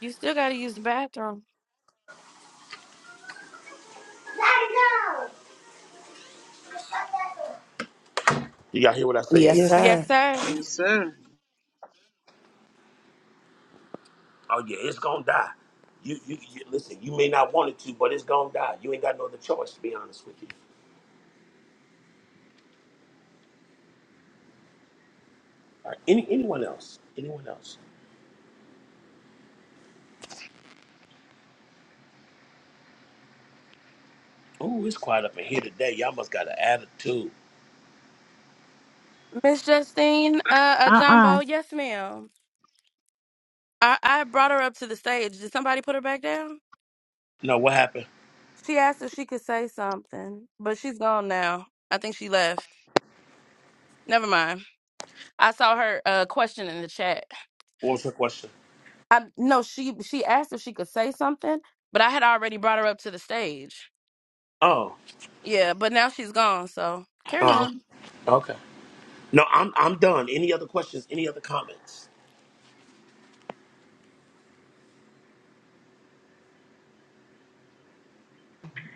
[SPEAKER 1] You still got to use the bathroom.
[SPEAKER 2] Do y'all hear what I said?
[SPEAKER 3] Yes,
[SPEAKER 6] Yes, sir.
[SPEAKER 1] Yes,
[SPEAKER 3] sir.
[SPEAKER 1] sir.
[SPEAKER 4] yes, sir.
[SPEAKER 2] Oh yeah, it's gonna die. You, you, you listen. You may not want it to, but it's gonna die. You ain't got no other choice. To be honest with you. Any anyone else?
[SPEAKER 1] Miss Justine, uh, uh
[SPEAKER 8] Uh uh
[SPEAKER 1] Jumbo, yes, ma'am. I, I brought her up to the stage. Did somebody put her back down? She asked if she could say something, but she's gone now. I think she left. Never mind. I saw her uh, question in the chat. I no, she she asked if she could say something, but I had already brought her up to the stage. Yeah, but now she's gone. So carry
[SPEAKER 2] Oh,
[SPEAKER 1] on.
[SPEAKER 2] okay. No, I'm I'm done. Any other questions? Any other comments?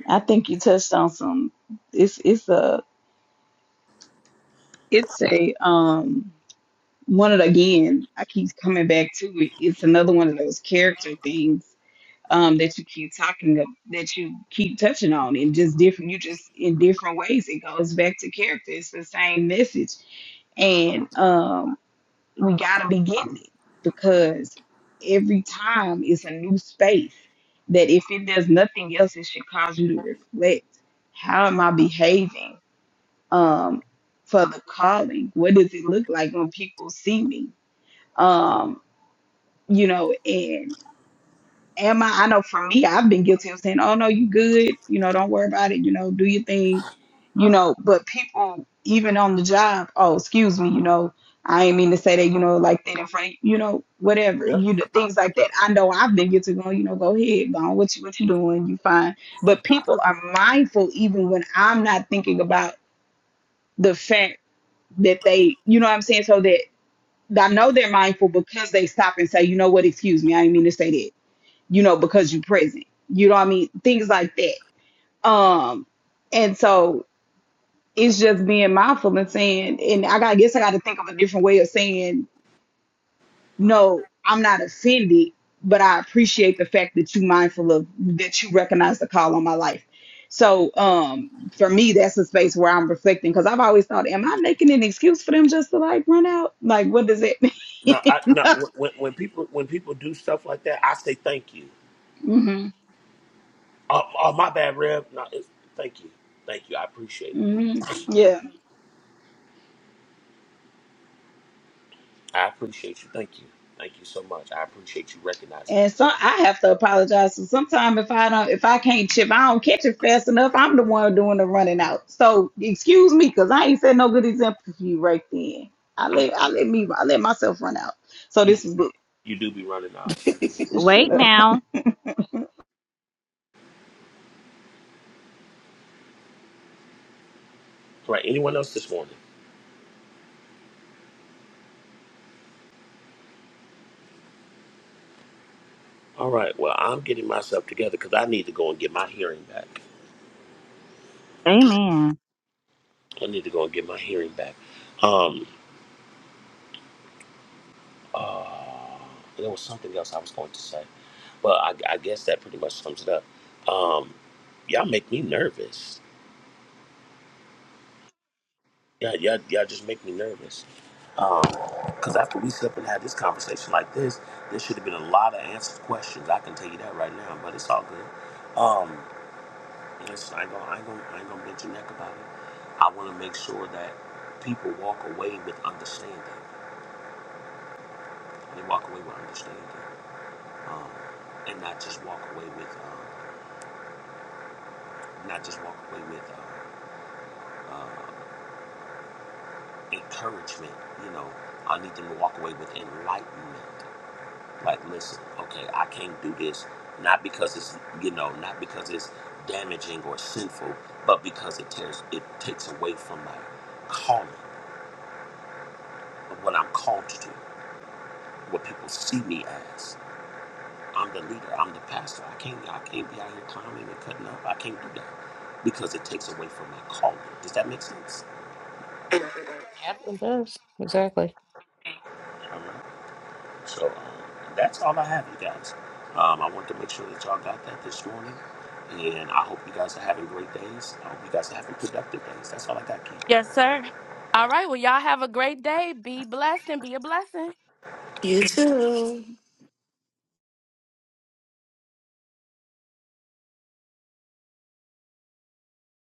[SPEAKER 9] I think you touched on some it's it's a it's a um one of the again, I keep coming back to it. It's another one of those character things um, that you keep talking of, that you keep touching on in just different you just in different ways it goes back to character it's the same message and um, we gotta be getting it because every time it's a new space that if it does nothing else it should cause you to reflect how am i behaving um, for the calling what does it look like when people see me um, you know am I? I know for me, I've been guilty of saying, "Oh no, you good. You know, don't worry about it. You know, do your thing." You know, but people even on the job, oh, excuse me, you know, I ain't mean to say that, you know, like that in front, you know, whatever, you know, things like that. I know I've been guilty of going, you know, go ahead, go on, what you what you doing, you fine. But people are mindful even when I'm not thinking about the fact that they, you know, what I'm saying, so that I know they're mindful because they stop and say, you know what, excuse me, I didn't mean to say that you know, because you present. You know what I mean? Things like that. Um, and so it's just being mindful and saying, and I got, I guess I got to think of a different way of saying, no, I'm not offended, but I appreciate the fact that you mindful of that you recognize the call on my life. So um, for me, that's a space where I'm reflecting because I've always thought, am I making an excuse for them just to like run out? Like, what does it mean? [laughs] hmm hmm Yeah. And so I have to apologize. So sometimes if I don't, if I can't chip, I don't catch it fast enough. I'm the one doing the running out. So excuse me, cause I ain't set no good example for you right then. I let I let me I let myself run out. So this is good.
[SPEAKER 3] [laughs]
[SPEAKER 9] [laughs] Shut
[SPEAKER 8] Wait
[SPEAKER 9] up.
[SPEAKER 8] now. Amen.
[SPEAKER 11] Yep, it does. Exactly.
[SPEAKER 1] Yes, sir. All right. Well, y'all have a great day. Be blessed and be a blessing.
[SPEAKER 3] you too.